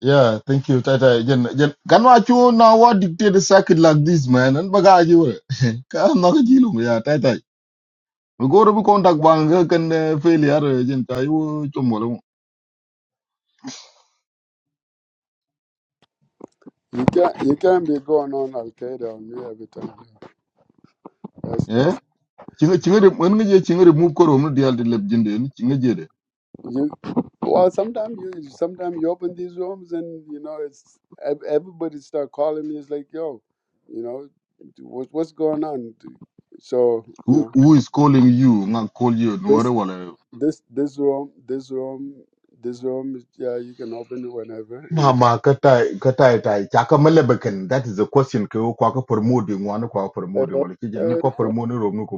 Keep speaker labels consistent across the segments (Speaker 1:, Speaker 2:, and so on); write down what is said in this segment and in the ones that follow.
Speaker 1: Yeah, thank you, Tata. Jen, Jen, can what you now what dictate a circuit like this, man? And bagage you. Come, no, Jilum, yeah, Tata. We go to contact bank can uh, failure, Jen, Tayo, Chomolo.
Speaker 2: You can't you can't be going on Al Qaeda on me every time. That's
Speaker 1: Eh?
Speaker 2: that's
Speaker 1: Chinga chinga when you chinga remove koro no dial the leb jinde chinga jede
Speaker 2: you. Well, sometimes you sometimes you open these rooms and you know it's ev- everybody start calling me. It's like yo, you know, what, what's going on? So you
Speaker 1: who
Speaker 2: know
Speaker 1: who is calling you nga call you no
Speaker 2: this
Speaker 1: wala wala
Speaker 2: this this room this room this room. Yeah, you can open it whenever you
Speaker 1: Mama kata kata tai. chaka malebakan that is the question ko kwa promote ngwana kwa promote
Speaker 2: know.
Speaker 1: wala kijin
Speaker 2: Uh,
Speaker 1: ko
Speaker 2: uh,
Speaker 1: promote rom ko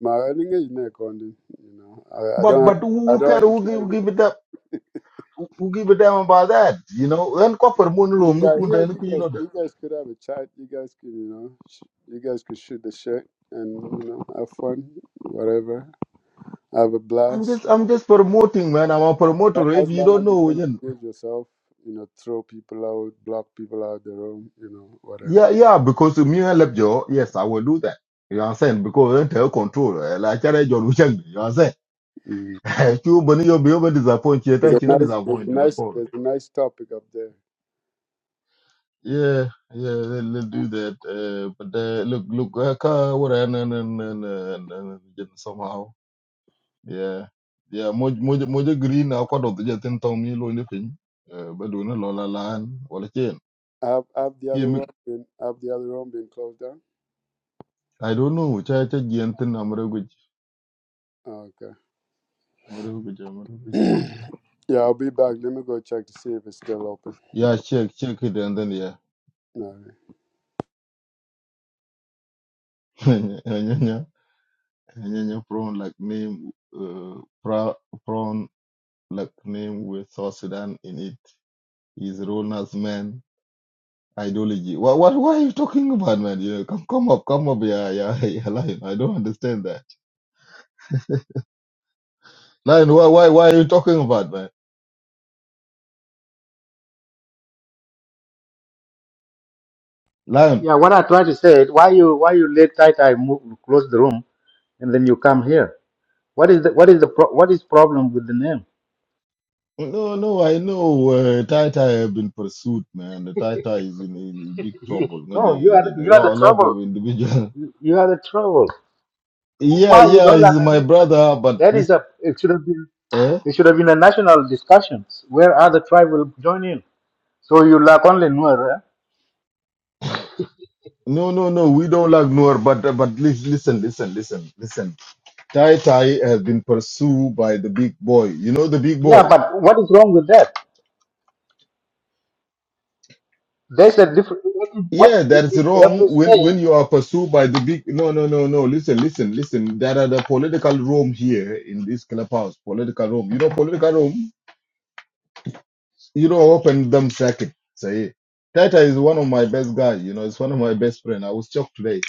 Speaker 2: my I is not on to, you know. I, I
Speaker 1: but
Speaker 2: don't have
Speaker 1: but
Speaker 2: I
Speaker 1: who care
Speaker 2: don't have to.
Speaker 1: who give,
Speaker 2: care.
Speaker 1: who give it up who give a damn about that? You know, then copper moon room, look
Speaker 2: Yeah,
Speaker 1: who
Speaker 2: here
Speaker 1: done,
Speaker 2: you
Speaker 1: look who you
Speaker 2: guys,
Speaker 1: know
Speaker 2: you guys could have a chat. You guys could, you know, sh- you guys could shoot the shit and you know have fun, whatever. Have a
Speaker 1: I'm
Speaker 2: blast.
Speaker 1: just I'm just promoting, man. I'm a promoter.
Speaker 2: A-
Speaker 1: If
Speaker 2: As
Speaker 1: you
Speaker 2: long
Speaker 1: don't
Speaker 2: as you
Speaker 1: know,
Speaker 2: don't
Speaker 1: then
Speaker 2: abuse yourself, you know, throw people out, block people out the room, you know, whatever.
Speaker 1: yeah, yeah, because me and Lebjo, yes, I will do that. You know what I'm saying? Because I tell control. eh, Like I John Wuchang, you know what I'm
Speaker 2: Mm.
Speaker 1: saying? Chu Bunny you be over disappointed,
Speaker 2: There's
Speaker 1: I
Speaker 2: a
Speaker 1: think
Speaker 2: nice, there's a
Speaker 1: disappointed to the
Speaker 2: nice,
Speaker 1: core.
Speaker 2: there's a nice topic up there.
Speaker 1: Yeah, yeah, they'll, do that. Uh, but uh, look, look, uh, ka- what I and and and and and- and somehow. yeah yeah moj moj moja green na kwa do ja tin tong mi lo ni pin Eh, ba do na lo la lan wala chen
Speaker 2: Have have the
Speaker 1: ki
Speaker 2: other
Speaker 1: mi
Speaker 2: room been have the other room been closed down?
Speaker 1: i don't know cha cha gen tin amre gu
Speaker 2: Oh,
Speaker 1: amre gu amre gu
Speaker 2: okay.
Speaker 1: cha
Speaker 2: yeah, I'll be back. Let me go check to see if it's still open.
Speaker 1: yeah check check it and then yeah
Speaker 2: No.
Speaker 1: yeah, yeah. prawn like name uh, pra, prawn like name with South Sudan in it is role as man ideology what what what are you talking about man you come come up come up yeah yeah yeah lying. I don't understand that Lion, why, why, why are you talking about, man? Lion.
Speaker 3: Yeah, what I try to say is why you why you let Tai Tai move close the room and then you come here. What is the what is the pro, what is problem with the name?
Speaker 1: No, no, I know. Uh, Tai Tai have been pursued, man. The Tai Tai is in, in big trouble.
Speaker 3: no, you
Speaker 1: Ngaji,
Speaker 3: are
Speaker 1: eh, A
Speaker 3: you are the
Speaker 1: lot, a lot
Speaker 3: trouble.
Speaker 1: of individual.
Speaker 3: You, you are the trouble.
Speaker 1: Yeah,
Speaker 3: Why you
Speaker 1: yeah,
Speaker 3: don't
Speaker 1: he's
Speaker 3: like the
Speaker 1: my
Speaker 3: name? But
Speaker 1: brother, but
Speaker 3: that is
Speaker 1: listen,
Speaker 3: a it should have been
Speaker 1: eh?
Speaker 3: it should have been a national discussion where other tribe will join in. So you lack only Nuer. Eh?
Speaker 1: No, no, no, we don't like Noor, but uh, but lis- listen, listen, listen, listen. Tai Tai has been pursued by the big boy. You know the big
Speaker 3: Yeah,
Speaker 1: boy.
Speaker 3: but what is wrong with that? There's a different. What, what
Speaker 1: Yeah, that is
Speaker 3: you have
Speaker 1: wrong
Speaker 3: to
Speaker 1: when
Speaker 3: say?
Speaker 1: when you are pursued by the big. No, no, no, no. Listen, listen, listen. There are the political room here in this clubhouse. Political room. You know, political room. You know, open them circuit. Say, Tata is one of my best guys. You know, it's one of my best friend. I was shocked today,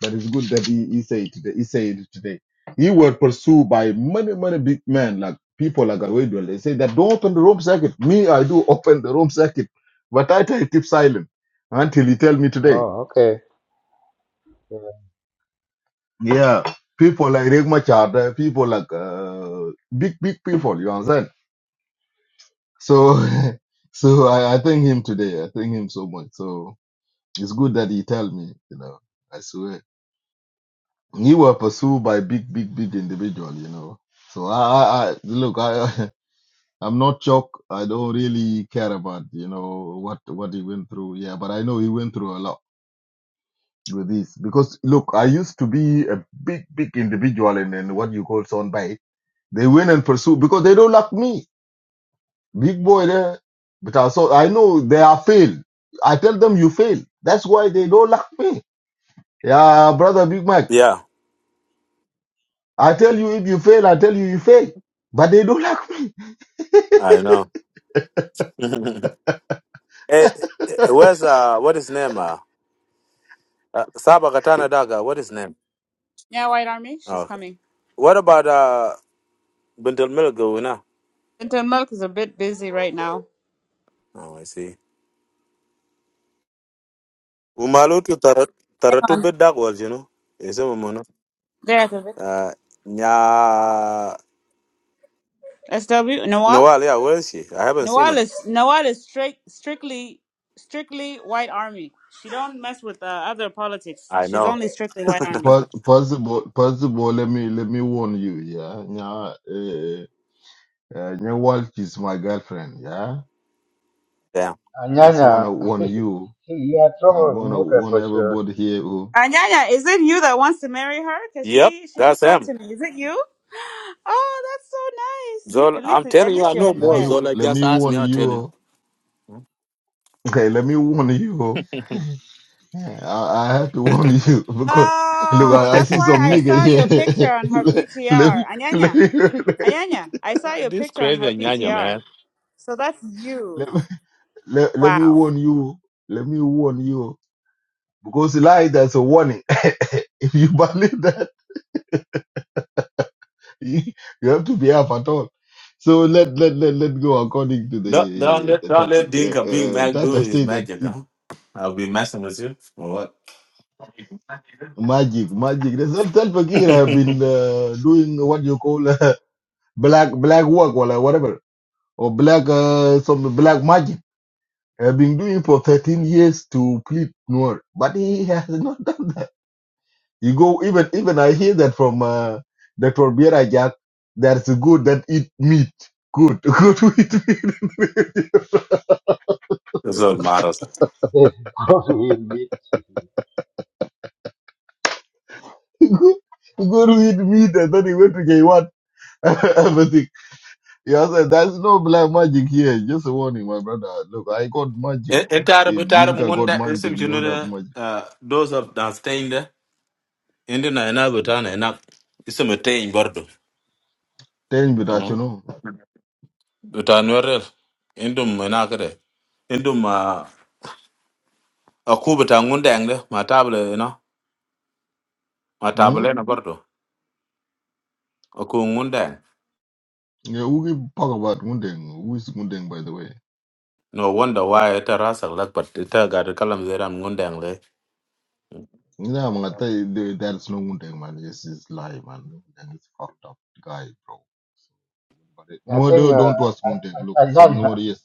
Speaker 1: but it's good that he, he said today. He said today. He were pursued by many, many big men like people like Awedwell. They say that don't open the room circuit. Me, I do open the room circuit, but Tata keep silent until he tell me today.
Speaker 3: Oh, okay.
Speaker 1: Yeah, people like Riek Machar, uh, people like uh, big, big people, you understand? So, so I, I thank him today. I thank him so much. So it's good that he tell me, you know, I swear. he were pursued by big, big, big individual, you know. So I, I, I look, I, I'm not shocked. I don't really care about, you know, what, what he went through. Yeah, but I know he went through a lot with this because look, I used to be a big, big individual in, in what you call soundbite They win and pursue because they don't like me. Big boy there. But also, I know they are fail. I tell them you fail. That's why they don't like me. Yeah, brother Big Mac.
Speaker 4: Yeah,
Speaker 1: I tell you if you fail, I tell you you fail. But they don't like me.
Speaker 4: I know. Eh, eh, where's uh, what is name? Uh, uh, Saba Katana Daga. What is name?
Speaker 5: Yeah, White Army,
Speaker 4: Oh,
Speaker 5: she's
Speaker 4: okay.
Speaker 5: coming.
Speaker 4: What about uh, Bintel Milgo? We
Speaker 5: Gentle Milk is a bit busy right now.
Speaker 4: Oh, I see. Umalu tu tar taratu bit dag wal, you know. Is it mono?
Speaker 5: There, at the
Speaker 4: Uh, nya
Speaker 5: SW Nawal.
Speaker 4: Noel. Yeah, where is she? I haven't seen
Speaker 5: Nawal
Speaker 4: her.
Speaker 5: is Nawal is strict, strictly strictly White Army. She don't mess with uh, other politics.
Speaker 4: I
Speaker 5: She's
Speaker 4: know.
Speaker 5: only strictly White Army.
Speaker 1: Pos- Possible, possible. Let me let me warn you. Yeah, yeah. Uh, uh, Nya Walsh is my girlfriend. Yeah,
Speaker 4: Damn.
Speaker 1: just
Speaker 3: Anyanya,
Speaker 1: wanna warn you.
Speaker 3: you are
Speaker 1: I'm gonna
Speaker 3: troublemaker
Speaker 1: warn
Speaker 3: for sure.
Speaker 1: everybody here. Who
Speaker 5: Anyanya, is it you that wants to marry her? Cause
Speaker 4: Yep,
Speaker 5: she she
Speaker 4: that's
Speaker 5: reached out
Speaker 4: him.
Speaker 5: to me. Is it you? Oh, that's so nice.
Speaker 4: Zol,
Speaker 5: At
Speaker 4: I'm
Speaker 5: least
Speaker 4: telling
Speaker 5: at
Speaker 4: you,
Speaker 5: least
Speaker 4: I
Speaker 5: you're
Speaker 4: know
Speaker 5: in
Speaker 1: let
Speaker 4: more.
Speaker 5: Nuer.
Speaker 1: me
Speaker 4: Zola.
Speaker 1: let
Speaker 4: just
Speaker 1: me
Speaker 4: ask me,
Speaker 1: warn
Speaker 4: I'll tell you.
Speaker 1: you.
Speaker 4: Uh,
Speaker 1: Okay, let me warn you. Yeah, I, I have to warn you because look,
Speaker 5: Oh,
Speaker 1: I, I
Speaker 5: that's
Speaker 1: see
Speaker 5: why
Speaker 1: some
Speaker 5: I
Speaker 1: nigga
Speaker 5: saw your picture
Speaker 1: here.
Speaker 5: on her
Speaker 1: let, let
Speaker 5: PTR.
Speaker 1: me let
Speaker 5: Anyanya,
Speaker 1: me
Speaker 5: Anyanya, I saw your
Speaker 4: This
Speaker 5: picture on
Speaker 4: crazy
Speaker 5: her
Speaker 4: nyanya
Speaker 5: PTR.
Speaker 4: man.
Speaker 5: So that's you.
Speaker 1: let, me- let, let me
Speaker 5: Wow.
Speaker 1: warn you. Let me warn you because lie that's a warning. if you believe that, you, you have to be up at all. So let let let let go according to
Speaker 4: Don't, don't
Speaker 1: the
Speaker 4: let
Speaker 1: the
Speaker 4: don't let
Speaker 1: topic. Uh,
Speaker 4: Dinka Big
Speaker 1: uh,
Speaker 4: Mac
Speaker 1: that
Speaker 4: do
Speaker 1: I
Speaker 4: his
Speaker 1: say that
Speaker 4: magic,
Speaker 1: it,
Speaker 4: huh? I'll be messing with you. Or what?
Speaker 1: magic magic. That's not that I have been uh, doing what you call black black work or whatever or black uh, some black magic i have been doing for 13 years to plead Noor, but he has not done. You go even even I hear that from uh, Dr. Biera Jack. There's a good that eat meat. Good, good to eat meat.
Speaker 4: Those are models.
Speaker 3: There's God will meet you.
Speaker 1: good to eat meat, and then he went to J1. Everything. He said, "There's no black magic here. Just a warning, my brother. Look, I got magic. oh.
Speaker 4: Entire
Speaker 1: If
Speaker 4: entire
Speaker 1: Dinka got
Speaker 4: munda
Speaker 1: magic,
Speaker 4: isim
Speaker 1: no have
Speaker 4: chunura
Speaker 1: magic.
Speaker 4: uh those of the stain there. Indi na ena butana ena isim etain bordo.
Speaker 1: Tell me that you
Speaker 4: Mm.
Speaker 1: know.
Speaker 4: Butan werel. Indum ena kere. Indum uh aku butan ngundeng de matable you know
Speaker 1: Hmm?
Speaker 4: matable na bordo. Aku ngundeng.
Speaker 1: Yeah, we keep talking about Wundeng. Who is Wundeng, by the way?
Speaker 4: No wonder why it rasa like but it got a kalam zeram ngundeng le.
Speaker 1: Yeah, man, I tell you, there, there's no Wundeng, man. This is lie, man. Wundeng is fucked up guy, bro. But it-
Speaker 3: I
Speaker 1: No,
Speaker 3: think
Speaker 1: no,
Speaker 3: uh,
Speaker 1: don't trust Wundeng. Look,
Speaker 3: An- An-
Speaker 1: some no,
Speaker 3: Anyanya,
Speaker 1: yes.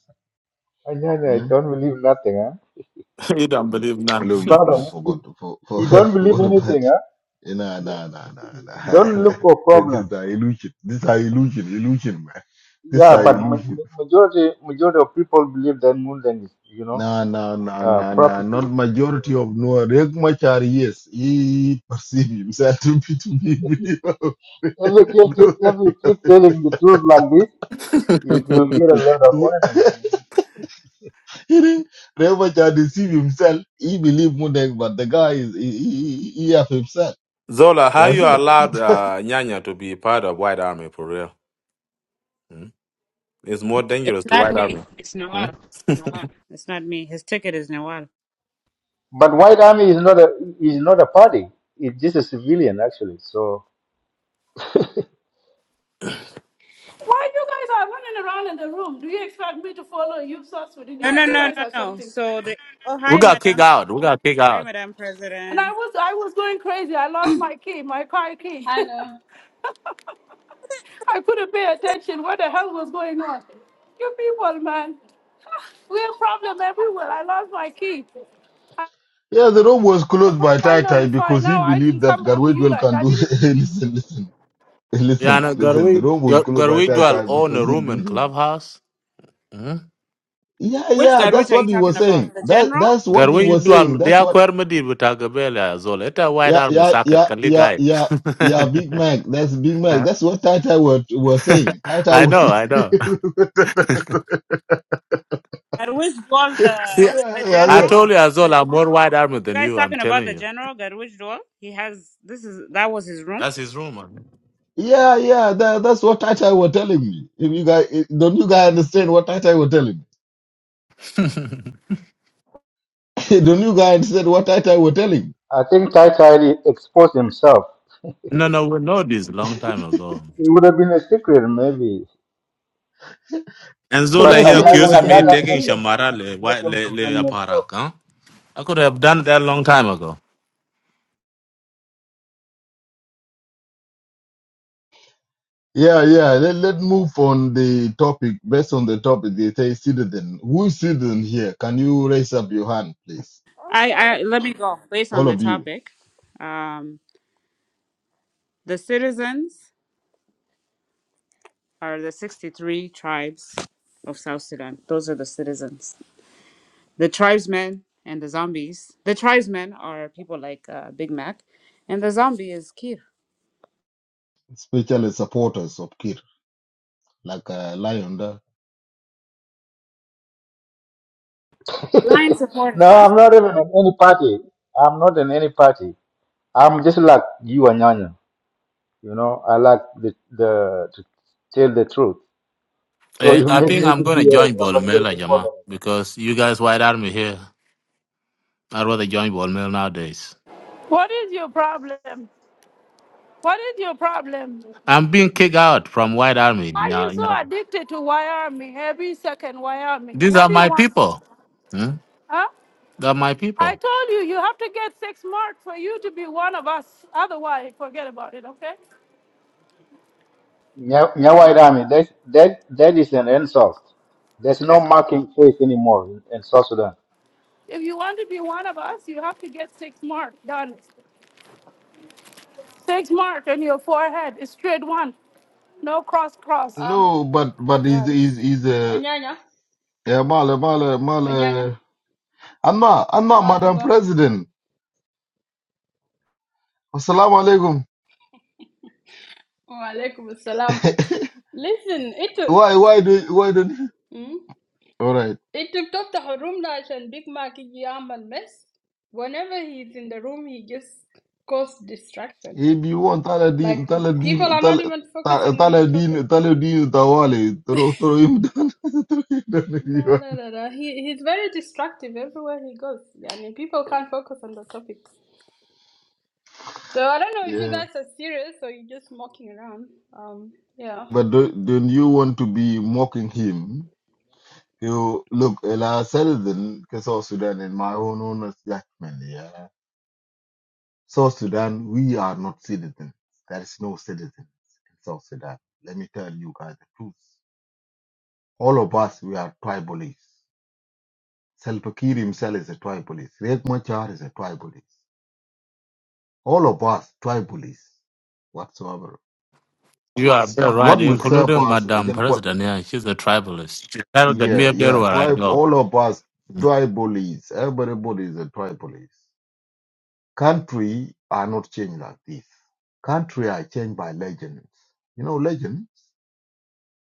Speaker 3: Anyanya, I
Speaker 1: Hmm?
Speaker 3: don't believe nothing. Huh?
Speaker 4: You don't believe none.
Speaker 1: Look, look, look.
Speaker 3: Brother, you,
Speaker 1: Forgot, for, for,
Speaker 3: you don't believe
Speaker 1: forgot about.
Speaker 3: anything.
Speaker 1: Eh, Nah,
Speaker 3: Huh?
Speaker 1: nah, nah, nah,
Speaker 3: Don't
Speaker 1: nah.
Speaker 3: look for
Speaker 1: this is
Speaker 3: problems.
Speaker 1: a illusion. This is a illusion, illusion, man. This is
Speaker 3: Yeah,
Speaker 1: a
Speaker 3: but ma-
Speaker 1: illusion.
Speaker 3: ma- majority majority of people believe that more than is, you know
Speaker 1: Nah, nah, nah,
Speaker 3: uh,
Speaker 1: nah, nah. Not
Speaker 3: prophecy.
Speaker 1: majority
Speaker 3: So
Speaker 1: of Noah. Riek Machar, yes, he perceive himself to be to be.
Speaker 3: if you keep
Speaker 1: Rebacha
Speaker 3: if you keep telling the truth like this, you will get a lot of enemies.
Speaker 1: deceived himself. He believed Mudek, but the guy is he, he, he have himself.
Speaker 4: Zola,
Speaker 1: You
Speaker 4: how you
Speaker 1: understand?
Speaker 4: allowed uh, Nyanya to be part of White Army for real? Hmm? It's more dangerous to
Speaker 5: Not
Speaker 4: White
Speaker 5: me.
Speaker 4: Army.
Speaker 5: It's
Speaker 4: Hmm?
Speaker 5: Nawal. Nawal. It's not me. His ticket is Nawal.
Speaker 3: But White Army is not a is not a party. It's just a civilian actually. So
Speaker 6: Why you guys are running around in the room? Do you expect me to follow you South
Speaker 5: No,
Speaker 6: Sudanese?
Speaker 5: no,
Speaker 6: You
Speaker 5: no,
Speaker 6: guys
Speaker 5: no,
Speaker 6: are
Speaker 5: no.
Speaker 6: something.
Speaker 5: So the oh
Speaker 4: We
Speaker 5: hi,
Speaker 4: got kicked
Speaker 5: madam.
Speaker 4: out. We got kicked
Speaker 5: Hi,
Speaker 4: out.
Speaker 5: madam
Speaker 6: And I
Speaker 5: president.
Speaker 6: was I was going crazy. I lost my key, my car key.
Speaker 7: Hello.
Speaker 6: I couldn't pay attention. What the hell was going on? You people, man. We have problem everywhere. I lost my key. I
Speaker 1: Yeah, the room was
Speaker 6: I
Speaker 1: closed by Tai Tai
Speaker 6: finally find
Speaker 1: because he
Speaker 6: now I can
Speaker 1: believed that
Speaker 6: come back to you
Speaker 1: Garwedwell
Speaker 6: guys.
Speaker 1: can
Speaker 6: I
Speaker 1: do.
Speaker 6: didn't
Speaker 1: listen, listen,
Speaker 4: Yeah,
Speaker 1: listen,
Speaker 4: no,
Speaker 1: listen. The
Speaker 4: Garwe,
Speaker 1: room was
Speaker 4: Gar-
Speaker 1: closed by
Speaker 4: Garwe
Speaker 1: Tai
Speaker 4: dual
Speaker 1: Tai
Speaker 4: own a
Speaker 1: because he
Speaker 4: room in
Speaker 1: believed.
Speaker 4: clubhouse. Hmm?
Speaker 1: Yeah,
Speaker 5: Which
Speaker 1: yeah,
Speaker 5: Garwich
Speaker 1: that's
Speaker 5: are
Speaker 1: what
Speaker 5: you
Speaker 1: he
Speaker 5: talking
Speaker 1: was saying.
Speaker 5: about? The
Speaker 1: That
Speaker 5: general?
Speaker 1: that's what he
Speaker 4: Garwe
Speaker 1: was saying.
Speaker 4: dual, they
Speaker 1: That's
Speaker 4: are
Speaker 1: what.
Speaker 4: quite medieval with Agabella, Zola. It's a White
Speaker 1: Yeah,
Speaker 4: Army
Speaker 1: yeah,
Speaker 4: socket,
Speaker 1: yeah,
Speaker 4: can you
Speaker 1: yeah,
Speaker 4: guide?
Speaker 1: yeah. Yeah, Big Mac. That's Big Mac.
Speaker 4: Huh?
Speaker 1: That's what Tai Tai were, were saying. Tai Tai
Speaker 4: I
Speaker 1: was
Speaker 4: know,
Speaker 1: saying.
Speaker 4: I know.
Speaker 5: Garwich Dwal, the
Speaker 4: See,
Speaker 1: Yeah,
Speaker 5: the
Speaker 4: I
Speaker 1: yeah,
Speaker 5: general.
Speaker 4: told you, Zola, I'm more White Army
Speaker 5: You
Speaker 4: than
Speaker 5: guys
Speaker 4: you, I'm
Speaker 5: talking about
Speaker 4: telling
Speaker 5: the
Speaker 4: you.
Speaker 5: general Garwich Dwal? He has this is that was his room.
Speaker 4: That's his rumor.
Speaker 1: Yeah, yeah, that, that's what Tata were telling me. If you guys eh, don't you guys understand what Tata were telling me? don't you guys understand what Tata were telling me?
Speaker 3: I think Tai Tai exposed himself.
Speaker 4: No, no, we know this long time ago.
Speaker 3: It would have been a secret maybe.
Speaker 4: And
Speaker 1: So
Speaker 3: But
Speaker 4: Zola
Speaker 1: that's
Speaker 4: here
Speaker 1: why you
Speaker 3: Anyana
Speaker 1: were
Speaker 4: accusing me
Speaker 1: telling
Speaker 3: Anyana
Speaker 1: me.
Speaker 4: taking
Speaker 3: made him to
Speaker 4: Shamara le, wa-
Speaker 3: made him to
Speaker 4: le, le
Speaker 3: bring
Speaker 4: aparak, huh? I could have done that long time ago.
Speaker 1: Yeah, yeah. Let let move on the topic based on the topic. They say citizen. Who is citizen here? Can you raise up your hand, please?
Speaker 5: I I let me go based on
Speaker 1: All
Speaker 5: the
Speaker 1: of you,
Speaker 5: topic. Um, the citizens are the sixty three tribes of South Sudan. Those are the citizens. The tribesmen and the zombies. The tribesmen are people like uh, Big Mac, and the zombie is Kir.
Speaker 1: especially supporters of Kir, like uh, Lion. there.
Speaker 5: Blind
Speaker 3: himself.
Speaker 5: supporters,
Speaker 3: no,
Speaker 5: huh?
Speaker 3: I'm not even in any party. I'm not in any party. I'm just like you Anyanya. You know, I like the the to tell the truth. So
Speaker 4: Eh,
Speaker 3: you
Speaker 4: I
Speaker 3: make
Speaker 4: think
Speaker 3: me to
Speaker 4: I'm going to
Speaker 3: be a
Speaker 4: join
Speaker 3: Salva Kiir
Speaker 4: Bolmela,
Speaker 3: supporter.
Speaker 4: Jama, because you guys, White Army here, I'd rather join Bolmela nowadays.
Speaker 6: what is your problem? What is your problem?
Speaker 4: I'm being kicked out from White Army.
Speaker 6: Why are you
Speaker 4: Yeah,
Speaker 6: so
Speaker 4: yeah.
Speaker 6: addicted to Wyoming? Every second Wyoming.
Speaker 4: These
Speaker 6: What
Speaker 4: are
Speaker 6: do you
Speaker 4: my
Speaker 6: want from?
Speaker 4: people. Hmm?
Speaker 6: Huh?
Speaker 4: They're my
Speaker 6: I
Speaker 4: people.
Speaker 6: told you, you have to get six marks for you to be one of us. Otherwise, forget about it, okay?
Speaker 3: Nya Nya White Army, that, that, that is an insult. There's no marking face anymore in, in South Sudan.
Speaker 6: If you want to be one of us, you have to get six mark done. Six mark on your forehead, a straight one, no cross cross.
Speaker 7: Um,
Speaker 1: No, but but he's
Speaker 7: guys.
Speaker 1: he's he's a
Speaker 7: Anyanya.
Speaker 1: yeah, mala mala
Speaker 7: Anyanya.
Speaker 1: mala. Anna, Anna, Madam
Speaker 7: Malmungo.
Speaker 1: President. Assalamu alaikum.
Speaker 7: وعليكم السلام. Listen, انتوا
Speaker 1: Why? Why do? Why don't? you?
Speaker 7: مم؟
Speaker 1: All right.
Speaker 7: انتوا بتفتحوا الروم ده عشان بيج ماك يجي يعمل mess. Whenever he's in the room, he just causes distraction.
Speaker 1: If you want Taladin,
Speaker 7: Like people
Speaker 1: Taladin,
Speaker 7: are
Speaker 1: Tal,
Speaker 7: not even
Speaker 1: Ta-
Speaker 7: focusing on the topic.
Speaker 1: Taladin, Taladin, Tawali, throw, throw him down. throw him down if you
Speaker 7: لا
Speaker 1: want.
Speaker 7: لا لا لا. He he's very distractive everywhere he goes. I mean, people can't focus on the topic. So I don't know if you
Speaker 1: Yeah.
Speaker 7: guys are serious or you're just mocking around. Um, yeah.
Speaker 1: But do, don't you want to be mocking him? You look, Ella Seldon, South Sudan, in my own honest judgment, yeah. South Sudan, we are not citizens. There is no citizens in South Sudan. Let me tell you guys the truth. All of us, we are tribalists. Salva Kiir himself is a tribalist. Riek Machar is a tribalist. All of us tribalists whatsoever.
Speaker 4: You are very right,
Speaker 1: What will serve
Speaker 4: including
Speaker 1: us?
Speaker 4: Madam
Speaker 1: Again, quite,
Speaker 4: President here. she's a tribalist. That'll get me
Speaker 1: yeah,
Speaker 4: up there
Speaker 1: yeah.
Speaker 4: where I
Speaker 1: Tribe.
Speaker 4: go.
Speaker 1: All of us tribalists. Everybody is a tribalist. Country are not changed like this. Country are changed by legends. You know, legends.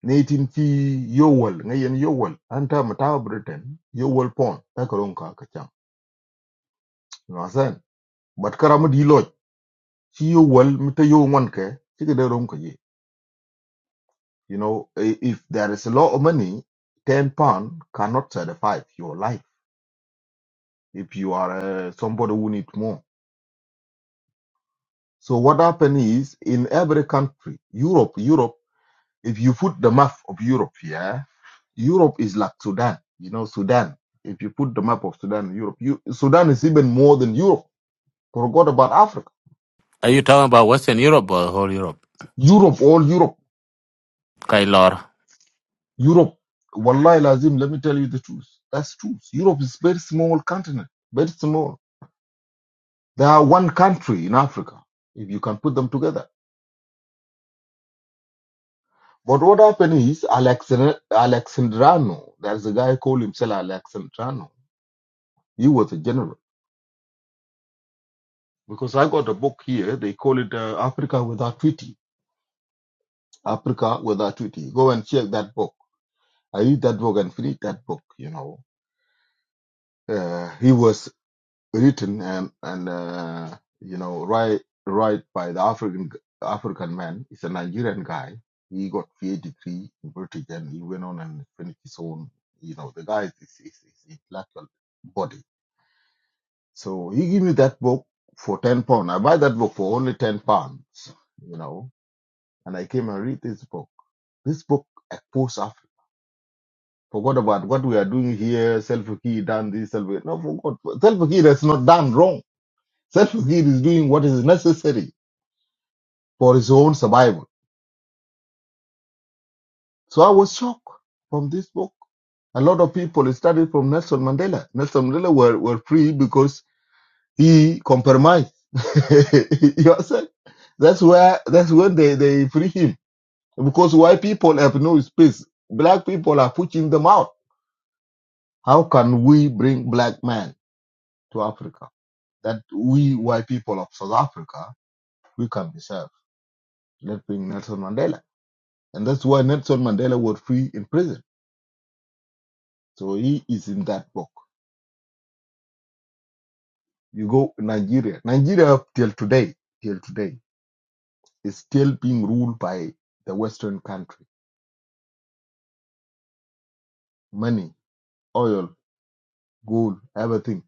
Speaker 1: Natin ki yowal, ngayon yowal. Anta matawa Britain, yowal pon. Takarong kakachang. You know what I'm saying? But karamad Chi yo wal mita yo one ke chike de rom kaye. You know, i- if there is a lot of money, ten pound cannot satisfy your life. If you are uh, somebody who need more, so what happen is in every country, Europe, Europe. If you put the map of Europe, yeah, Europe is like Sudan. You know, Sudan. If you put the map of Sudan, Europe, you, Sudan is even more than Europe. Forgot about Africa.
Speaker 4: Are you talking about Western Europe or whole Europe?
Speaker 1: Europe, all Europe.
Speaker 4: Kailor.
Speaker 1: Europe, wallahi lazim, let me tell you the truth. That's truth. Europe is very small continent, very small. They are one country in Africa, if you can put them together. But what happened is Alexander, Alexandrano, there's a guy called himself Alexandrano. He was a general. Because I got a book here, they call it uh, Africa Without Treaty. Africa Without Treaty. Go and check that book. I read that book and finish that book, you know. Uh, he was written and and uh, you know right right by the African African man. It's a Nigerian guy. He got PhD degree in British and he went on and finished his own. You know the guy is is, is, is intellectual body. So he gave me that book for ten pound. I buy that book for only ten pounds. You know, and I came and read this book. This book exposed Africa. Forgot about what we are doing here. Self-key done this. self No, forgot. Self-key has not done wrong Self-Kid is doing what is necessary for his own survival. So I was shocked from this book. A lot of people it started from Nelson Mandela. Nelson Mandela were, were free because he compromised. you understand? That's where that's when they, they free him. Because white people have no space. Black people are pushing them out. How can we bring black man to Africa? That we white people of South Africa, we can be served. Let's bring Nelson Mandela And that's why Nelson Mandela was free in prison. So he is in that book. You go to Nigeria. Nigeria up till today, till today, is still being ruled by the Western country. Money, oil, gold, everything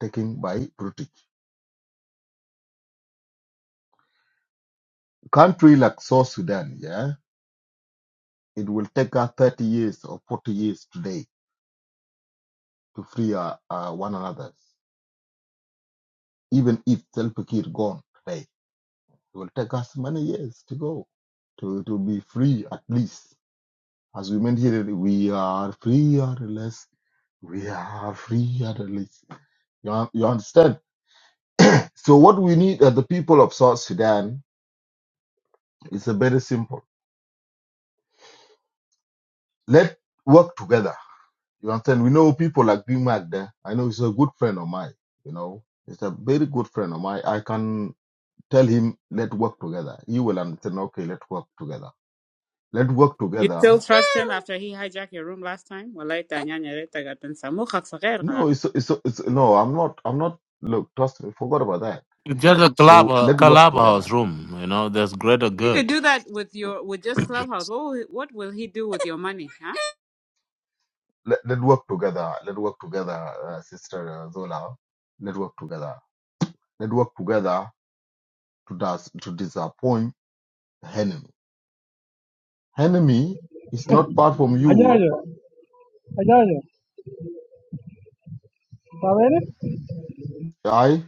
Speaker 1: taken by British. Country like South Sudan, yeah, it will take us 30 years or 40 years today to free our, uh, one another. Even if Salva Kiir gone today, it will take us many years to go to, to be free at least As we meant here, we are free or less. We are free or less. You, un- you understand? So what we need as the people of South Sudan is a very simple. Let work together. You understand? We know people like Big Mac there. I know he's a good friend of mine. You know, he's a very good friend of mine. I can tell him, let work together. He will understand. Okay, let work together. Let work
Speaker 5: You
Speaker 1: together.
Speaker 5: still trust him after he hijacked your room last time? والله إنت عنيان يا ريت قاعد تنسى. مخك صغير
Speaker 1: No, it's, it's, it's no. I'm not. I'm not. Look, trust me. Forgot about that.
Speaker 4: It's just a
Speaker 1: So
Speaker 4: club
Speaker 1: let work together
Speaker 4: clubhouse room, you know, there's greater
Speaker 5: You could
Speaker 4: good.
Speaker 5: do that with your with just Clubhouse. What will what will he do with your money, huh?
Speaker 1: let, let's work together. Let's work together, uh, Sister uh, Zola. Let's work together. Let's work together to dis- to disappoint the enemy. Enemy is not part from you.
Speaker 8: حجاجة حجاجة تعرفيني
Speaker 1: I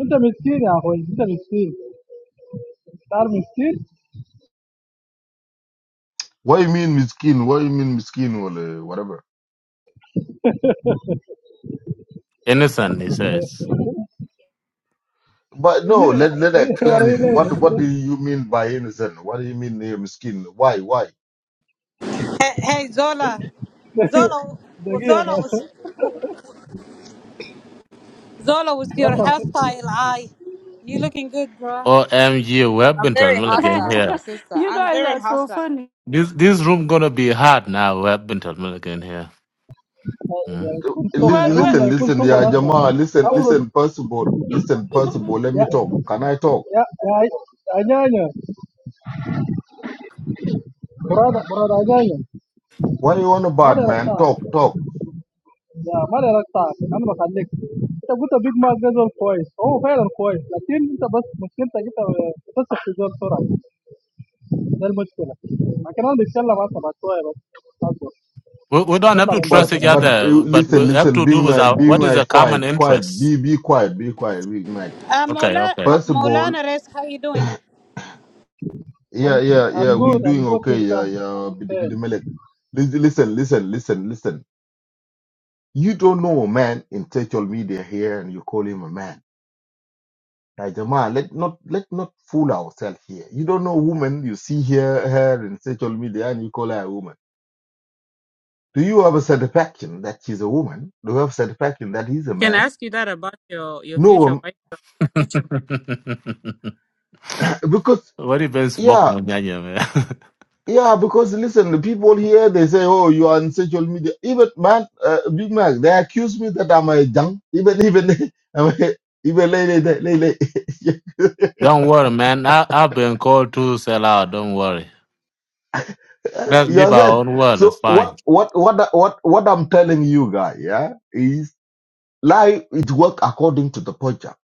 Speaker 8: انت مسكين يا اخوي انت مسكين تعرف مسكين
Speaker 1: what you mean miskin? What you mean miskin or uh, whatever?
Speaker 4: Innocent, he says.
Speaker 1: But no,
Speaker 8: يجينا-
Speaker 1: let let I explain it.
Speaker 8: وريني
Speaker 1: What what do you mean by innocent? What do you mean uh, miskin? Why why?
Speaker 9: Hey, hey Zola, Zola, well,
Speaker 8: دقيقة
Speaker 9: Zola was Zola was your hairstyle. I, you looking good, girl.
Speaker 4: OMG, we have
Speaker 5: I'm
Speaker 4: been
Speaker 5: very
Speaker 4: Milligan
Speaker 5: hostile, my
Speaker 4: here.
Speaker 5: sister.
Speaker 6: you
Speaker 5: I'm
Speaker 6: guys
Speaker 5: very
Speaker 6: are so
Speaker 5: hostile.
Speaker 6: funny.
Speaker 4: This this room gonna be hard now, we have been Milligan here. Mm.
Speaker 8: بطل يكون
Speaker 1: Lis-
Speaker 8: صغ-
Speaker 6: What what
Speaker 8: رمية
Speaker 1: Listen,
Speaker 8: يكون
Speaker 1: listen,
Speaker 8: صغر
Speaker 1: yeah,
Speaker 8: اصلا
Speaker 1: Jamaa, listen,
Speaker 8: اورد
Speaker 1: listen, Percival, listen, Percival, let
Speaker 8: يا
Speaker 1: me talk. Can I talk?
Speaker 8: يا يا عجاجة براد براد عجاجة
Speaker 1: What do you want
Speaker 8: ما لي
Speaker 1: about, man?
Speaker 8: رقصة
Speaker 1: Talk, talk.
Speaker 8: لا ما لي رقصة انا بخليك انت قلت بيج ماك ده زول كويس هو فعلا كويس لكن انت بس مشكلتك انت بتثق في زول بسرعة ده المشكلة ما كمان بنتكلم عنها بعد شوية بس أصبر
Speaker 4: We, we don't have
Speaker 8: نطلع
Speaker 4: to
Speaker 8: من جوه
Speaker 4: trust
Speaker 1: But
Speaker 4: each
Speaker 8: كده
Speaker 1: but uh,
Speaker 4: other, but
Speaker 1: listen,
Speaker 4: we have
Speaker 1: listen.
Speaker 4: to
Speaker 1: Be
Speaker 4: do with
Speaker 1: my
Speaker 4: our
Speaker 1: be
Speaker 4: what is
Speaker 1: my
Speaker 4: a common
Speaker 1: quiet, quiet.
Speaker 4: interest.
Speaker 1: Be be quiet, be quiet. Be my
Speaker 9: Uh,
Speaker 4: Okay,
Speaker 9: Maulana,
Speaker 4: okay.
Speaker 1: first of all,
Speaker 9: Maulana Rez, how you doing?
Speaker 1: yeah, yeah,
Speaker 8: I'm
Speaker 1: yeah. We
Speaker 8: good I'm
Speaker 1: doing
Speaker 8: good
Speaker 1: okay.
Speaker 8: sister
Speaker 1: Yeah,
Speaker 8: I'm
Speaker 1: yeah. Bidi
Speaker 8: okay
Speaker 1: bidi melek. Listen, listen, listen, listen. listen. You don't know a man in social media here, and you call him a man. Like Jamal, let not let not fool ourselves here. You don't know woman you see here her in social media, and you call her a woman. Do you have a satisfaction that she's a woman? Do you have satisfaction that he's a
Speaker 5: I can
Speaker 1: man?
Speaker 5: ask you that about your your
Speaker 1: No,
Speaker 5: future
Speaker 1: um,
Speaker 5: wife.
Speaker 1: because.
Speaker 4: what you been
Speaker 1: Yeah,
Speaker 4: smoking on Nyanya, man?
Speaker 1: Yeah, because listen, the people here they say, "Oh, you are on social media." Even man, uh, Big Mac, they accuse me that I'm a junk. Even even I'm a- even lady, lady.
Speaker 4: don't worry, man. I, I've been called to sell out, don't worry. Let's
Speaker 1: You
Speaker 4: live our
Speaker 1: understand?
Speaker 4: own world, it's
Speaker 1: So
Speaker 4: fine.
Speaker 1: what what what what what I'm telling you guys, yeah, is life it work according to the project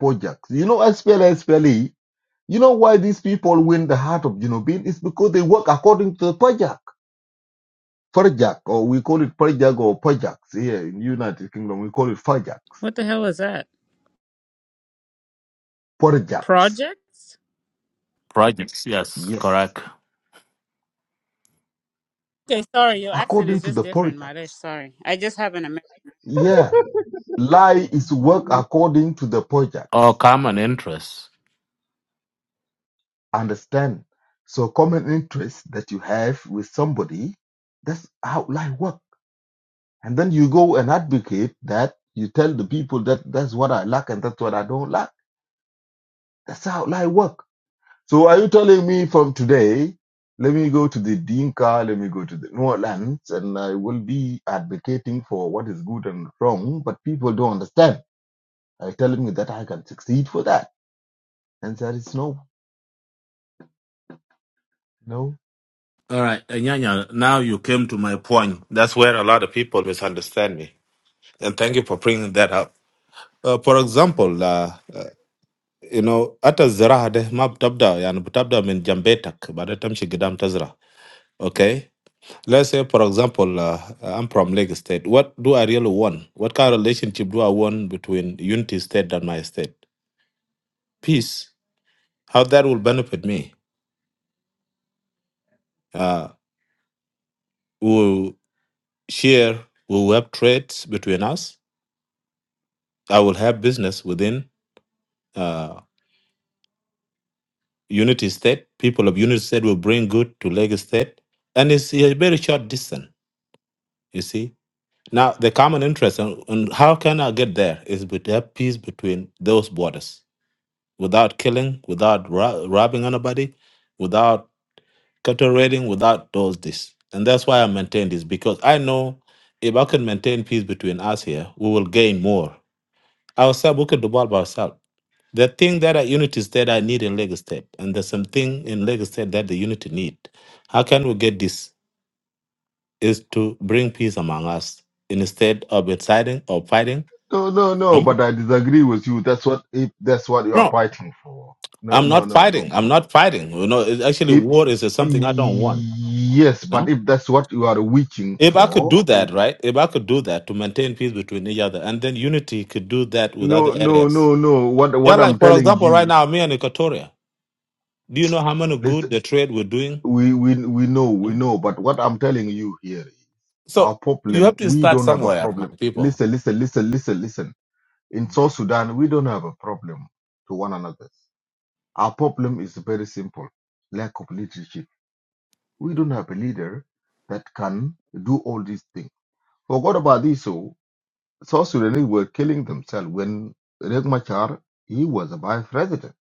Speaker 1: Projects. You know, SPLA, SPLE. You know why these people win the heart of Junobin? It's because they work according to the project. Project, or we call it project or projects here in United Kingdom, we call it project
Speaker 5: What the hell is that?
Speaker 1: Porjaks.
Speaker 5: Projects?
Speaker 4: projects. Yes,
Speaker 1: Yes.
Speaker 4: correct.
Speaker 5: Okay, sorry, your accent
Speaker 1: According
Speaker 5: is
Speaker 1: to
Speaker 5: just
Speaker 1: the
Speaker 5: different, Malish.
Speaker 1: Porjaks.
Speaker 5: Sorry, I just have an American.
Speaker 1: Yeah. Lie is work according to the
Speaker 4: Or
Speaker 1: Porjaks.
Speaker 4: common interests.
Speaker 1: Understand? So common interest that you have with somebody, that's how lie work. And then you go and advocate that you tell the people that that's what I lack and that's what I don't lack. That's how lie work. So are you telling me from today, let me go to the Dinka, let me go to the Norlands, and I will be advocating for what is good and wrong, but people don't understand. Are you telling me that I can succeed for that? And there is no, no,
Speaker 4: All right, Anyanya, now you came to my point. That's where a lot of people misunderstand me. And thank you for bringing that up. Uh, for example, uh, uh, you know, hata ziraha deh ma بتبدأ يعني بتبدأ من جنبيتك بعدين تمشي قدام tazra. Okay? Let's say, for example, uh, uh, I'm from Lagos State. What do I really want? What kind of relationship do I want between Unity State and my state? Peace. How that will benefit me? Uh, Here, we will have trades between us. I will have business within uh, Unity State. People of Unity State will bring good to Lagos State. And it's a very short distance, you see. Now, the common interest on, on how can I get there is with have peace between those borders without killing, without ro- robbing anybody, without cattle raiding, without those this. And that's why I maintain this because I know if I can maintain peace between us here, we will gain more. Ourselves, we could do by ourselves The thing that are unity that I need in Lagos State, and there's something in Lagos State that the unity need. How can we get this? Is to bring peace among us instead of inciting or fighting.
Speaker 1: no, no, no,
Speaker 4: Hmm?
Speaker 1: but I disagree with you. That's what, if that's what you are
Speaker 4: No,
Speaker 1: fighting for. No,
Speaker 4: I'm
Speaker 1: no,
Speaker 4: not
Speaker 1: no, no,
Speaker 4: fighting. I'm
Speaker 1: no.
Speaker 4: not fighting. You know, it's actually,
Speaker 1: If,
Speaker 4: war is something I don't want.
Speaker 1: yes,
Speaker 4: You
Speaker 1: but
Speaker 4: know,
Speaker 1: if that's what you are reaching
Speaker 4: if I could
Speaker 1: for,
Speaker 4: do
Speaker 1: if,
Speaker 4: that, right? If I could do that to maintain peace between each other, and then unity could do that with other
Speaker 1: no, no,
Speaker 4: areas.
Speaker 1: no, no. What,
Speaker 4: Yeah,
Speaker 1: what
Speaker 4: like
Speaker 1: I'm
Speaker 4: for
Speaker 1: telling
Speaker 4: example, right
Speaker 1: you,
Speaker 4: now, me and Equatoria. Do you know how many
Speaker 1: listen.
Speaker 4: good the trade we're doing?
Speaker 1: we we we know
Speaker 4: Hmm?
Speaker 1: we know but what i'm telling you here is
Speaker 4: So
Speaker 1: our
Speaker 4: you have
Speaker 1: problem
Speaker 4: to
Speaker 1: we
Speaker 4: start
Speaker 1: don't have a
Speaker 4: somewhere, my
Speaker 1: problem
Speaker 4: people.
Speaker 1: listen listen listen listen listen in south sudan we don't have a problem to one another our problem is very simple lack of leadership we don't have a leader that can do all these things forgot about this so south sudanese were killing themselves when Riek Machar, he was a vice president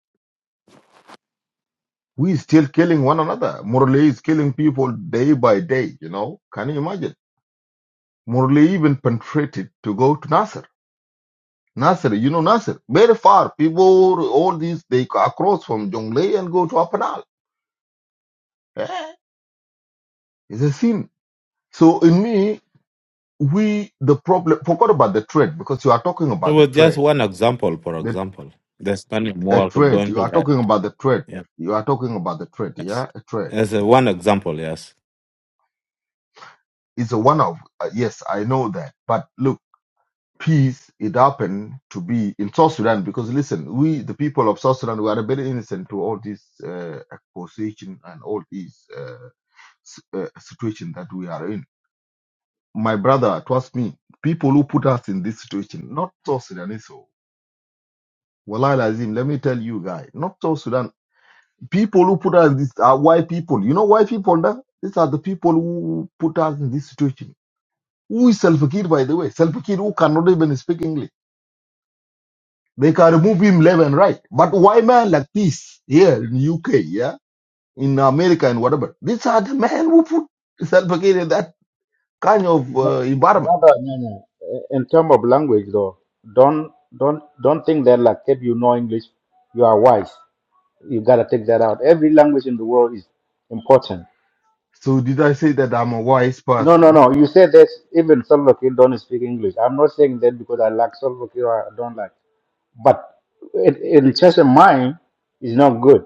Speaker 1: we still killing one another Morley is killing people day by day you know can you imagine Morley even penetrated to go to Nasser. Nasser, you know Nasser, very far. People, all these, they across from Jonglei and go to Apanal. Eh, It's a sin. So in me, we, the problem, forgot about the trade because you are talking
Speaker 4: It
Speaker 1: about the
Speaker 4: was just
Speaker 1: trade.
Speaker 4: one example, for
Speaker 1: The
Speaker 4: example. The Spanish
Speaker 1: a
Speaker 4: war could go
Speaker 1: trade, you
Speaker 4: into
Speaker 1: are
Speaker 4: that.
Speaker 1: talking about the trade.
Speaker 4: Yeah.
Speaker 1: You are talking about the trade,
Speaker 4: Yes.
Speaker 1: yeah? A trade.
Speaker 4: As a one example, yes.
Speaker 1: It's a one of, uh, yes, I know that. But look, peace it happened to be in South Sudan because listen, we the people of South Sudan we are very innocent to all this uh, accusation and all this uh, s- uh, situation that we are in. My brother, trust me, people who put us in this situation, not South Sudanese. oh. Wallahi Lazim, let me tell you guys, not South Sudan. People who put us in this are white people. You know white people, da? these are the people who put us in this situation. Who is Salva Kiir, by the way? Salva Kiir, who cannot even speak English. They can remove him left and right. But why man like this here in UK, yeah, in America and whatever? These are the men who put self in that kind of uh,
Speaker 3: Bro-
Speaker 1: environment.
Speaker 3: Brother, no, no. in terms of language, though, don't don't don't think that like if you know English, you are wise. You gotta take that out. Every language in the world is important.
Speaker 1: So did I say that I'm a wise
Speaker 3: No, no,
Speaker 1: person?
Speaker 3: no. You said that even Salva Kiir don't speak English. I'm not saying that because I like Salva Kiir or I don't like. But it, in just a mind, is not good.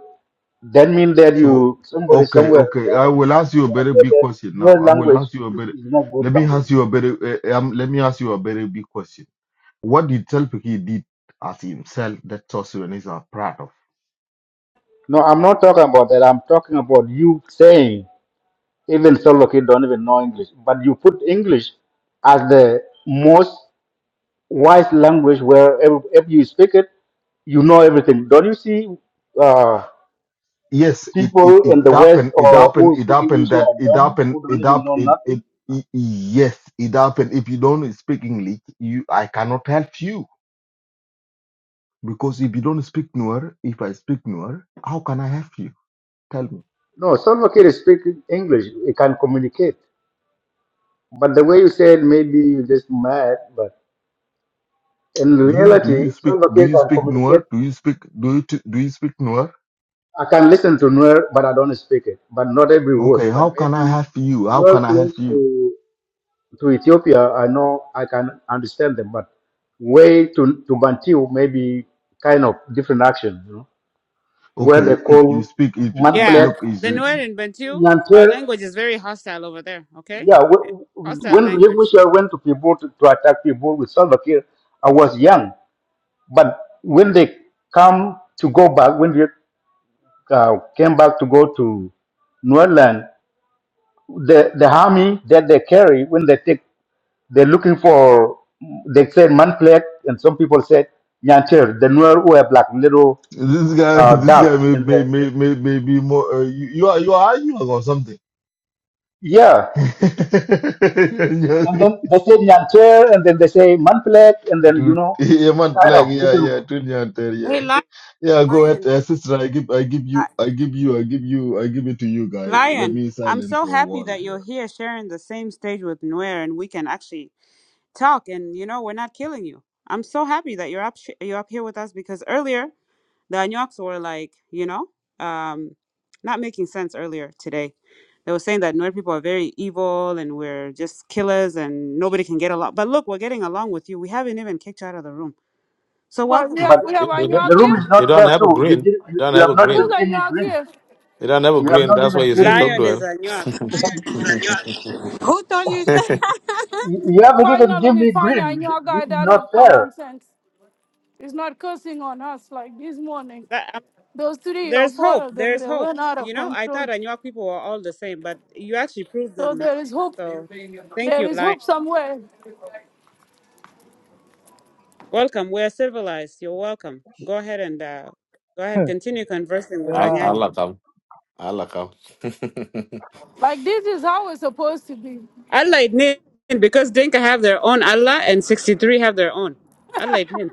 Speaker 3: That means that
Speaker 1: So
Speaker 3: you somebody
Speaker 1: okay,
Speaker 3: somewhere
Speaker 1: okay. I
Speaker 3: later
Speaker 1: will ask
Speaker 3: you
Speaker 1: you a
Speaker 3: gonna
Speaker 1: very
Speaker 3: say
Speaker 1: big
Speaker 3: that
Speaker 1: question
Speaker 3: your
Speaker 1: now. I will
Speaker 3: language
Speaker 1: ask you a
Speaker 3: is,
Speaker 1: very.
Speaker 3: is not good
Speaker 1: Let me
Speaker 3: language.
Speaker 1: ask
Speaker 3: you
Speaker 1: you a very. Uh, um, let me ask you a very big question. What did Selpaki did as himself that Sorcerer are proud of?
Speaker 3: know. No, I'm not talking about that. I'm talking about you saying even solo kid don't even know English, but you put English as the most wise language where if, if you speak it, you know everything. Don't you see uh,
Speaker 1: yes it it
Speaker 3: people
Speaker 1: it
Speaker 3: in the West
Speaker 1: happened it
Speaker 3: or
Speaker 1: happened
Speaker 3: who
Speaker 1: it
Speaker 3: speak
Speaker 1: happened
Speaker 3: English who
Speaker 1: that
Speaker 3: are
Speaker 1: it
Speaker 3: dumb,
Speaker 1: happened
Speaker 3: who don't
Speaker 1: it
Speaker 3: even
Speaker 1: up
Speaker 3: know
Speaker 1: it
Speaker 3: nothing?
Speaker 1: it it- yes it happened if you don't speak english you i cannot help you because if you don't speak Nuer, if i speak Nuer, how can i help you tell me
Speaker 3: No, Salva Kiir is speaking English. He can communicate. But the way you said, maybe you just mad, but in
Speaker 1: you do you
Speaker 3: reality,
Speaker 1: speak
Speaker 3: Salva
Speaker 1: do
Speaker 3: Kiir
Speaker 1: you
Speaker 3: can
Speaker 1: speak
Speaker 3: communicate.
Speaker 1: Nuer? do you speak do you t- do you speak Nuer?
Speaker 3: I can listen to Nuer, but I don't speak it, but not every word.
Speaker 1: okay
Speaker 3: But
Speaker 1: how can i
Speaker 3: maybe
Speaker 1: help you how can
Speaker 3: Nuer
Speaker 1: i
Speaker 3: close
Speaker 1: help you
Speaker 3: to, to Ethiopia, I know I can understand them, but way to, to Bantu, maybe kind of different action, you know, where
Speaker 1: okay
Speaker 3: they
Speaker 1: if you
Speaker 3: call
Speaker 1: speak if you-
Speaker 5: Yeah,
Speaker 3: manipulate,
Speaker 1: look is
Speaker 5: the Nuer in Bantu, our
Speaker 3: Nyantel,
Speaker 5: language is very hostile over there. Okay,
Speaker 3: yeah, wh- wh-
Speaker 5: hostile
Speaker 3: when Ling
Speaker 5: language.
Speaker 3: Wisha went to people to, to attack people with Salva Kiir, I was young. But when they come to go back, when they uh, came back to go to Nordland, the, the army that they carry, when they take, they're looking for, they said Manfleck, and some people said Nyantir, the Nuer who have like little
Speaker 1: this guy
Speaker 3: uh,
Speaker 1: this
Speaker 3: doubt.
Speaker 1: guy may
Speaker 3: And
Speaker 1: may
Speaker 3: the,
Speaker 1: may, may, may be more uh, you, you are you are arguing or something
Speaker 3: yeah. And then they say Nyantir, and then they say Manfleck, and then, you
Speaker 1: Dude,
Speaker 3: know,
Speaker 1: yeah, man,
Speaker 3: kind
Speaker 1: flag,
Speaker 3: of
Speaker 1: yeah,
Speaker 3: people,
Speaker 1: yeah, twin yarn there, yeah,
Speaker 5: Hey, lion,
Speaker 1: yeah. Go ahead,
Speaker 5: lion,
Speaker 1: uh, sister. I give, I give you,
Speaker 5: Li-
Speaker 1: I give you, I give you, I give it to you, guy. Let
Speaker 5: lion!
Speaker 1: me
Speaker 5: I'm
Speaker 1: silent
Speaker 5: so
Speaker 1: for a
Speaker 5: happy
Speaker 1: while,
Speaker 5: that you're here, sharing the same stage with Nuer, and we can actually talk and you know we're not killing you i'm so happy that you're up sh- you're up here with us because earlier the anyoks were like you know um not making sense earlier today they were saying that Nuer people are very evil and we're just killers and nobody can get along but look we're getting along with you we haven't even kicked you out of the room so
Speaker 6: what
Speaker 5: welcome
Speaker 6: we
Speaker 5: my
Speaker 6: have
Speaker 3: but
Speaker 6: we
Speaker 4: You,
Speaker 6: have
Speaker 5: brother
Speaker 6: a
Speaker 4: you
Speaker 6: new
Speaker 4: don't
Speaker 3: the room
Speaker 6: here?
Speaker 3: is not
Speaker 4: you don't
Speaker 3: fair
Speaker 4: have a
Speaker 3: too. You
Speaker 4: green.
Speaker 3: did,
Speaker 4: You
Speaker 3: you,
Speaker 4: don't
Speaker 3: you
Speaker 4: have
Speaker 3: have
Speaker 4: a
Speaker 3: not
Speaker 6: Who's
Speaker 3: even
Speaker 4: green.
Speaker 6: a
Speaker 3: given me
Speaker 6: new
Speaker 3: green.
Speaker 6: here?
Speaker 4: You don't have a
Speaker 3: You have
Speaker 4: green.
Speaker 3: not
Speaker 4: That's why
Speaker 3: even
Speaker 4: you see
Speaker 3: given
Speaker 4: a
Speaker 3: me
Speaker 4: thug
Speaker 5: lion is
Speaker 3: green.
Speaker 4: duel.
Speaker 5: Anuak.
Speaker 9: Who told you?
Speaker 3: you you haven't even give
Speaker 6: Finally we
Speaker 3: me
Speaker 6: find a
Speaker 3: green.
Speaker 6: new
Speaker 3: This
Speaker 6: guy
Speaker 3: is
Speaker 6: that
Speaker 3: not
Speaker 6: have common
Speaker 3: fair.
Speaker 6: sense. He's not cursing on us like this morning.
Speaker 5: that, um,
Speaker 6: Those three or
Speaker 5: there's
Speaker 6: four
Speaker 5: hope
Speaker 6: of them,
Speaker 5: there's
Speaker 6: they
Speaker 5: hope
Speaker 6: went out
Speaker 5: you
Speaker 6: of
Speaker 5: know i thought
Speaker 6: control.
Speaker 5: Anuak people were all the same but you actually proved
Speaker 6: So
Speaker 5: them wrong
Speaker 6: there is hope
Speaker 5: so thank
Speaker 6: There
Speaker 5: you
Speaker 6: is
Speaker 5: lion
Speaker 6: hope somewhere.
Speaker 5: Welcome. We're civilized. You're welcome. Go ahead and uh, go ahead. Continue conversing with
Speaker 4: Al-
Speaker 8: يا-
Speaker 5: Anyanya.
Speaker 4: Allah come. Allah come.
Speaker 6: Like this is how it's supposed to be.
Speaker 5: Allah it mean, because Dinka have their own Allah and 63 have their own. Allah it mean.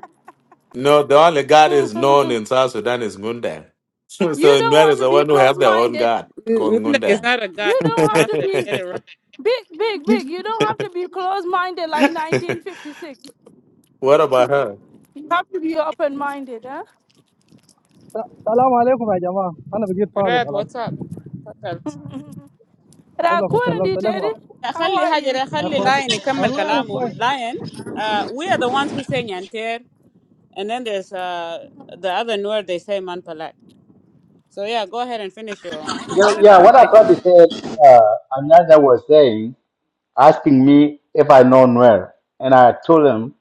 Speaker 4: no, the only God is known in South Sudan is Ngundang. so
Speaker 6: You don't
Speaker 4: Nuer
Speaker 6: want
Speaker 4: is
Speaker 6: to
Speaker 4: the
Speaker 6: be
Speaker 4: one who have their own
Speaker 6: close-minded.
Speaker 4: God called
Speaker 5: N- Nunda is
Speaker 4: Ngundang.
Speaker 5: not a god,
Speaker 6: You
Speaker 5: it's a
Speaker 6: don't have to
Speaker 5: prophet.
Speaker 6: be
Speaker 5: Get it right.
Speaker 6: big, big, big. You don't have to be close-minded like 1956.
Speaker 4: what about her?
Speaker 6: You have to be open-minded, huh?
Speaker 8: السلام عليكم يا جماعة أنا بقيت فاضي
Speaker 5: Right.
Speaker 8: خلاص
Speaker 5: What's up? تفضل.
Speaker 8: كلكم سلمت
Speaker 6: Rakurindi,
Speaker 8: عليكم
Speaker 6: Teddy,
Speaker 8: أخ-
Speaker 6: how
Speaker 5: أخلي
Speaker 6: are
Speaker 5: هاجر
Speaker 6: you?
Speaker 5: أخلي
Speaker 8: أخواتي
Speaker 5: لاين يكمل
Speaker 8: والله أنا
Speaker 5: كلامه.
Speaker 8: كويس
Speaker 5: Lion. Uh, we are the ones who say Nyantir, and then there's uh, the other word they say Manpalat. So yeah, go ahead and finish your
Speaker 3: Yeah, yeah
Speaker 5: whatever.
Speaker 3: what I tried to say, uh, another was saying, asking me if I know where. And I told him,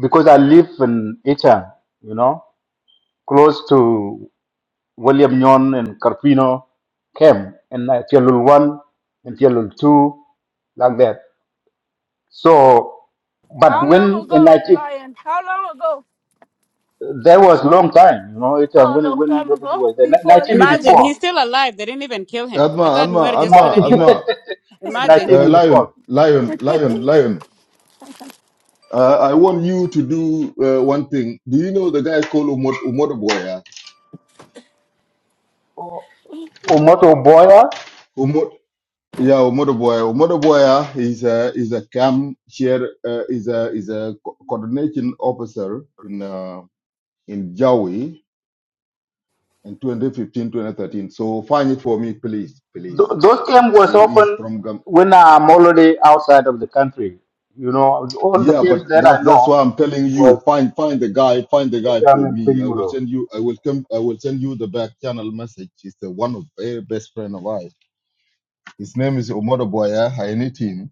Speaker 3: because I live in Itan, you know, close to William Nyon and Carpino camp, and uh, Tialul 1 and Tialul 2, like that. So, but
Speaker 6: How long
Speaker 3: when in
Speaker 6: ago,
Speaker 3: 19,
Speaker 6: Lion? How long ago?
Speaker 3: there was long time, you know, Itan,
Speaker 6: Oh, a
Speaker 3: when,
Speaker 6: long
Speaker 3: when
Speaker 6: time
Speaker 3: refugee
Speaker 6: ago.
Speaker 3: was there,
Speaker 6: Before it um,
Speaker 5: Imagine
Speaker 3: 1984.
Speaker 5: he's
Speaker 6: it's
Speaker 5: still alive. They didn't even kill
Speaker 1: yeah.
Speaker 5: him. I
Speaker 1: Adma,
Speaker 5: thought
Speaker 1: Adma,
Speaker 5: Nuer just kill
Speaker 1: Adma,
Speaker 5: anybody.
Speaker 1: Adma,
Speaker 5: Imagine.
Speaker 1: uh, lion,
Speaker 3: 1984.
Speaker 1: lion, lion, lion. Uh, I want you to do uh, one thing. Do you know the guy called Umot Umotoboya?
Speaker 3: Umoto Boya.
Speaker 1: Umot, yeah, Umotoboya. Umotoboya is a is a camp chair, uh, is a is a co- coordination officer in uh, in Jawi in 2015, 2013. So find it for me, please, please.
Speaker 3: Th- those games was
Speaker 1: See, he's
Speaker 3: often
Speaker 1: from Gam-
Speaker 3: when I'm already outside of the country. You know, all the
Speaker 1: yeah,
Speaker 3: games
Speaker 1: but
Speaker 3: that I
Speaker 1: that's that's
Speaker 3: know
Speaker 1: why I'm telling
Speaker 3: was
Speaker 1: you, find find the guy, find the guy
Speaker 3: Itam
Speaker 1: for
Speaker 3: and
Speaker 1: me. I will
Speaker 3: Pinuro.
Speaker 1: send you, I will come, I will send you the back channel message. He's the one of very best friend of ours. His name is Omodo Boya I need him.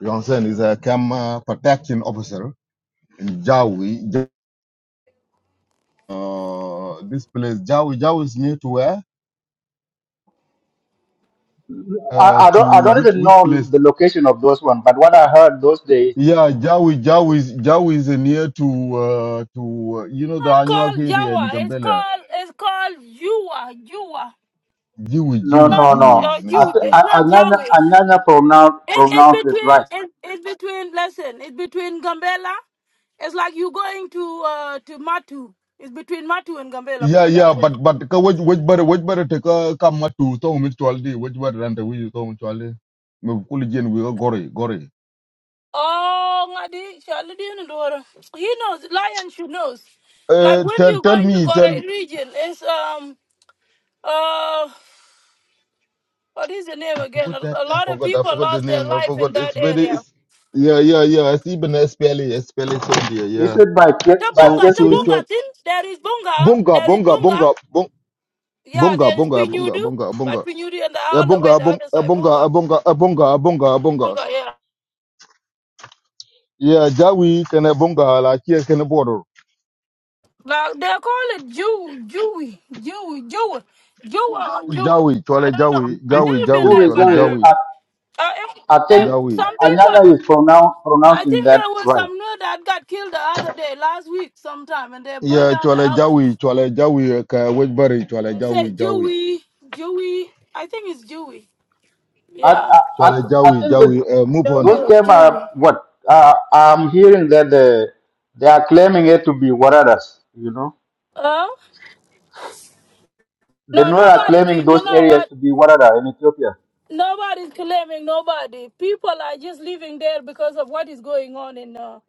Speaker 1: You understand? He's a camera protection officer in Jawi. Ja- Uh, this place, Jawi, Jawi is near to where?
Speaker 3: I,
Speaker 1: Uh,
Speaker 3: I
Speaker 1: to
Speaker 3: don't I don't
Speaker 1: which
Speaker 3: even
Speaker 1: which
Speaker 3: know
Speaker 1: place?
Speaker 3: the location of those one, but what I heard those days,
Speaker 1: Yeah, Jawi, Jawi, is- Jawi is near to uh, to uh, you know the
Speaker 6: not
Speaker 1: Anuak
Speaker 6: called
Speaker 1: area in
Speaker 6: Jawa. It's
Speaker 1: Gambela.
Speaker 6: called it's called Yua. Yua.
Speaker 1: Jiwi,
Speaker 6: It's
Speaker 3: no,
Speaker 1: Jiwi,
Speaker 6: not
Speaker 3: no,
Speaker 1: Jiwi.
Speaker 3: no.
Speaker 6: uh,
Speaker 1: His name
Speaker 3: I,
Speaker 1: is
Speaker 6: you.
Speaker 3: th-
Speaker 1: Jiwi.
Speaker 6: It's
Speaker 3: I,
Speaker 6: not
Speaker 3: another
Speaker 6: Yahweh.
Speaker 3: another pronoun
Speaker 6: It, it's
Speaker 3: pronounced it right.
Speaker 6: between it, it's between listen it's between Gambela. It's like you going to uh to Matu. It's between Matu and Gambela.
Speaker 1: Yeah,
Speaker 6: Put it that.
Speaker 1: yeah, but but ka waj waj bare waj bare te ka ka matu to mutualdi waj bare rante wi to mutualdi. Me kuli jen wi gori gori.
Speaker 6: Oh, Ngadi, Charlie, do you know the water? He knows. Lion, she knows. Like
Speaker 1: Uh,
Speaker 6: when
Speaker 1: tell
Speaker 6: you
Speaker 1: tell
Speaker 6: go into
Speaker 1: me
Speaker 6: Korea
Speaker 1: tell.
Speaker 6: region, it's um uh what is the name
Speaker 1: I
Speaker 6: again? A,
Speaker 1: forgot that.
Speaker 6: a
Speaker 1: I
Speaker 6: lot of
Speaker 1: forgot. I
Speaker 6: people
Speaker 1: forgot the
Speaker 6: lost their
Speaker 1: name. I
Speaker 6: life in
Speaker 1: forgot. It's
Speaker 6: that
Speaker 1: very.
Speaker 6: area.
Speaker 1: It's yeah yeah yeah. It's even SPLA SPLA soldier.
Speaker 3: Is
Speaker 1: Yeah.
Speaker 3: it by Kier- by
Speaker 1: So
Speaker 6: Tabunga,
Speaker 1: so it
Speaker 3: Kirkiri?
Speaker 1: was
Speaker 6: Tabunga, thin. There is Bunga.
Speaker 1: Bonga
Speaker 6: There is
Speaker 1: Bonga
Speaker 6: Bunga.
Speaker 1: Bonga Bonga.
Speaker 6: Yeah,
Speaker 1: Bunga,
Speaker 6: there is
Speaker 1: bunga, bunga,
Speaker 6: Pinudu,
Speaker 1: bunga,
Speaker 6: but
Speaker 1: bunga.
Speaker 6: Pinudu and the
Speaker 1: Yeah,
Speaker 6: all the way
Speaker 1: bunga,
Speaker 6: the
Speaker 1: bunga,
Speaker 6: other side Bunga.
Speaker 1: bunga, bunga, bunga, bunga,
Speaker 6: Oh,
Speaker 1: bunga.
Speaker 6: yeah.
Speaker 1: Yeah, Jawi can a bunga like here can a border.
Speaker 6: Like they call it Jew, Jewy, Jewy, Jew, Jew, or Jew.
Speaker 1: Jawi,
Speaker 6: I
Speaker 1: chole
Speaker 6: don't know.
Speaker 1: Jawi,
Speaker 6: I
Speaker 1: Jawi,
Speaker 6: never been
Speaker 1: Jawi,
Speaker 6: there,
Speaker 3: Joey,
Speaker 1: chole
Speaker 6: but
Speaker 3: Joey.
Speaker 6: I,
Speaker 1: Jawi,
Speaker 6: uh, if
Speaker 3: I
Speaker 6: there,
Speaker 3: think
Speaker 1: Jawi.
Speaker 6: some people,
Speaker 3: Anyanya is pronoun-
Speaker 6: I
Speaker 3: pronouncing
Speaker 6: think
Speaker 3: that
Speaker 6: there was
Speaker 3: right.
Speaker 6: some nerd that got killed the other day, last week, sometime, and they burned
Speaker 1: Yeah,
Speaker 6: down the
Speaker 1: chole Jawi,
Speaker 6: houses.
Speaker 1: chole Jawi, ka Wedbury,
Speaker 6: They
Speaker 1: chole
Speaker 6: say
Speaker 1: Jawi, Jawi,
Speaker 6: Jewy, Jewy. I think it's Jewy.
Speaker 3: I,
Speaker 6: Yeah,
Speaker 3: I, I,
Speaker 1: chole
Speaker 3: I
Speaker 1: Jawi,
Speaker 3: think that
Speaker 1: Jawi. Uh, move on.
Speaker 6: Jewy
Speaker 3: those
Speaker 6: or
Speaker 3: terms are
Speaker 6: Jewy.
Speaker 3: what uh, I'm hearing that the, they are claiming it to be Waradas, you know.
Speaker 6: Oh
Speaker 3: The
Speaker 6: no,
Speaker 3: Nuer are
Speaker 6: nobody.
Speaker 3: claiming
Speaker 6: can- You
Speaker 3: those
Speaker 6: know
Speaker 3: areas
Speaker 6: what?
Speaker 3: to be Warada in Ethiopia.
Speaker 6: Nobody's claiming nobody. People are just living there because of what is going on in. uh,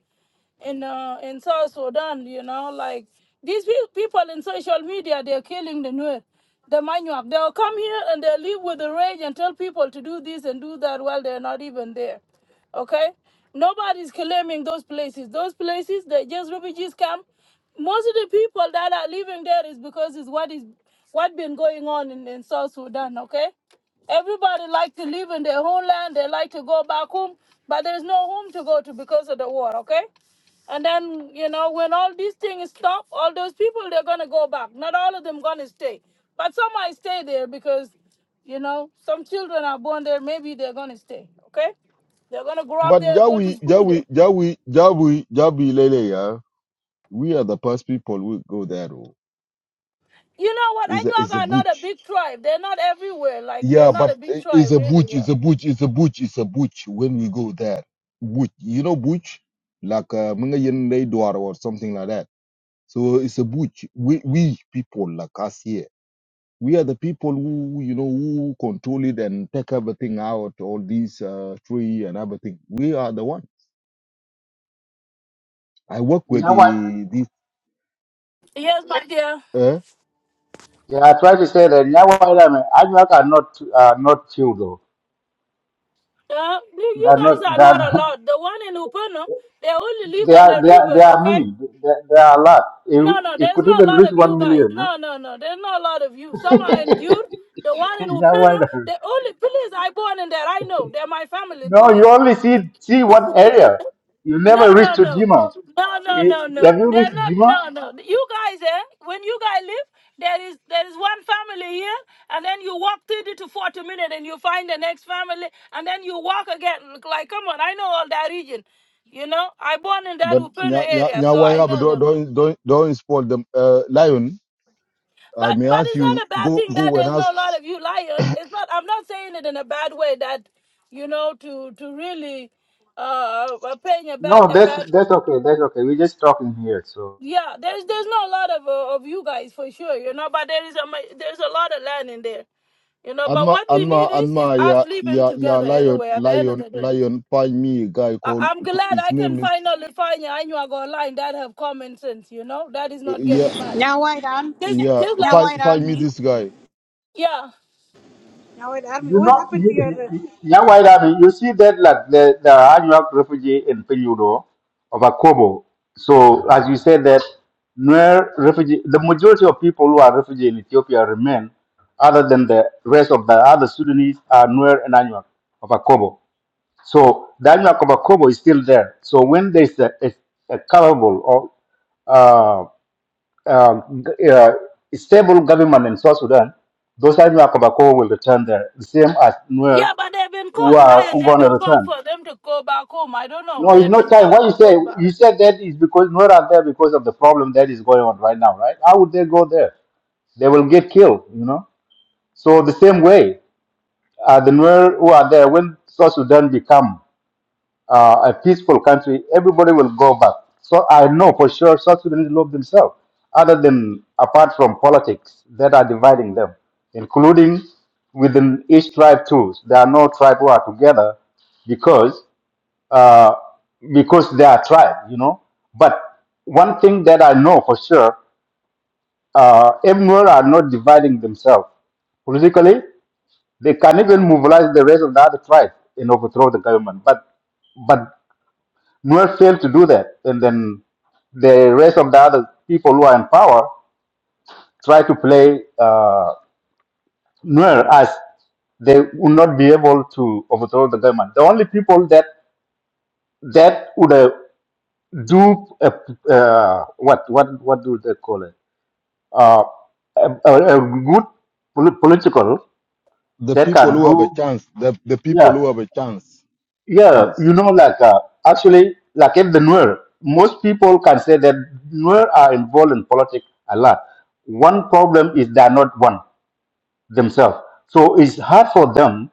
Speaker 6: in uh, in South Sudan, you know, like these peo- people in social media, they're killing the Nuer, the Manuak. They'll come here and they'll live with the rage and tell people to do this and do that while they're not even there. Okay? Nobody's claiming those places. Those places, they're just refugees camp. Most of the people that are living there is because it's what is what been going on in, in South Sudan, okay? Everybody like to live in their homeland, they like to go back home, but there's no home to go to because of the war, okay? And then, you know, when all these things stop, all those people, they're going to go back. Not all of them going to stay. But some might stay there because, you know, some children are born there. Maybe they're going to stay, okay? They're going to grow up
Speaker 1: But
Speaker 6: there, go to
Speaker 1: Jawi,
Speaker 6: school there.
Speaker 1: Jawi, Jawi, Jawi, Jawi, Lele, yeah. We are the first people who go there. oh.
Speaker 6: You know what?
Speaker 1: It's a,
Speaker 6: Anuag
Speaker 1: it's a
Speaker 6: are not a
Speaker 1: butch.
Speaker 6: big tribe. They're not everywhere. Like, they're
Speaker 1: Yeah,
Speaker 6: not
Speaker 1: but
Speaker 6: a big
Speaker 1: i-
Speaker 6: tribe,
Speaker 1: it's a
Speaker 6: really.
Speaker 1: butch,
Speaker 6: Yeah.
Speaker 1: it's a butch, it's a butch, it's a butch when we go there. Butch, you know butch? Like uh Mga Yen lay Dwar or something like that. So it's a butch. We we people like us here. We are the people who you know who control it and take everything out, all these uh tree and everything. We are the one. I work with
Speaker 3: Nyawa,
Speaker 1: the this
Speaker 6: Yes, my dear.
Speaker 1: uh
Speaker 3: yeah, I try to say that Nyawa Irame, Anuak are not are not few though.
Speaker 6: Uh, you
Speaker 3: They
Speaker 6: you
Speaker 3: are
Speaker 6: guys
Speaker 3: not.
Speaker 6: are
Speaker 3: They
Speaker 6: not
Speaker 3: are
Speaker 6: a lot. The one in Upano, they only live
Speaker 3: they
Speaker 6: on the
Speaker 3: are they are, they
Speaker 6: river,
Speaker 3: are
Speaker 6: okay?
Speaker 3: many. They, they are a lot. It,
Speaker 6: No, no,
Speaker 3: it
Speaker 6: there's
Speaker 3: could
Speaker 6: not a
Speaker 3: even
Speaker 6: lot
Speaker 3: reach
Speaker 6: of
Speaker 3: one
Speaker 6: you guys.
Speaker 3: million.
Speaker 6: No, no, no, there's not a lot of you.
Speaker 3: eh?
Speaker 6: Some are in Gyur, the one in
Speaker 3: Nyawa
Speaker 6: Uplino,
Speaker 3: Irame.
Speaker 6: the only police I born in there, I know. They're my family,
Speaker 3: No,
Speaker 6: police.
Speaker 3: you only see see one area. You
Speaker 6: No,
Speaker 3: never reach
Speaker 6: no,
Speaker 3: to
Speaker 6: no.
Speaker 3: Jima.
Speaker 6: No, no,
Speaker 3: You,
Speaker 6: no, no.
Speaker 3: have you
Speaker 6: They're
Speaker 3: reached
Speaker 6: not,
Speaker 3: Jima?
Speaker 6: no, no. You guys, eh, when you guys live, there is there is one family here, and then you walk 30 to 40 minutes and you find the next family, and then you walk again. Look Like, come on, I know all that region. You know, I born in that
Speaker 1: but
Speaker 6: Uplino
Speaker 1: nya nya
Speaker 6: area,
Speaker 1: nya
Speaker 6: so
Speaker 1: why
Speaker 6: I
Speaker 1: am-
Speaker 6: know
Speaker 1: don't
Speaker 6: them.
Speaker 1: don't don't don't spoil them uh lion. I
Speaker 6: But
Speaker 1: may
Speaker 6: but
Speaker 1: ask
Speaker 6: it's not
Speaker 1: you
Speaker 6: a bad
Speaker 1: go
Speaker 6: thing that
Speaker 1: go and
Speaker 6: there's
Speaker 1: ask
Speaker 6: not a lot of you lying. It's not. I'm not saying it in a bad way. That you know to to really uh uh, paying a bad
Speaker 3: No,
Speaker 6: a
Speaker 3: that's
Speaker 6: bad.
Speaker 3: that's okay. That's okay. We're just talking here. So
Speaker 6: Yeah, there's there's not a lot of uh, of you guys for sure. You know, but there is a ma- there's a lot of land in there. You know, but
Speaker 1: Anma
Speaker 6: what we
Speaker 1: Anma
Speaker 6: need is is
Speaker 1: Anma
Speaker 6: us
Speaker 1: ya
Speaker 6: living
Speaker 1: ya ya
Speaker 6: together
Speaker 1: lion
Speaker 6: anyway. At the end of
Speaker 1: lion
Speaker 6: the day.
Speaker 1: lion find me a guy
Speaker 6: I-
Speaker 1: called
Speaker 6: I'm glad
Speaker 1: his
Speaker 6: I can
Speaker 1: name is
Speaker 6: finally find you and you are online that have common sense, you know? That is
Speaker 1: uh,
Speaker 6: not
Speaker 1: yeah
Speaker 6: getting mad.
Speaker 9: now white army,
Speaker 6: Just
Speaker 1: yeah
Speaker 6: just
Speaker 9: now
Speaker 6: like
Speaker 1: find
Speaker 9: white
Speaker 1: find me
Speaker 9: army,
Speaker 1: this guy.
Speaker 6: yeah.
Speaker 9: now white army.
Speaker 3: you
Speaker 9: What
Speaker 3: know,
Speaker 9: happened to your?
Speaker 3: you, you,
Speaker 9: uh,
Speaker 3: young white army. You see that like the the Anuak refugee in Peludo of Akobo. So as you said that, Nuer refugee, the majority of people who are refugee in Ethiopia remain, other than the rest of the other Sudanese are Nuer and Anuak of Akobo. So that Kobakobo is still there. So when there's a, a, a capable or uh, uh, g- uh, stable government in South Sudan, those Daniel Kobakobo will return there, the same as Nuer
Speaker 6: Yeah, but they've been
Speaker 3: who
Speaker 6: called
Speaker 3: are
Speaker 6: lion. They've
Speaker 3: going to
Speaker 6: been called
Speaker 3: return.
Speaker 6: for them to go back home. I don't know.
Speaker 3: No, it's
Speaker 6: They've
Speaker 3: not
Speaker 6: been
Speaker 3: time.
Speaker 6: called
Speaker 3: Why you
Speaker 6: to
Speaker 3: say
Speaker 6: go back.
Speaker 3: you said that is because Nuer are there because of the problem that is going on right now, right? How would they go there? They will get killed, you know. So the same way, uh, the Nuer who are there when South Sudan become uh, a peaceful country, everybody will go back. So I know for sure South Sudanese love themselves, other than apart from politics that are dividing them, including within each tribe too. There are no tribe who are together because uh, because they are tribe, you know. But one thing that I know for sure, uh, Emnor are not dividing themselves politically. They can even mobilize the rest of the other tribe and overthrow the government. But but Nuer failed to do that, and then the rest of the other people who are in power try to play uh, Nuer as they would not be able to overthrow the government. The only people that that would uh, do a, uh, what what what do they call it? Uh, a, a, a good poli- political
Speaker 1: The
Speaker 3: that
Speaker 1: people
Speaker 3: can
Speaker 1: who have a
Speaker 3: do
Speaker 1: chance the the
Speaker 3: yeah
Speaker 1: people who have a chance
Speaker 3: Yeah, you
Speaker 1: chance.
Speaker 3: know, like uh, actually, like if the Nuer, most people can say that Nuer are involved in politics a lot. One problem is they are not one themselves, so it's hard for them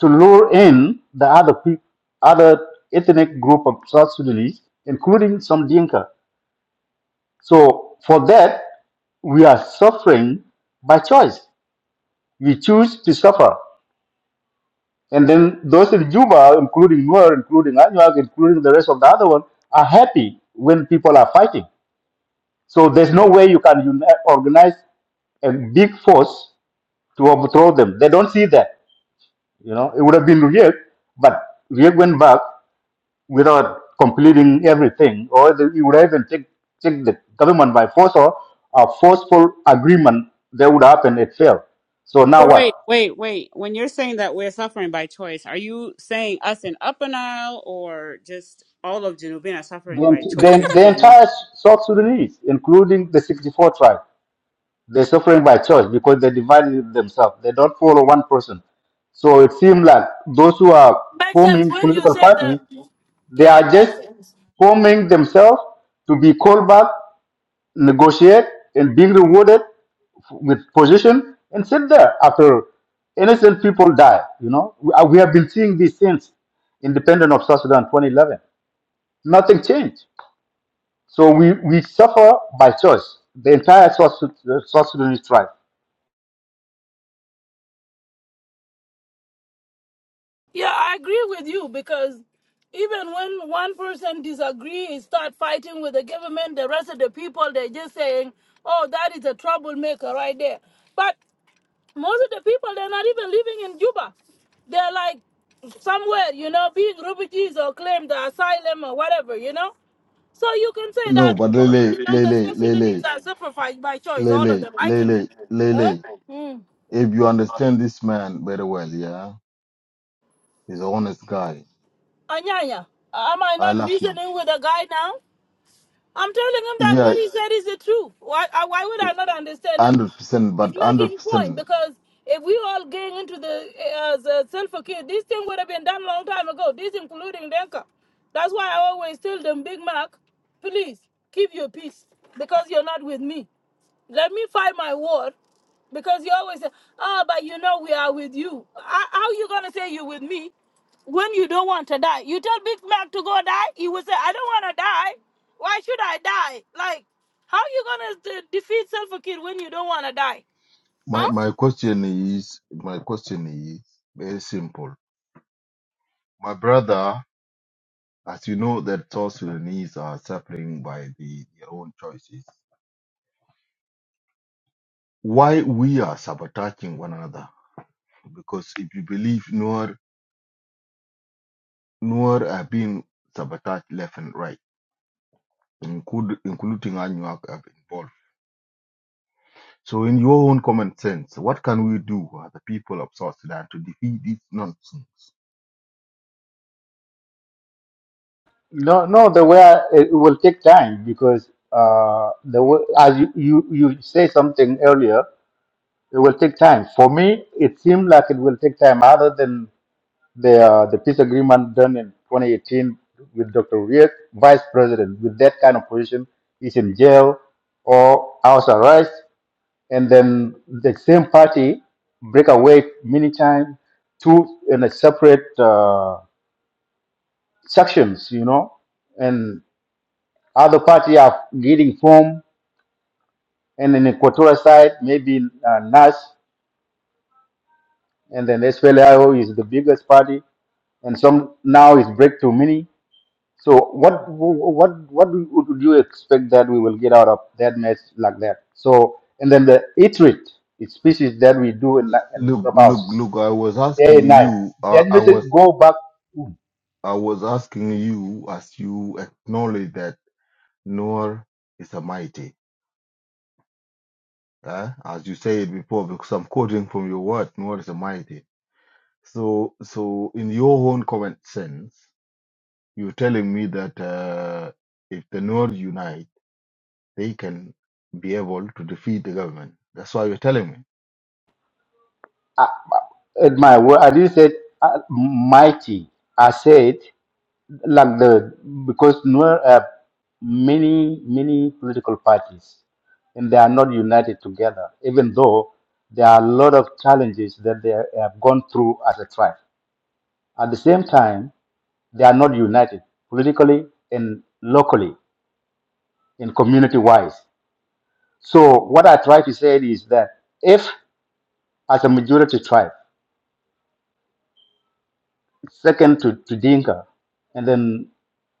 Speaker 3: to lure in the other peop other ethnic group of South Sudanese, including some Dinka. So for that, we are suffering by choice. We choose to suffer. And then those in Juba, including Nuer, including Anyuag, including the rest of the other one, are happy when people are fighting. So there's no way you can uni- organize a big force to overthrow them. They don't see that. You know, it would have been Riek, but Riek went back without completing everything, or the, he would have even take, take the government by force or a forceful agreement that would happen. It failed. So now
Speaker 5: So
Speaker 3: what?
Speaker 5: wait, wait, wait. When you're saying that we're suffering by choice, are you saying us in Upper Nile or just all of Junubin are
Speaker 3: The,
Speaker 5: suffering by
Speaker 3: ent-
Speaker 5: choice
Speaker 3: the,
Speaker 5: because
Speaker 3: the
Speaker 5: of Nuer?
Speaker 3: entire South Sudanese, including the 64 tribes They're suffering by choice because they divided themselves. They don't follow one person. So it seems like those who are
Speaker 6: Makes sense
Speaker 3: forming
Speaker 6: when you
Speaker 3: political
Speaker 6: say
Speaker 3: party,
Speaker 6: that.
Speaker 3: they
Speaker 6: Yeah,
Speaker 3: are just
Speaker 6: makes sense.
Speaker 3: forming themselves to be called back, negotiate, and being rewarded with position and sit there after innocent people die. You know, we uh, we have been seeing these since independence of South Sudan 2011. Nothing changed. So we, we suffer by choice. The entire South, Sud- South Sudanese tribe.
Speaker 6: Yeah, I agree with you because even when one person disagrees, start fighting with the government, the rest of the people they're just saying, "Oh, that is a troublemaker right there." But Most of the people they're not even living in Juba. They're like somewhere, you know, being refugees or claim the asylum or whatever, you know. So you can say
Speaker 1: No,
Speaker 6: that
Speaker 1: but
Speaker 6: even
Speaker 1: Lele
Speaker 6: the
Speaker 1: Lele
Speaker 6: South Sudanese
Speaker 1: Lele
Speaker 6: are sacrificed by choice, all of
Speaker 1: Lele
Speaker 6: them. I can,
Speaker 1: Lele
Speaker 6: huh?
Speaker 1: Lele.
Speaker 6: Mm.
Speaker 1: If you understand this man very well, yeah, he's an honest guy.
Speaker 6: Anyanya, am I
Speaker 1: I
Speaker 6: not
Speaker 1: like him.
Speaker 6: reasoning with a guy now? I'm telling him that
Speaker 1: Yeah,
Speaker 6: what he said is the truth. Why, I- why would I not understand him?
Speaker 1: hundred percent,
Speaker 6: He's
Speaker 1: but
Speaker 6: making
Speaker 1: hundred
Speaker 6: a point
Speaker 1: percent.
Speaker 6: because if we all gang into the, uh, the self-care, this thing would have been done long time ago, this including Denka. That's why I always tell them, Big Mac, please keep your peace because you're not with me. Let me find my word. Because you always say, oh, but you know we are with you. How how you going to say you with me when you don't want to die? You tell Big Mac to go die, he will say, I don't want to die. Why should I die? Like, how you going to defeat Self Kid when you don't want to die?
Speaker 1: My
Speaker 6: Huh?
Speaker 1: my question is my question is very simple. My brother, as you know, that South Sudanese are suffering by the, their own choices. Why we are sabotaging one another? Because if you believe Noor Noor have been sabotaged left and right, include, including Anuak have been involved. So, in your own common sense, what can we do as the people of South Sudan to defeat this nonsense?
Speaker 3: No, no, the way I, it will take time because uh, the way, as you, you, you say something earlier, it will take time. For me, it seemed like it will take time other than the, uh, the peace agreement done in 2018 with Dr. Riek, vice president, with that kind of position, is in jail or house arrest. And then the same party break away many times to in a separate uh, sections, you know, and Other party are getting formed, and in the Equatorial side, maybe uh, NAS, and then SPLIO is the biggest party, and some now is breakthrough mini. So what what what would you expect that we will get out of that match like that? So and then the iterate it's species that we do in la- in
Speaker 1: Look, look,
Speaker 3: clubhouses
Speaker 1: look! I was
Speaker 3: day and
Speaker 1: asking
Speaker 3: night.
Speaker 1: you. Uh,
Speaker 3: That
Speaker 1: I
Speaker 3: message
Speaker 1: was
Speaker 3: go back.
Speaker 1: I was asking you as you acknowledge that Noor is a mighty. eh? As you said before, because I'm quoting from your word, Noor is a mighty. So, so in your own common sense, you're telling me that uh, if the Noor unite, they can be able to defeat the government. That's why you're telling me.
Speaker 3: I, at my word, I didn't say uh, mighty. I said. like the because Nuer have many many political parties and they are not united together, even though there are a lot of challenges that they have gone through as a tribe. At the same time, they are not united politically and locally and community wise. So what I try to say is that if as a majority tribe, second to, to Dinka, and then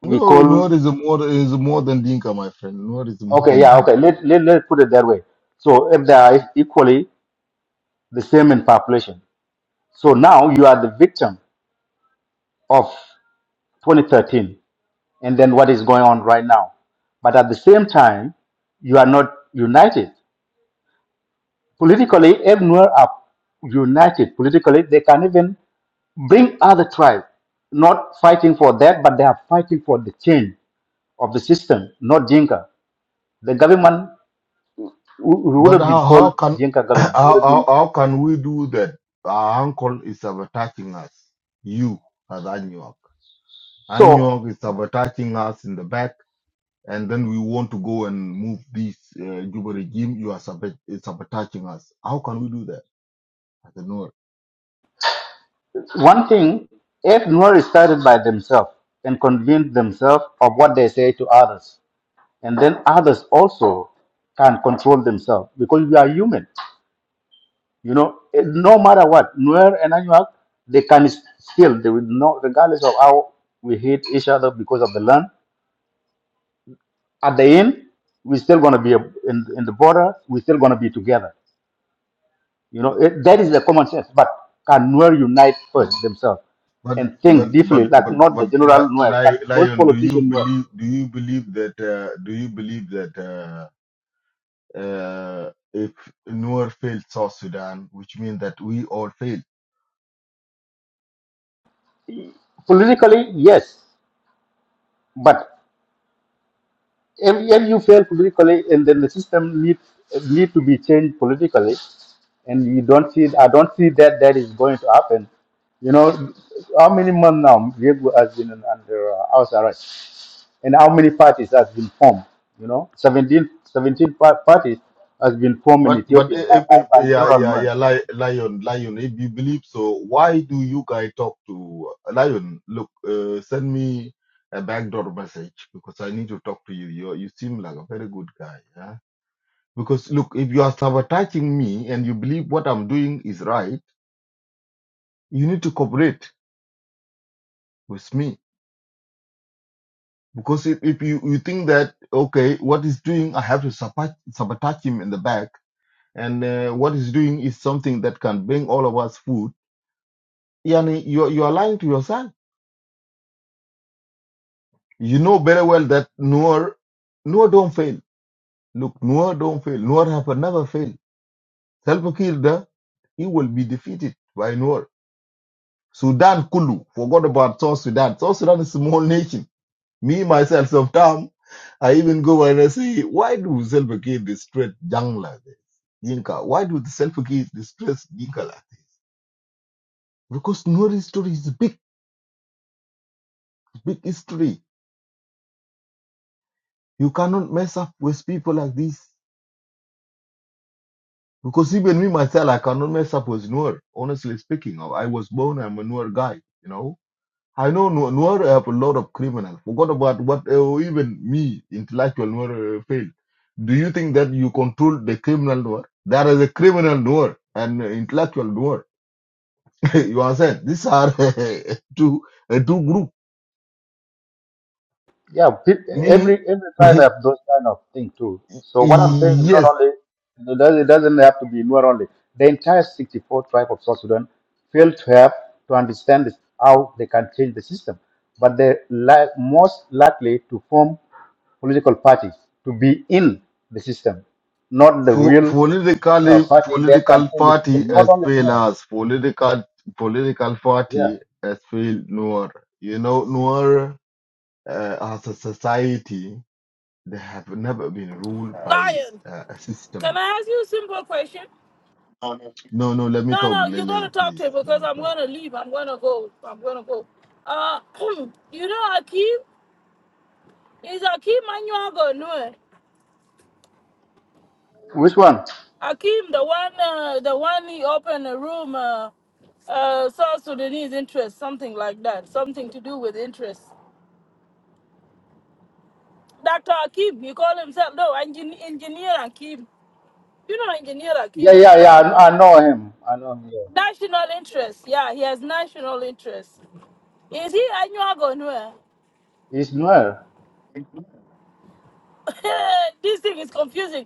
Speaker 3: we
Speaker 1: No,
Speaker 3: call
Speaker 1: Noor is a more is more than Dinka, my friend. Noor is more
Speaker 3: Okay,
Speaker 1: than
Speaker 3: yeah,
Speaker 1: Dinka.
Speaker 3: okay. Let, let, let's put it that way. So if they are equally the same in population. So now you are the victim of 2013 and then what is going on right now. But at the same time, you are not united. Politically, everywhere are united. Politically, they can even bring other tribes, not fighting for that, but they are fighting for the change of the system, not Jinka. The government w- would
Speaker 1: But
Speaker 3: have been
Speaker 1: how,
Speaker 3: called
Speaker 1: how can
Speaker 3: Jinka
Speaker 1: how,
Speaker 3: government. It would have been
Speaker 1: how, how can we do that? Our uncle is sabotaging us. You as Anyuak.
Speaker 3: so.
Speaker 1: Anyuak is sabotaging us in the back, and then we want to go and move this uh, Juba regime. You are sabot- is sabotaging us. How can we do that? I don't know.
Speaker 3: One thing, if Nuer started by themselves and convinced themselves of what they say to others, and then others also can control themselves because we are human. You know, eh, no matter what, Nuer and Anuak, they can s- still, they will not, regardless of how we hate each other because of the land, at the end, we're still going to be a- in, in the border, we're still going to be together. You know, it, that is the common sense. But can Nuer unite first themselves
Speaker 1: But
Speaker 3: and think
Speaker 1: but but
Speaker 3: deeply, like
Speaker 1: but
Speaker 3: not the
Speaker 1: but
Speaker 3: general
Speaker 1: Li-
Speaker 3: Nuer, but
Speaker 1: Li-
Speaker 3: those
Speaker 1: Lion, do you
Speaker 3: politician Nuer?
Speaker 1: believe? Do you believe that? Uh, do you believe that? Uh, uh, if Noor failed South Sudan, which means that we all failed
Speaker 3: Politically, yes, but if, if you fail politically, and then the system needs need to be changed politically, and you don't see, I don't see that that is going to happen. You know, how many months now Diego has been under uh, house arrest? and how many parties has been formed. You know, 17, 17 par- parties has been formed in
Speaker 1: But but
Speaker 3: Ethiopia
Speaker 1: i-
Speaker 3: by,
Speaker 1: if,
Speaker 3: by,
Speaker 1: if,
Speaker 3: by
Speaker 1: yeah
Speaker 3: general
Speaker 1: yeah yeah
Speaker 3: norms.
Speaker 1: Li- lion lion if you believe so why do you guys talk to uh, lion look uh, send me a backdoor message because I need to talk to you you you seem like a very good guy yeah because look if you are sabotaging me and you believe what I'm doing is right you need to cooperate with me because if, if you you think that okay what he's doing I have to sabotage sabotage him in the back and uh, what he's doing is something that can bring all of us food. Yani, you're, you're lying to yourself. You know very well that Noor, Noor don't fail. Look, Noor don't fail. Noor have never failed. Self Kiir, the- he will be defeated by Noor. Sudan Kulu, forgot about South Sudan. South Sudan is a small nation. Me, myself, sometimes I even go and I say, why do Self Kiir distress young like this? Dinka, why do the Self Kiir distress Dinka like? Because Noor history is big, big history You cannot mess up with people like this. Because even me myself, I cannot mess up with Noor. Honestly speaking, I was born, I'm a Noor guy, you know. I know Noor Noor have a lot of criminals. Forgot about what uh, even me, intellectual Noor, uh, failed. Do you think that you control the criminal Noor? There is a criminal Noor and uh, intellectual Noor. you understand? These are two, uh, two group.
Speaker 3: Yeah, pe- every
Speaker 1: Me,
Speaker 3: every tribe have those kind of thing too. So what I'm saying is not
Speaker 1: yes,
Speaker 3: only it doesn't it doesn't have to be Nuer only. The entire 64 tribe of South Sudan failed to have to understand this, how they can change the system, but they're li- most likely to form political parties to be in the system, not the
Speaker 1: Po-
Speaker 3: real uh,
Speaker 1: political
Speaker 3: party that can
Speaker 1: political
Speaker 3: change the
Speaker 1: party
Speaker 3: system, not
Speaker 1: has
Speaker 3: only
Speaker 1: failed
Speaker 3: Nuer.
Speaker 1: us. Political political
Speaker 3: Yeah.
Speaker 1: party has failed Noor. You know, Noor uh, as a society, they have never been ruled by
Speaker 6: Lion,
Speaker 1: uh, a
Speaker 6: can
Speaker 1: system.
Speaker 6: I ask you a simple question?
Speaker 1: No, no. Let me
Speaker 6: No,
Speaker 1: talk,
Speaker 6: no, you're going to
Speaker 1: Lele,
Speaker 6: talk to
Speaker 1: please.
Speaker 6: him
Speaker 1: Let
Speaker 6: because
Speaker 1: me
Speaker 6: I'm
Speaker 1: talk.
Speaker 6: going to leave. I'm going to go. I'm going to go. Uh, you know Akeem? Is Akeem Manuago?
Speaker 3: Which one?
Speaker 6: Akeem, the one, uh, the one he opened a room, uh, uh, South Sudanese interest, something like that, something to do with interest. Dr. Akeem, he called himself, no, engin- engineer Akeem. You know engineer Akeem,
Speaker 3: Yeah, yeah, yeah.
Speaker 6: everybody know
Speaker 3: I, I
Speaker 6: him.
Speaker 3: know him. I know him. Yeah.
Speaker 6: National interest, yeah, he has national interest. Is he Anyuago Nue?
Speaker 3: He's Nuer.
Speaker 6: this thing is confusing.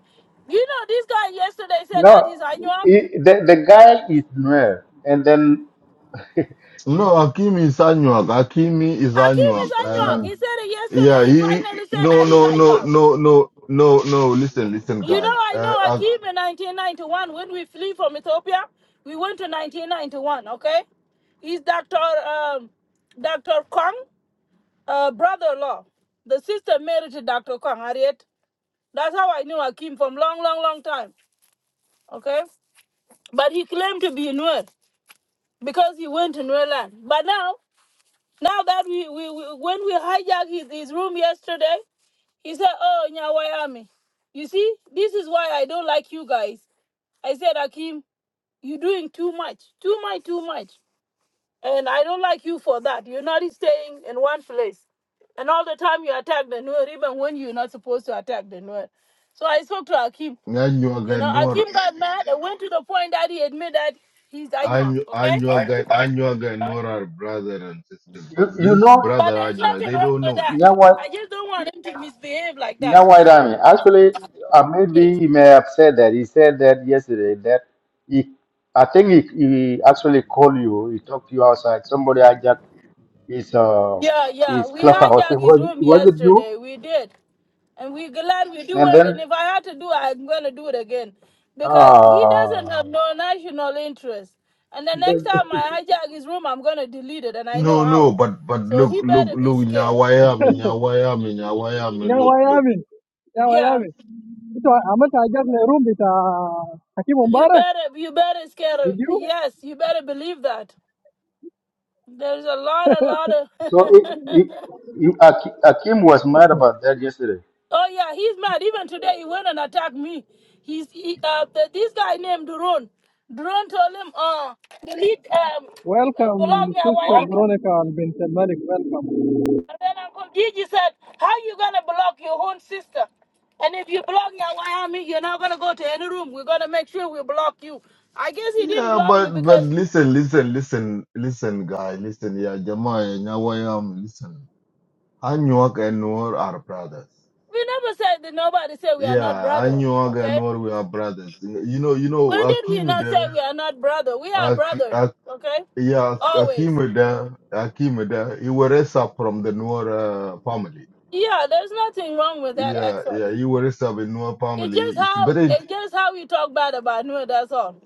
Speaker 6: You know, this guy yesterday said
Speaker 3: No,
Speaker 6: that he's Anyuag.
Speaker 3: he, the, the guy is Nuer. And then,
Speaker 1: No,
Speaker 3: he,
Speaker 1: Hakimi is Anuak. Hakimi is
Speaker 6: Akeem is
Speaker 1: Anuak.
Speaker 3: no,
Speaker 6: Anyuag.
Speaker 1: Uh,
Speaker 3: no.
Speaker 6: He said it yesterday.
Speaker 1: yeah,
Speaker 6: He
Speaker 1: he. he-
Speaker 6: finally said that
Speaker 1: No,
Speaker 6: he's
Speaker 1: no, no,
Speaker 6: Anyuag.
Speaker 1: no, no, no, no. Listen, listen,
Speaker 6: You know,
Speaker 1: guy.
Speaker 6: I know
Speaker 1: Uh,
Speaker 6: Akim in 1991. When we flee from Ethiopia, we went to 1991, okay? He's Dr. Um, Dr. Kong, uh, brother-in-law. The sister married to Dr. Kong, Harriet. That's how I knew Akim from long, long, long time, okay? But he claimed to be Nuer because he went to Nuer land. But now, now that we, we, we when we hijacked his, his room yesterday, he said, oh, Nyawayami. You see, this is why I don't like you guys. I said, Akim. You're doing too much, too much, too much. And I don't like you for that. You're not staying in one place. And all the time you attack the Nuer, even when you're not supposed to attack the Nuer. So I spoke to Akim. You know,
Speaker 1: Anuak
Speaker 6: Akim got mad and went to the point that he admitted that he's Anuak,
Speaker 1: Anyu-
Speaker 6: okay?
Speaker 1: Anyuaga Anyuaga and Nora are brother and sister,
Speaker 3: You,
Speaker 1: but
Speaker 3: you
Speaker 1: this
Speaker 3: know,
Speaker 6: But
Speaker 1: brother
Speaker 6: there's
Speaker 1: Anyuaga,
Speaker 6: nothing
Speaker 1: they
Speaker 6: wrong
Speaker 1: don't
Speaker 6: with
Speaker 1: know.
Speaker 6: that.
Speaker 3: Nyawa,
Speaker 6: I just don't want him to misbehave like that.
Speaker 3: Nyawa Rami,
Speaker 6: So,
Speaker 3: actually, uh, maybe
Speaker 6: yes.
Speaker 3: he may have said that. He said that yesterday that he, I think he, he actually called you, he talked to you outside. Somebody hijacked his, uh,
Speaker 6: yeah, yeah.
Speaker 3: his
Speaker 6: We
Speaker 3: clubhouse.
Speaker 6: hijacked his
Speaker 3: Was,
Speaker 6: room
Speaker 3: was it you?
Speaker 6: yesterday. We did. and we glad we do
Speaker 3: And
Speaker 6: it.
Speaker 3: then
Speaker 6: And if I had to do it, I'm gonna do it again, because he doesn't have
Speaker 3: Ah,
Speaker 6: no national interest. And the next
Speaker 3: that,
Speaker 6: time I hijack his room, I'm gonna delete it, and I know
Speaker 1: No,
Speaker 6: how.
Speaker 1: no, but but
Speaker 6: So
Speaker 1: look,
Speaker 6: he
Speaker 1: look,
Speaker 6: better be
Speaker 1: look,
Speaker 6: scared.
Speaker 1: Nyawayami, Nyawayami,
Speaker 8: يا
Speaker 1: Nyawayami, look, look.
Speaker 8: ويامي يا
Speaker 6: Yeah,
Speaker 8: ويامي أنتوا عملت حاجات روم بتاع حكيم
Speaker 6: you
Speaker 8: مبارك
Speaker 6: better, you better scared. Of,
Speaker 8: فيديو
Speaker 6: yes, you better believe that. There's a lot, a lot of.
Speaker 3: so it, it, you, Akim, Akim was mad about that yesterday.
Speaker 6: oh yeah, he's mad. Even today, he went and attacked me. He's he, uh, the, this guy named Duron. Duron told him, uh, delete um, uh, block
Speaker 8: ويلكم
Speaker 6: me. I
Speaker 8: سيستر
Speaker 6: want.
Speaker 8: برونيكا بنت الملك ويلكم
Speaker 6: And then Uncle Gigi said, How you gonna block your own sister? And if you block Nyawayami, you're not gonna go to any room. We're gonna make sure we block you. I guess he didn't
Speaker 1: Yeah,
Speaker 6: block
Speaker 1: but
Speaker 6: me
Speaker 1: but
Speaker 6: because
Speaker 1: listen, listen, listen, listen, guy, listen, yeah, Jamaya, Nyawayami, listen. Anyuaga and Nora are brothers.
Speaker 6: we never said that nobody said we are not
Speaker 1: Yeah,
Speaker 6: brother,
Speaker 1: Anyuaga and
Speaker 6: okay?
Speaker 1: Nora, we are brothers. You know, you know,
Speaker 6: When did we
Speaker 1: Akim
Speaker 6: not say
Speaker 1: there.
Speaker 6: we are not brother? We are brother, okay?
Speaker 1: Yeah,
Speaker 6: Always.
Speaker 1: Akimada, Akimada, he was raised up from the Noor uh, family.
Speaker 6: Yeah, there's nothing wrong with that
Speaker 1: Yeah, yeah,
Speaker 6: actually.
Speaker 1: he was raised up in Noor
Speaker 6: It's just
Speaker 1: family. It's
Speaker 6: how
Speaker 1: but it,
Speaker 6: it's just how we talk bad about Nua, that's all.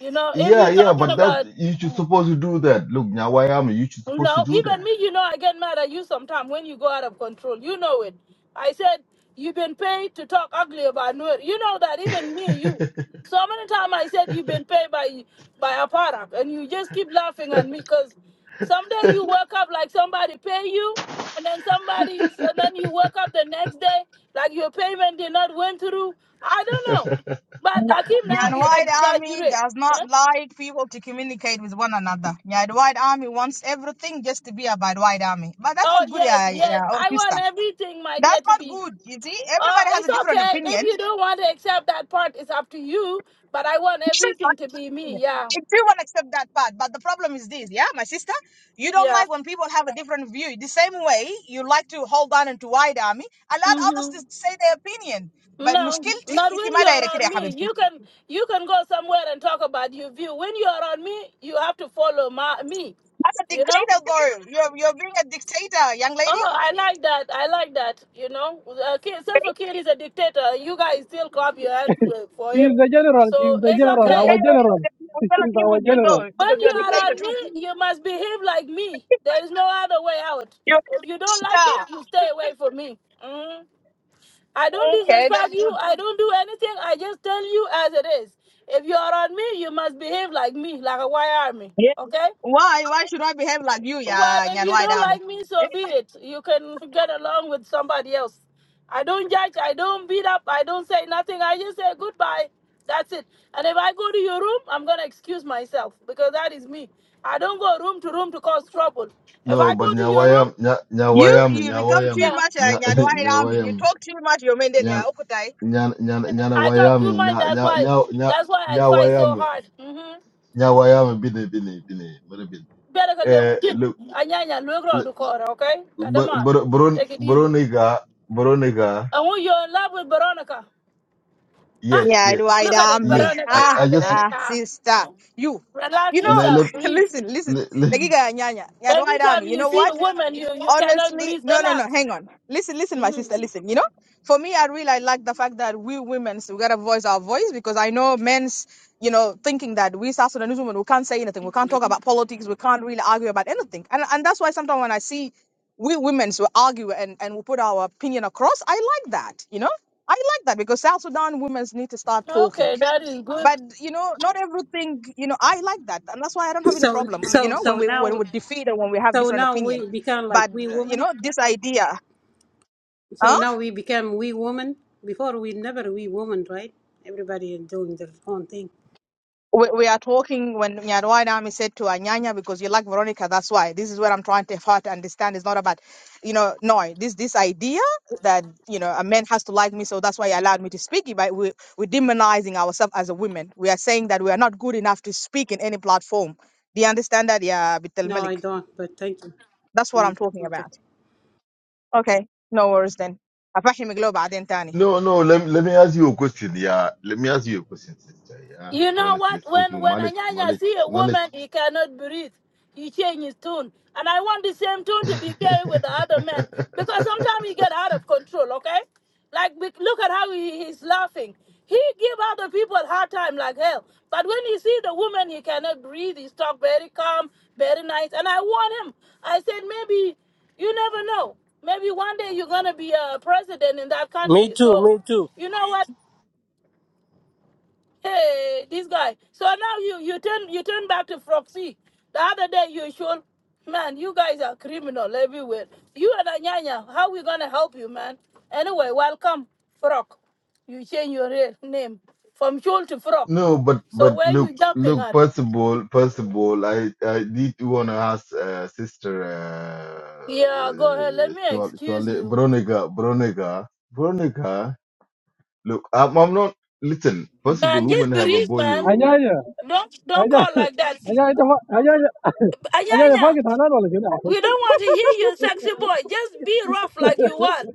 Speaker 6: You know, if
Speaker 1: yeah,
Speaker 6: you're
Speaker 1: yeah,
Speaker 6: talking
Speaker 1: but that you should
Speaker 6: about
Speaker 1: supposed to do that. Look, Nyawayama, you should supposed to
Speaker 6: No,
Speaker 1: do
Speaker 6: even me, you know, I get mad at you sometimes when you go out of control. You know it. I said, you've been paid to talk ugly about Nur. You know that, even me, you. So many times I said, you've been paid by by a product, and you just keep
Speaker 1: that.
Speaker 6: laughing at me because someday you wake up like somebody pay you, and then somebody, and then you wake up the next day like your payment did not went through. I don't know. But Akim now you exaggerate. Huh? Oh yes, yes. I want everything, my dear, to be Oh, it's okay. If you don't want to accept that part, it's up to you. But I want everything to be me. Yeah, yeah. hmm No, not when you are on me. You can you can go somewhere and talk about your view. When you are on me, you have to follow my, me. You know. Oh, I like that. I like that. You know, uh, Ki- Salva Kiir is a dictator. You guys still clap your hands for for
Speaker 8: شي
Speaker 6: him.
Speaker 8: از ذا جنرال
Speaker 6: So
Speaker 8: شي از ذا
Speaker 6: it's
Speaker 8: جنرال أو
Speaker 6: okay.
Speaker 8: جنرال شي از أو جنرال
Speaker 6: When you are on me, you must behave like me. There is no other way out. If you don't like it, you stay away from me. Mhm. I don't disrespect you. I don't do anything. I just tell you as it is. If you are on me, you must behave like me, like a white army. Okay? Well, if you don't like me, so be it. You can get along with somebody else. I don't judge. I don't beat up. I don't say nothing. I just say goodbye. That's it. And if I go to your room, I'm gonna excuse myself because that is me. I don't go room to room to cause trouble. If
Speaker 1: no,
Speaker 6: I
Speaker 1: but
Speaker 6: go to your room,
Speaker 1: Nyawayam, Nya, Nyawayami, Nyawayami,
Speaker 6: yeah,
Speaker 1: Nya, Nyawayami, Nyan, Nyan, Nyan,
Speaker 6: I talk too
Speaker 1: Nyanawayami,
Speaker 6: much.
Speaker 1: Nya,
Speaker 6: That's
Speaker 1: Nya,
Speaker 6: why.
Speaker 1: Nya, Nya,
Speaker 6: That's why I fight so
Speaker 1: Nyawayami,
Speaker 6: hard. Mm-hmm.
Speaker 1: Nyawayami, Bini, Bini, Bini, Bini, Bini.
Speaker 6: Better go
Speaker 1: Eh,
Speaker 6: learn- get-
Speaker 1: look.
Speaker 6: Anya- anya, look around the corner, okay? Come
Speaker 1: Br- Br- Bron-
Speaker 6: take it easy.
Speaker 1: Broniga, Broniga,
Speaker 6: I want you are in love with Veronica. Ah,
Speaker 1: yes, yes,
Speaker 6: look at it,
Speaker 1: yes.
Speaker 6: Veronica,
Speaker 1: I, I just
Speaker 6: Veronica. Relax
Speaker 1: let,
Speaker 6: yourself,
Speaker 1: let,
Speaker 6: breathe.
Speaker 1: let, let-
Speaker 6: Every time you see a woman, you, you cannot breathe. Relax. hmm Okay, that is good.
Speaker 9: So so so now so now we become like we women. So now we become we women. Before we never we women, right? Everybody is doing their own thing. No, I don't. But thank you. Mm, okay.
Speaker 1: no, no. Let, let me ask you a question. Yeah, let me ask you a question, sister. Yeah,
Speaker 6: You know
Speaker 1: honestly
Speaker 6: what? When
Speaker 1: speaking,
Speaker 6: when
Speaker 1: knowledge,
Speaker 6: Anyanya
Speaker 1: knowledge,
Speaker 6: see a
Speaker 1: knowledge.
Speaker 6: woman, he cannot breathe. He change his tune, and I want the same tune to be carried with the other men because sometimes he get out of control. Okay, like we- look at how he, he's laughing. He give other people hard time like hell, but when he see the woman, he cannot breathe. He talk very calm, very nice, and I warn him. I said maybe you never know. Maybe one day you're gonna be a president in that
Speaker 10: Me
Speaker 6: country.
Speaker 10: too,
Speaker 6: So,
Speaker 10: me too.
Speaker 6: you know what? Hey, this guy. So now you you turn you turn back to Froxy. The other day you showed, man, you guys are criminal everywhere. You and Anyanya, how we gonna help you, man? Anyway, welcome, Frog. You change your real name from Shul to Frog.
Speaker 1: no, but
Speaker 6: So
Speaker 1: but
Speaker 6: where
Speaker 1: look,
Speaker 6: you jumping
Speaker 1: look.
Speaker 6: at?
Speaker 1: First of all, first of all, I I did want to ask uh, sister uh,
Speaker 6: Yeah, go ahead. Let me
Speaker 1: uh,
Speaker 6: excuse you,
Speaker 1: Broniga, Broniga, Broniga. Look, I'm, I'm not. Listen, possible
Speaker 6: man.
Speaker 1: women
Speaker 6: Just
Speaker 1: have a
Speaker 6: breathe,
Speaker 1: boy.
Speaker 6: man.
Speaker 1: oh.
Speaker 8: عناية
Speaker 6: Don't don't
Speaker 8: aja
Speaker 6: call like that.
Speaker 8: aja itu aja aja aja aja
Speaker 6: Anyanya.
Speaker 8: fakir tanah boleh juga
Speaker 6: We don't want to hear your sexy boy. Just be rough like you want.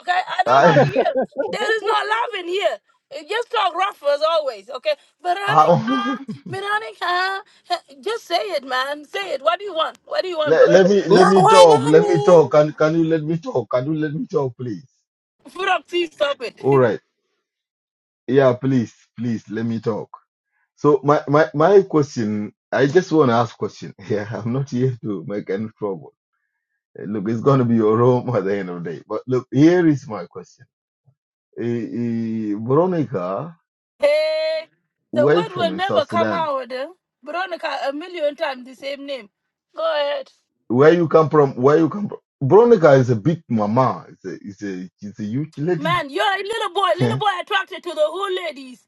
Speaker 6: Okay? I don't want to
Speaker 1: I,
Speaker 6: hear. There is no love in here. Uh, Just talk rough as always. Okay?
Speaker 1: I
Speaker 6: Veronica, Veronica. uh, Just say it, man. Say it. What do you want? What do you want, bro?
Speaker 1: let, let me let
Speaker 10: Not
Speaker 1: me
Speaker 10: one.
Speaker 1: talk. Let me talk. Can can you let me talk? Can you let me talk, please?
Speaker 6: Proxy, stop it.
Speaker 1: All right. Yeah, please, please let me talk. So my my my question. I just want to ask question. Yeah, I'm not here to make any trouble. Eh, Look, it's gonna be your home at the end of the day. But look, here is my question. Uh, uh, Veronica,
Speaker 6: Hey, the
Speaker 1: why
Speaker 6: word will
Speaker 1: from
Speaker 6: never
Speaker 1: South
Speaker 6: come
Speaker 1: Sudan?
Speaker 6: out. eh? Veronica, a million times the same name. Go ahead.
Speaker 1: Where you come from? Where you come from? Veronica is a big mama. It's a it's a it's a huge lady.
Speaker 6: Man, you're a little boy, little boy attracted to the old ladies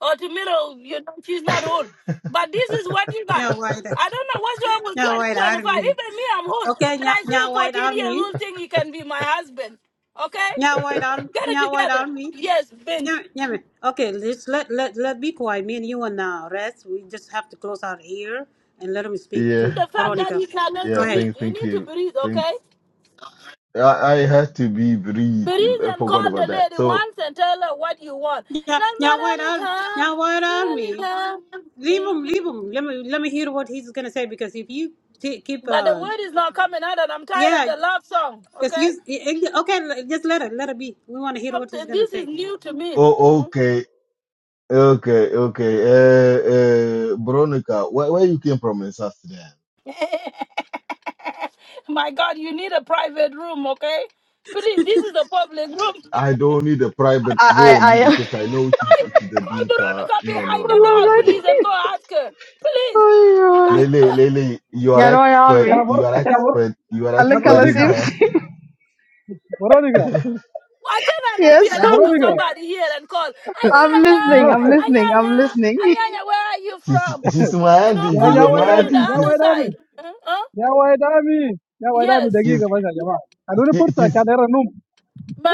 Speaker 6: or to middle, you know, she's not old. But this is what you got.
Speaker 9: Nya White,
Speaker 6: I don't know what's wrong with
Speaker 9: Nya
Speaker 6: 20
Speaker 9: White
Speaker 6: 25.
Speaker 9: Army.
Speaker 6: Even me, I'm old.
Speaker 9: Okay,
Speaker 6: And
Speaker 9: Nya
Speaker 6: I see a
Speaker 9: Nya White
Speaker 6: 14 year
Speaker 9: Army,
Speaker 6: old thing, he can be my husband. Okay?
Speaker 9: Nya White Army,
Speaker 6: Get it
Speaker 9: Nya White
Speaker 6: together.
Speaker 9: Army.
Speaker 6: Yes,
Speaker 9: Nya,
Speaker 6: Bint.
Speaker 9: Nya, me- okay, let's let let let be quiet. Me and you and uh, rest. We just have to close our ear and let him speak
Speaker 1: yeah,
Speaker 9: to
Speaker 6: The fact that
Speaker 9: Veronica.
Speaker 6: he cannot
Speaker 9: Go
Speaker 1: yeah.
Speaker 9: ahead.
Speaker 6: breathe,
Speaker 1: Thank
Speaker 6: you
Speaker 1: thank
Speaker 6: need to
Speaker 1: you.
Speaker 6: breathe,
Speaker 1: Thank.
Speaker 6: okay?
Speaker 1: I I had to be very.
Speaker 6: Breathe
Speaker 1: I
Speaker 6: and
Speaker 1: forgot
Speaker 6: call the
Speaker 1: about that.
Speaker 6: lady
Speaker 1: So
Speaker 6: once and tell her what you want.
Speaker 9: Yeah,
Speaker 6: Not
Speaker 9: Nya White Army, Nya
Speaker 6: Veronica.
Speaker 9: White Army.
Speaker 6: Veronica.
Speaker 9: Leave him, leave
Speaker 6: Hmm.
Speaker 9: him. Let me let me hear what he's gonna say because if you t- keep
Speaker 6: But the
Speaker 9: uh
Speaker 6: word is not coming out, and I'm tired of
Speaker 9: yeah,
Speaker 6: the love song.
Speaker 9: because
Speaker 6: Okay,
Speaker 9: you okay, just let it let it be. We want to hear what he's
Speaker 6: Something-
Speaker 9: gonna
Speaker 6: this is
Speaker 9: say.
Speaker 6: new to me.
Speaker 1: oh
Speaker 6: Mm.
Speaker 1: okay okay okay. Uh, uh Veronica, where where you came from in South Sudan?
Speaker 6: My God, you need a private room, okay? Please, this is a public room.
Speaker 1: I don't need a private
Speaker 11: I
Speaker 1: room
Speaker 11: I I
Speaker 1: because I know she's
Speaker 6: Hi,
Speaker 1: she's a
Speaker 6: call
Speaker 1: dinka.
Speaker 6: Veronica
Speaker 1: No no
Speaker 6: behind the
Speaker 1: no
Speaker 11: والله
Speaker 6: door,
Speaker 1: no no.
Speaker 6: please, and go
Speaker 11: قاعدين
Speaker 6: ask her, please.
Speaker 11: أيوه.
Speaker 6: Like,
Speaker 1: Lele Lele, you are
Speaker 11: يا نو يا
Speaker 1: expert.
Speaker 8: ya
Speaker 11: عمي
Speaker 8: bor
Speaker 1: You are
Speaker 8: ya bor
Speaker 1: expert. You are
Speaker 11: قال
Speaker 8: ya
Speaker 11: لك
Speaker 1: expert
Speaker 11: الله
Speaker 1: in
Speaker 8: borodika
Speaker 11: سيبك
Speaker 1: that.
Speaker 8: borodika
Speaker 6: why can I not be
Speaker 11: Yes,
Speaker 8: ya
Speaker 6: allowed
Speaker 11: I'm
Speaker 6: with
Speaker 8: borodika
Speaker 6: somebody here and call?
Speaker 11: I'm
Speaker 6: Anyanya,
Speaker 11: listening. I'm listening. I'm
Speaker 6: Anyanya,
Speaker 11: listening.
Speaker 6: Anyanya, where are you
Speaker 1: she's
Speaker 6: from?
Speaker 1: she's
Speaker 6: You
Speaker 1: Mwahadi.
Speaker 6: know,
Speaker 8: ya
Speaker 6: call
Speaker 1: She's a
Speaker 6: the
Speaker 8: nyawa
Speaker 6: lady on
Speaker 8: edami
Speaker 1: Mwahadi.
Speaker 6: the
Speaker 8: nyawa
Speaker 6: other
Speaker 1: She's
Speaker 8: edami
Speaker 6: side. Huh? Huh?
Speaker 8: nyawa edami nyawa edami
Speaker 6: Yes.
Speaker 8: dagi ke
Speaker 1: she's
Speaker 8: masalah jawa aduh ini
Speaker 1: she- she's
Speaker 8: pura sih
Speaker 1: she's
Speaker 8: anehan nump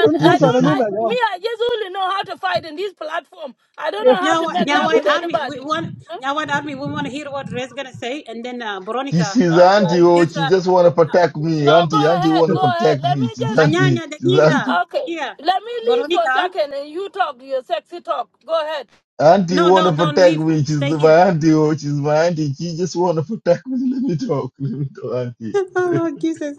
Speaker 8: aduh ini
Speaker 1: she's
Speaker 6: I
Speaker 8: pura
Speaker 6: don't.
Speaker 8: nump
Speaker 6: I
Speaker 1: she's
Speaker 8: ya
Speaker 6: me.
Speaker 8: jawa
Speaker 6: I just only know how to fight in this platform. I don't
Speaker 8: kek
Speaker 6: know how
Speaker 9: Now,
Speaker 6: to
Speaker 9: what-
Speaker 6: make
Speaker 9: now
Speaker 6: love with
Speaker 9: what Army, we
Speaker 6: anybody.
Speaker 9: want,
Speaker 6: Huh?
Speaker 9: now what Army, we want to hear what Red's going to say. And then uh,
Speaker 1: she's
Speaker 9: Veronica,
Speaker 1: she's
Speaker 9: uh,
Speaker 1: auntie.
Speaker 6: Okay.
Speaker 1: Oh,
Speaker 9: just,
Speaker 1: she
Speaker 9: uh,
Speaker 1: just want to protect
Speaker 9: uh,
Speaker 1: me.
Speaker 6: No, go
Speaker 1: Auntie, auntie
Speaker 6: ahead.
Speaker 1: want to
Speaker 6: Go ahead.
Speaker 1: protect
Speaker 6: Let me
Speaker 1: me. She's
Speaker 6: just.
Speaker 1: auntie.
Speaker 9: Anyanya,
Speaker 1: She's
Speaker 9: Dagiga,
Speaker 1: auntie.
Speaker 6: Okay.
Speaker 9: Dagiga,
Speaker 6: Let me leave for a
Speaker 9: Veronica.
Speaker 6: second and you talk your sexy talk. Go ahead.
Speaker 1: Auntie
Speaker 9: No,
Speaker 1: want to
Speaker 9: don't, don't
Speaker 1: protect
Speaker 9: leave.
Speaker 1: me. She's
Speaker 9: Stay here.
Speaker 1: my auntie. Oh, she's my auntie. She just want to protect me. Let me talk. Let me talk, auntie.
Speaker 9: oh, Jesus.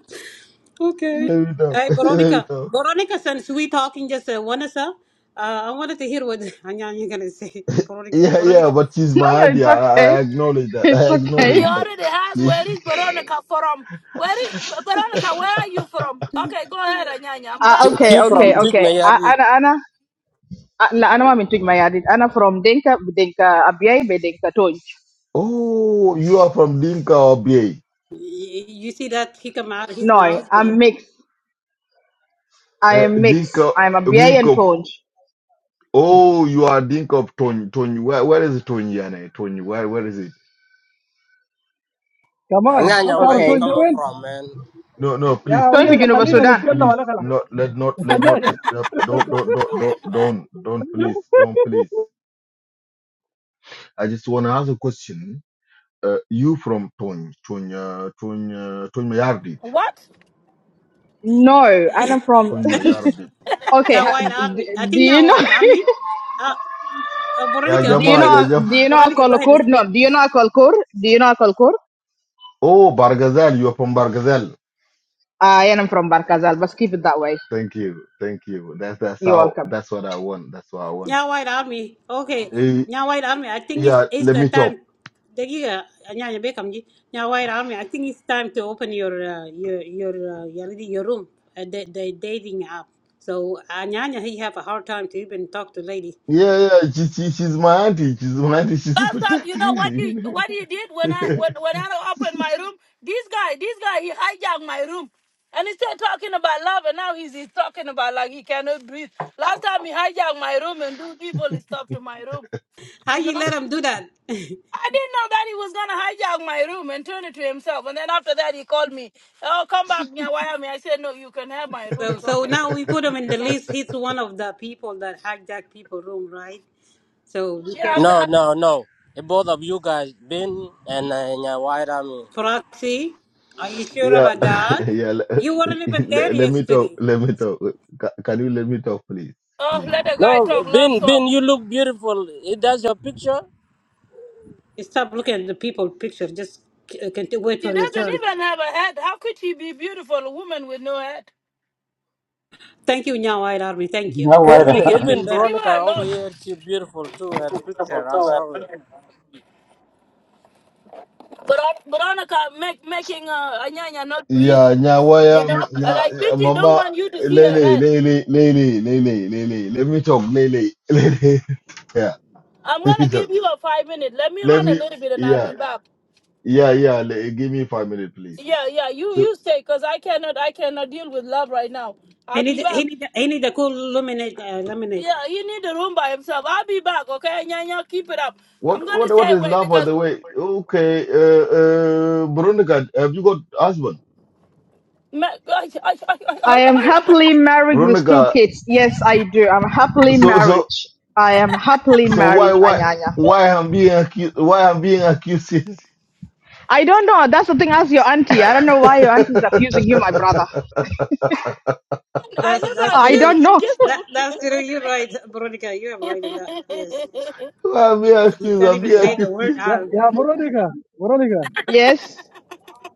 Speaker 9: Okay.
Speaker 1: Let me talk.
Speaker 9: Hey,
Speaker 1: Let me
Speaker 9: Veronica.
Speaker 1: talk.
Speaker 9: Veronica, since we talking just uh, one us, uh, I wanted to hear what anya, Anyanya going to say. Veronica,
Speaker 1: Yeah, yeah,
Speaker 9: Veronica,
Speaker 1: but she's
Speaker 11: No,
Speaker 1: my
Speaker 11: no,
Speaker 1: auntie.
Speaker 11: it's
Speaker 1: I,
Speaker 11: okay.
Speaker 1: I acknowledge that.
Speaker 11: It's
Speaker 1: I
Speaker 6: He
Speaker 1: acknowledge
Speaker 11: okay.
Speaker 1: that.
Speaker 6: already has where is Veronica from. Where is Veronica? Where are you from? Okay, go ahead, Anyanya. I'm
Speaker 11: Uh,
Speaker 6: gonna
Speaker 11: okay,
Speaker 6: just.
Speaker 10: He from
Speaker 11: okay,
Speaker 10: Tweet
Speaker 11: okay. Uh,
Speaker 10: Mayarit.
Speaker 11: أنا أنا آه، لا أنا ما من توج ميادين. أنا from Dinka. بدينكا أبياي Dinka تونج.
Speaker 1: Oh, you are from Dinka or BA?
Speaker 9: you, you see that he come out of his
Speaker 11: No,
Speaker 9: mouth? Go
Speaker 11: I'm
Speaker 9: ahead.
Speaker 11: mixed. I
Speaker 1: Uh,
Speaker 11: am mixed.
Speaker 1: Dinka,
Speaker 11: I'm أبياي and
Speaker 1: Miko.
Speaker 11: تونج.
Speaker 1: Oh, you are Dinka of Tony. Tony, where, where is Tony? Yane? Tony, where, where is it?
Speaker 8: keman kamu
Speaker 10: Anyanya, where
Speaker 8: harus
Speaker 10: you
Speaker 8: turun
Speaker 11: Okay.
Speaker 10: coming
Speaker 8: jauhin
Speaker 10: from, man?
Speaker 1: No, no, please,
Speaker 8: ya
Speaker 11: Tony
Speaker 8: aja
Speaker 11: في
Speaker 8: ya
Speaker 1: please,
Speaker 11: جنوب
Speaker 8: kalina
Speaker 1: please,
Speaker 11: السودان.
Speaker 8: niscalla
Speaker 1: please,
Speaker 8: wala kala
Speaker 1: not, let not, let
Speaker 8: aja
Speaker 1: not
Speaker 8: aja
Speaker 1: disturb. Don't, don't, don't, don't, don't, don't, please, don't, please. I just want to ask a question. Uh, you from Tony, Tony, uh, Tony, uh, Tony Mayardit,
Speaker 6: What?
Speaker 11: No, I'm from
Speaker 1: Tony Mayardit.
Speaker 11: Okay,
Speaker 9: yeah,
Speaker 11: ha-
Speaker 9: White
Speaker 11: d-
Speaker 9: Army. I
Speaker 11: do
Speaker 9: think
Speaker 11: you
Speaker 9: yeah,
Speaker 11: know?
Speaker 9: White Army. uh, Oh,
Speaker 1: Yeah,
Speaker 9: Veronica,
Speaker 11: do
Speaker 9: okay,
Speaker 11: you
Speaker 9: go
Speaker 1: Jama,
Speaker 9: ahead. and-
Speaker 1: yeah,
Speaker 11: know?
Speaker 9: s-
Speaker 11: Do
Speaker 1: Jama.
Speaker 11: you know
Speaker 9: Veronica, go ahead and
Speaker 11: Akolkur? No,
Speaker 9: speak.
Speaker 11: do you know Akolkur? Do you know Akolkur?
Speaker 1: Oh, Bargazal, you are from Bargazal.
Speaker 11: I am from Barkazal, but keep it that way.
Speaker 1: Thank you, thank you. That's, that's
Speaker 11: You're
Speaker 1: how,
Speaker 11: welcome.
Speaker 1: that's what I want. That's what I want.
Speaker 9: Nya White Army, okay.
Speaker 1: Eh,
Speaker 9: Nya White Army, I think it's,
Speaker 1: Yeah,
Speaker 9: it's
Speaker 1: let
Speaker 9: the
Speaker 1: me talk.
Speaker 9: time. Dagiga, Nya Nya Beckham ji. Nya White Army, I think it's time to open your uh, your your uh, your, lady- your room, uh, the, the dating app. So uh, Nya Nya, he have a hard time to even talk to lady.
Speaker 1: Yeah, yeah, she, she, she's my auntie. She's my auntie. She's
Speaker 6: Last time, you know
Speaker 1: protecting
Speaker 6: what
Speaker 1: me.
Speaker 6: he
Speaker 1: You
Speaker 6: what he did when I
Speaker 1: know?
Speaker 6: when when I opened my room. This guy, this guy, he hijacked my room, and he's still talking about love, and now he's, he's talking about like he cannot breathe. Last time he hijacked my room and do people stuff to my room,
Speaker 9: How
Speaker 6: you
Speaker 9: you
Speaker 6: know.
Speaker 9: let him do that?
Speaker 6: I didn't know that he was gonna hijack my room and turn it to himself. And then after that, he called me. Oh, come back, Nyawayami. I said, no, you can have my room.
Speaker 9: so
Speaker 6: It's
Speaker 9: so
Speaker 6: okay.
Speaker 9: now we put him in
Speaker 6: You
Speaker 9: the
Speaker 6: know.
Speaker 9: list. He's one of the people that hijack people room, right? So be
Speaker 6: Yeah. I'm,
Speaker 9: careful.
Speaker 10: No,
Speaker 6: I'm,
Speaker 10: no, no. The both of you guys, Bin and uh, Nya White Army.
Speaker 9: Proxy, are you sure
Speaker 1: yeah,
Speaker 9: about that?
Speaker 1: yeah. Let,
Speaker 9: You weren't even there
Speaker 1: let, let me talk.
Speaker 9: yesterday.
Speaker 1: Let me talk. Can, can you let me talk, please?
Speaker 6: oh,
Speaker 1: Please.
Speaker 6: let the guy
Speaker 10: No,
Speaker 6: talk love
Speaker 10: Bin,
Speaker 6: song.
Speaker 10: Bin, you look beautiful. It does your picture.
Speaker 9: Stop looking at the people picture. Just c- can't wait
Speaker 6: She
Speaker 9: for your
Speaker 6: doesn't
Speaker 9: turn.
Speaker 6: even have a head. How could she be beautiful, a woman with no head?
Speaker 9: Thank you, Nya White Army. Thank
Speaker 3: You
Speaker 9: you.
Speaker 3: know
Speaker 9: You
Speaker 10: Even
Speaker 3: why?
Speaker 9: make it even
Speaker 10: even
Speaker 9: better.
Speaker 6: Leave
Speaker 10: Veronica
Speaker 6: her
Speaker 10: over
Speaker 6: alone.
Speaker 10: here, she beautiful too. Her picture, I saw it.
Speaker 6: Veron- Veronica make, making uh, Anyanya not breathe.
Speaker 1: Yeah,
Speaker 6: You
Speaker 1: Nyawaya,
Speaker 6: know, I like
Speaker 1: nya,
Speaker 6: Beauty don't
Speaker 1: Mama,
Speaker 6: want you to see her
Speaker 1: Lele,
Speaker 6: head.
Speaker 1: Lele, Lele, Lele, Lele. Let me talk, Lele, Lele. Yeah,
Speaker 6: I'm
Speaker 1: let me
Speaker 6: gonna give
Speaker 1: talk.
Speaker 6: you a five minute. Let me
Speaker 1: Let
Speaker 6: run a
Speaker 1: me,
Speaker 6: little bit and I'll
Speaker 1: yeah,
Speaker 6: be back.
Speaker 1: yeah, yeah. le- give me five minutes, please.
Speaker 6: Yeah, yeah, you
Speaker 1: So,
Speaker 6: you stay, cause I cannot I cannot deal with love right now.
Speaker 9: He
Speaker 6: I'll be
Speaker 9: need, he
Speaker 6: back.
Speaker 9: need, he need a cool lemonade. Uh, lemonade.
Speaker 6: Yeah, he need the room by himself. I'll be back, okay? Anyanya, keep it up. I'm
Speaker 1: What
Speaker 6: gonna
Speaker 1: what what
Speaker 6: stay
Speaker 1: is
Speaker 6: away
Speaker 1: love by
Speaker 6: because
Speaker 1: the way? Okay, uh, uh Veronica, have you got husband?
Speaker 6: Ma- I, I, I,
Speaker 11: I
Speaker 6: I,
Speaker 11: am
Speaker 6: I,
Speaker 11: happily married with two
Speaker 1: Veronica,
Speaker 11: kids. Yes, I do. I'm happily
Speaker 1: so
Speaker 11: married.
Speaker 1: so
Speaker 11: I am happily
Speaker 1: so why
Speaker 11: married,
Speaker 1: why
Speaker 11: Anyanya.
Speaker 1: why I'm being accused? Why I'm being accused? here?
Speaker 11: I don't know. That's the thing. Ask your auntie. I don't know why your auntie is accusing you, my brother.
Speaker 6: I
Speaker 9: That's
Speaker 6: never
Speaker 9: that's
Speaker 11: I
Speaker 6: accused
Speaker 9: true.
Speaker 11: don't know.
Speaker 6: him. It's just
Speaker 9: That that's true.
Speaker 6: a-
Speaker 9: You're right, Veronica. You are right in that. Yes.
Speaker 1: why I'm being
Speaker 9: You
Speaker 1: accused?
Speaker 9: can't
Speaker 1: I'm
Speaker 9: even
Speaker 1: being
Speaker 8: ya
Speaker 9: say the
Speaker 1: accused.
Speaker 9: word
Speaker 8: ya
Speaker 9: arm.
Speaker 8: ya borodika borodika
Speaker 11: yes,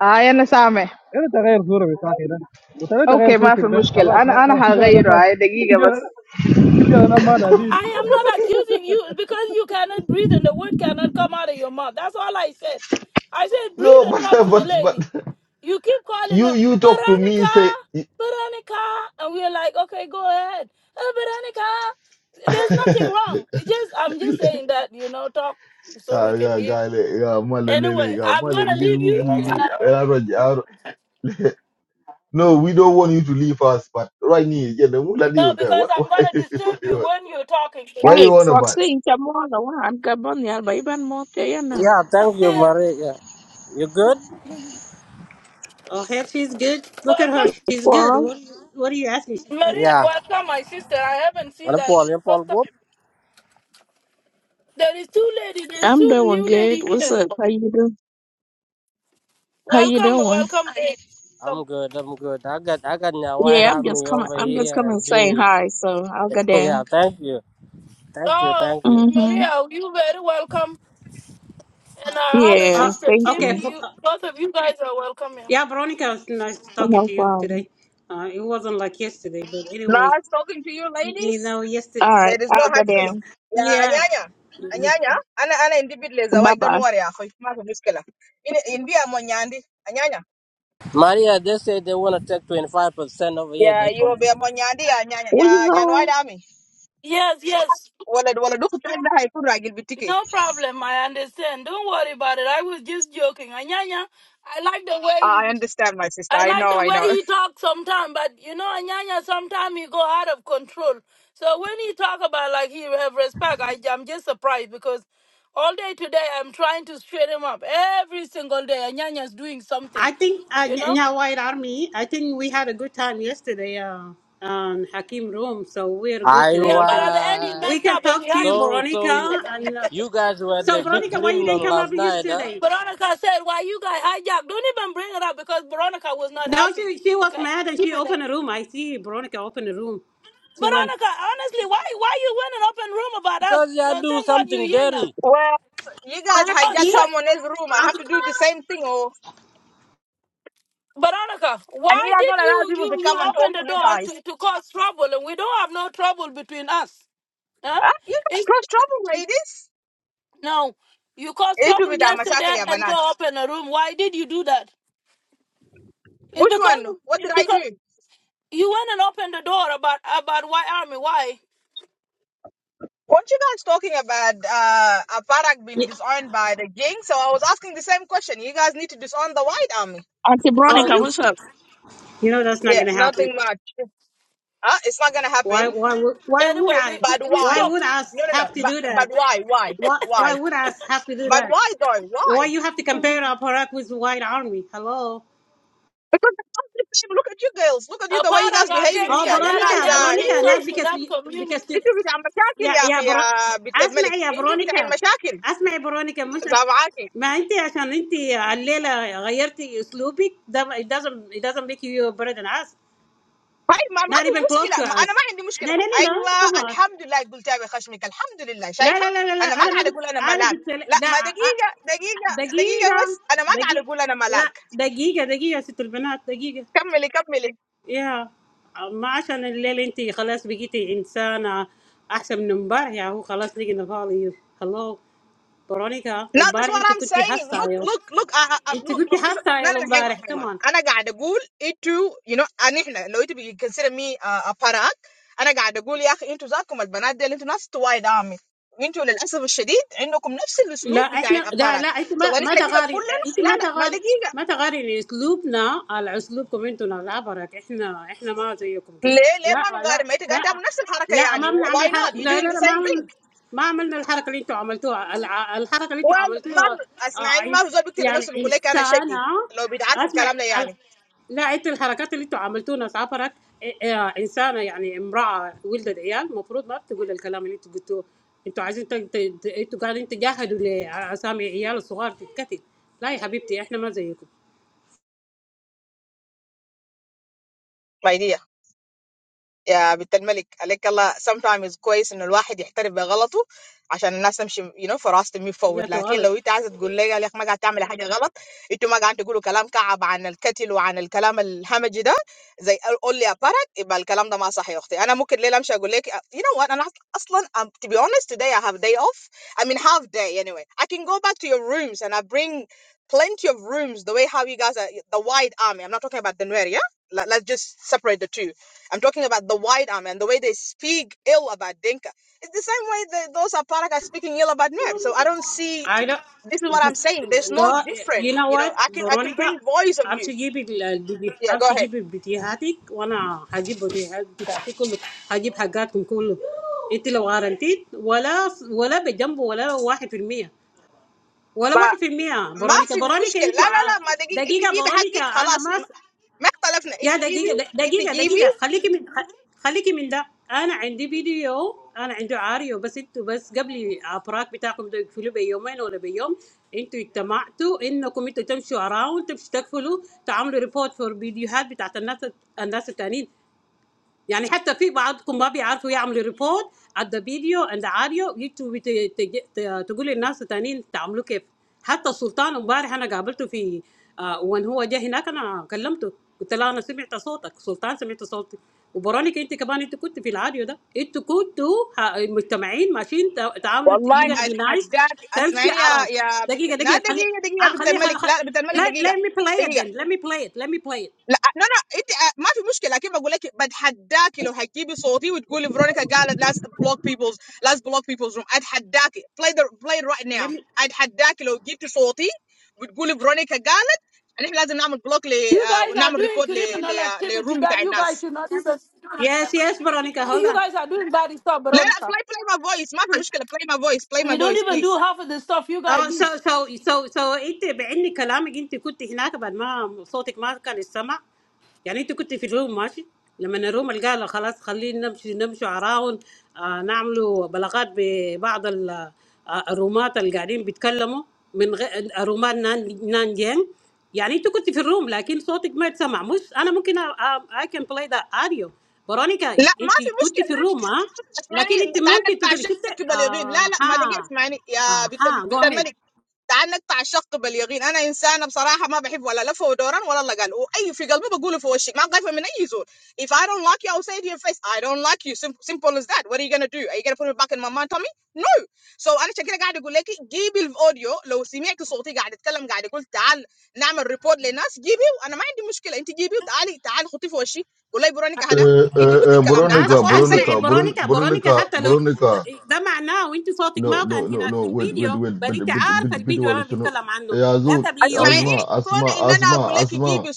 Speaker 11: I am Same.
Speaker 8: ini terakhir surabhi sahida bukan ini terakhir
Speaker 11: Okay, ما في
Speaker 8: suratik dah kalas
Speaker 11: مشكلة.
Speaker 8: nang
Speaker 11: أنا أنا
Speaker 8: nang jalan nang
Speaker 11: هغيره.
Speaker 8: mas
Speaker 11: هاي دقيقة بس.
Speaker 8: jalan Yeah, no matter. Did
Speaker 6: I am not accusing you It's because you cannot breathe and the word cannot come out of your mouth. That's all I said. I said breathe
Speaker 1: No,
Speaker 6: and talk
Speaker 1: but
Speaker 6: to the
Speaker 1: but but
Speaker 6: lady. You keep calling
Speaker 1: you
Speaker 6: her
Speaker 1: you talk to me
Speaker 6: Veronica,
Speaker 1: say.
Speaker 6: Veronica, and we're like, okay, go ahead, "Uh, Veronica. There's nothing wrong. It's just I'm just saying that you know talk so
Speaker 1: Ah,
Speaker 6: we can
Speaker 1: yeah,
Speaker 6: hear.
Speaker 1: guy, le- yeah, malelele,
Speaker 6: Anyway,
Speaker 1: yeah,
Speaker 6: I'm
Speaker 1: malele,
Speaker 6: gonna
Speaker 1: yeah,
Speaker 6: leave you.
Speaker 1: we- we- we- eh, I don't- I don't- No, we don't want you to leave us, but right now, yeah, the mula
Speaker 6: No,
Speaker 1: deal there.
Speaker 6: because
Speaker 1: What, why,
Speaker 6: I'm gonna disturb
Speaker 1: what you
Speaker 6: you
Speaker 1: want?
Speaker 6: when you're talking.
Speaker 1: Why
Speaker 12: Hey,
Speaker 1: you
Speaker 6: Because
Speaker 1: want about?
Speaker 12: Foxy, come on, I am come on, yeah, but even more, yeah, now.
Speaker 10: Yeah, thank you, Maria. Yeah. You good?
Speaker 9: Oh, hell, she's good.
Speaker 6: well,
Speaker 9: Look at her.
Speaker 6: come.
Speaker 9: She's good.
Speaker 12: Well,
Speaker 9: What, what are you asking? She's good.
Speaker 6: Maria,
Speaker 10: Yeah.
Speaker 6: welcome, my sister. I haven't seen
Speaker 10: And
Speaker 6: that
Speaker 10: Paul,
Speaker 6: the
Speaker 10: you Paul
Speaker 6: first time.
Speaker 10: good?
Speaker 6: There is two lady. There is
Speaker 12: I'm
Speaker 6: two
Speaker 12: doing
Speaker 6: new
Speaker 12: good.
Speaker 6: lady
Speaker 12: What's
Speaker 6: here.
Speaker 12: up? How you doing? How you
Speaker 6: Welcome,
Speaker 12: doing?
Speaker 6: welcome, lady.
Speaker 10: I'm
Speaker 6: Welcome.
Speaker 10: good. I'm good. I got I got Nya White
Speaker 12: Yeah, I'm just
Speaker 10: Army
Speaker 12: coming.
Speaker 10: over
Speaker 12: I'm just
Speaker 10: here
Speaker 12: coming
Speaker 10: and
Speaker 12: saying
Speaker 10: Binny.
Speaker 12: hi. So I'll go
Speaker 10: yeah,
Speaker 12: down.
Speaker 10: thank you. Thank you,
Speaker 6: Oh,
Speaker 10: thank you.
Speaker 12: Mhm.
Speaker 6: Maria, you very welcome. And our other
Speaker 9: Uh,
Speaker 12: Yeah.
Speaker 6: sister
Speaker 12: Thank
Speaker 6: Kim,
Speaker 12: you.
Speaker 6: you
Speaker 9: okay.
Speaker 6: both of you guys are welcome here.
Speaker 9: Yeah, Veronica, it's nice talking
Speaker 12: No
Speaker 9: to you
Speaker 12: problem.
Speaker 9: today. Uh, it wasn't like yesterday, but anyway, y- you know, yesterday.
Speaker 12: All right. I'll go down.
Speaker 9: Yeah,
Speaker 12: Bye bye.
Speaker 10: Maria, they say they want to take 25% over here. They come.
Speaker 12: What you going?
Speaker 6: Yes, yes. No problem. I understand. Don't worry about it. I was just joking. Anyanya, I like the way. I like the way he talks sometimes, but you know, Anyanya, sometimes he go out of control. So when he talk about like he have respect, I, I'm just surprised because all day today I'm trying to straighten him up. Every single day, Anyanya's doing
Speaker 9: I
Speaker 6: something,
Speaker 9: think uh,
Speaker 6: you
Speaker 9: Nya
Speaker 6: know?
Speaker 9: Nya White Army. I think we had a good time yesterday uh, on Hakim Room, so we're good
Speaker 10: I
Speaker 9: today.
Speaker 6: Yeah, but
Speaker 9: Even
Speaker 6: at the end he
Speaker 10: was.
Speaker 9: we
Speaker 6: messed
Speaker 9: can
Speaker 6: up and he
Speaker 9: talk to
Speaker 6: had
Speaker 9: you,
Speaker 6: to.
Speaker 10: So, so
Speaker 9: Veronica.
Speaker 10: y-
Speaker 9: And uh,
Speaker 10: you guys were
Speaker 9: so,
Speaker 10: the big
Speaker 9: Veronica, why you didn't
Speaker 10: criminal
Speaker 9: come up
Speaker 10: last night, huh?
Speaker 9: yesterday?
Speaker 6: Veronica said, why you guys hijack? Don't even bring it up because Veronica was not
Speaker 9: No,
Speaker 6: happy,
Speaker 9: she she was
Speaker 6: okay?
Speaker 9: mad and she
Speaker 6: Keep it there.
Speaker 9: opened a room. I see Veronica opened a room. She went,
Speaker 6: Veronica, honestly, why why you went an open room about us?
Speaker 10: Because you
Speaker 6: Uh,
Speaker 10: do
Speaker 6: thank God you
Speaker 10: something
Speaker 6: here now.
Speaker 10: dirty.
Speaker 9: Well,
Speaker 6: Oh,
Speaker 9: see,
Speaker 6: shush.
Speaker 9: I'm-
Speaker 6: Veronica, why did you you you open the door to, to cause trouble and we don't have no trouble between us? Huh? It, no. You caused trouble yesterday and go open a room. Why did you do that? It's because because you went and opened the door about about why army, why?
Speaker 9: yeah.
Speaker 12: Auntie
Speaker 6: No,
Speaker 9: Oh,
Speaker 12: Veronica,
Speaker 9: yeah.
Speaker 6: you
Speaker 12: what's up?
Speaker 9: You know that's not going to happen. Why? Why? would- Why would
Speaker 6: anyway, we
Speaker 9: I?
Speaker 6: we, we
Speaker 9: Why
Speaker 6: spoke.
Speaker 9: would I have to do that? Why? Why would I have to do that? Why you have to compare
Speaker 6: Mhm.
Speaker 9: our product with the white army? Hello.
Speaker 6: A part of our games
Speaker 9: Oh,
Speaker 6: that are
Speaker 9: Veronica,
Speaker 6: damaging
Speaker 9: Veronica,
Speaker 6: South
Speaker 9: not because
Speaker 6: Sudan
Speaker 9: you, because
Speaker 6: community.
Speaker 9: you, yeah yeah. Bro, اسمعي يا Veronica. اسمعي Veronica. مش عش- ما انت عشان انت الليله غيرتي اسلوبك ده it doesn't it doesn't make you better than us. Not even close to us. No no no no. Come on. لا لا لا لا لا انا ما كنت انا قلت لا لا، أ- دقيقة دقيقة لا دقيقة دقيقة يا ست البنات دقيقة يا ما عشان الليل انت خلاص بقيتي انسانة احسن من امبارح يا هو خلاص لقينا فاضي هلو برونيكا امبارح انت كنت حاسة يا انت كنت حاسة يا امبارح كمان لا احنا لا لا انت ما ما تغاري انت ما تغاري ما تغاري اسلوبنا على اسلوبكم انتوا ناس عبرك احنا احنا ما زيكم كده لا لا لا لا ما بنعمل حركة لا لا لا ما عمل- ما عملنا الحركة اللي انتوا عملتوها الع- الحركة اللي انتوا عملتوها آه، يعني انسانة اسمع لا انت الحركات اللي انتوا عملتونا سافرت انسانه يعني امراه ولدت عيال المفروض ما بتقول الكلام اللي انتوا قلتوه انتوا عايزين تج- ت- انتوا قاعدين تجاهدوا لاسامي عيال الصغار تتكتل لا يا حبيبتي احنا ما زيكم جاتوا غلط I don't God, you know what فيرونيكا امشي جيبي ال- البدي- امشي جيبي بديهاتك وانا هجيب بديهات بتاعتك كله هجيب حاجاتكم كله انت لو غارنتيت ولا ولا بجنبه ولا واحد في المية ولا واحد في المية برونيكا برونيكا انتوا ع- دقيقة برونيكا انا ما س- يا دقيقة دقيقة دقيقة خليكي من خ- خليكي من ده انا عندي فيديو انا عندي عاريو بس انتوا بس قبل ابراك بتاعكم ده يقفلوا بيومين ولا بيوم انتوا اجتمعتوا انكم انتوا تمشوا اراوند تمشوا تقفلوا تعملوا ريبورت فور فيديوهات بتاعت الناس الناس التانيين يعني حتى في بعضكم ما بيعرفوا يعملوا ريبورت على the video and the يجوا بت- تج- ت- تقول للناس التانيين تعملوا كيف حتى السلطان امبارح انا قابلته في آه، وان هو جه هناك انا كلمته قلت له انا سمعت صوتك سلطان سمعت صوتي وبرونيكا انت كمان انت كنت في العاديو ده انت كنتوا مجتمعين ماشيين تا- تعاملوا يو بي نايس تمشي على دقيقه دقيقه خلي آه، خلي خلي خلي- let, let me play it then let me play it let me play it let me
Speaker 6: You guys are doing criminal activity that you guys should not even.
Speaker 9: yes yes Veronica hold
Speaker 6: You
Speaker 9: on
Speaker 6: guys are doing bad stuff, Veronica. We don't even do half of the stuff you
Speaker 9: So
Speaker 6: guys do.
Speaker 9: so so so. You. Be. I. Have. A. Talk. You. Were. There. But. My. Voice. Was. Not. Heard. I. Mean. You. Were. In. The. Room. When. We. Came. In. We. Will. Let. Them. Sleep. They. Will. Not. Be. Awake. We. Will. Do. Some. Conversations. With. Some. Romans. Who. Are. Talking. In. Russian. Language. I. Mean. You. Were. In. The. Room. But. Your. Voice. Was. Not. Heard. I. Can. Play. The. Audio. But. I. Mean. You. Were. In. The. Room. But. You. Were. Able. To. Hear. Me. Ah. اها جو اهيد
Speaker 1: Uh, uh, uh, Veronica, Veronica,
Speaker 9: اسمعي
Speaker 1: Veron-
Speaker 9: برونيكا برونيكا
Speaker 1: Veronica,
Speaker 9: حتى لو
Speaker 1: Veronica.
Speaker 9: ده معناه وانت صوتك
Speaker 1: No,
Speaker 9: ما كان
Speaker 1: no, no,
Speaker 9: هناك
Speaker 1: no.
Speaker 9: في
Speaker 1: Wait, wait,
Speaker 9: الفيديو
Speaker 1: wait.
Speaker 9: بس
Speaker 1: Bit,
Speaker 9: انت
Speaker 1: bit,
Speaker 9: عارفه
Speaker 1: bit, bit.
Speaker 9: الفيديو اللي
Speaker 1: Wale
Speaker 9: انا
Speaker 1: shono.
Speaker 9: بتكلم
Speaker 1: Eh,
Speaker 9: عنه ده
Speaker 1: Azul,
Speaker 9: قبل يومين
Speaker 1: Asma, Asma, Asma, Asma,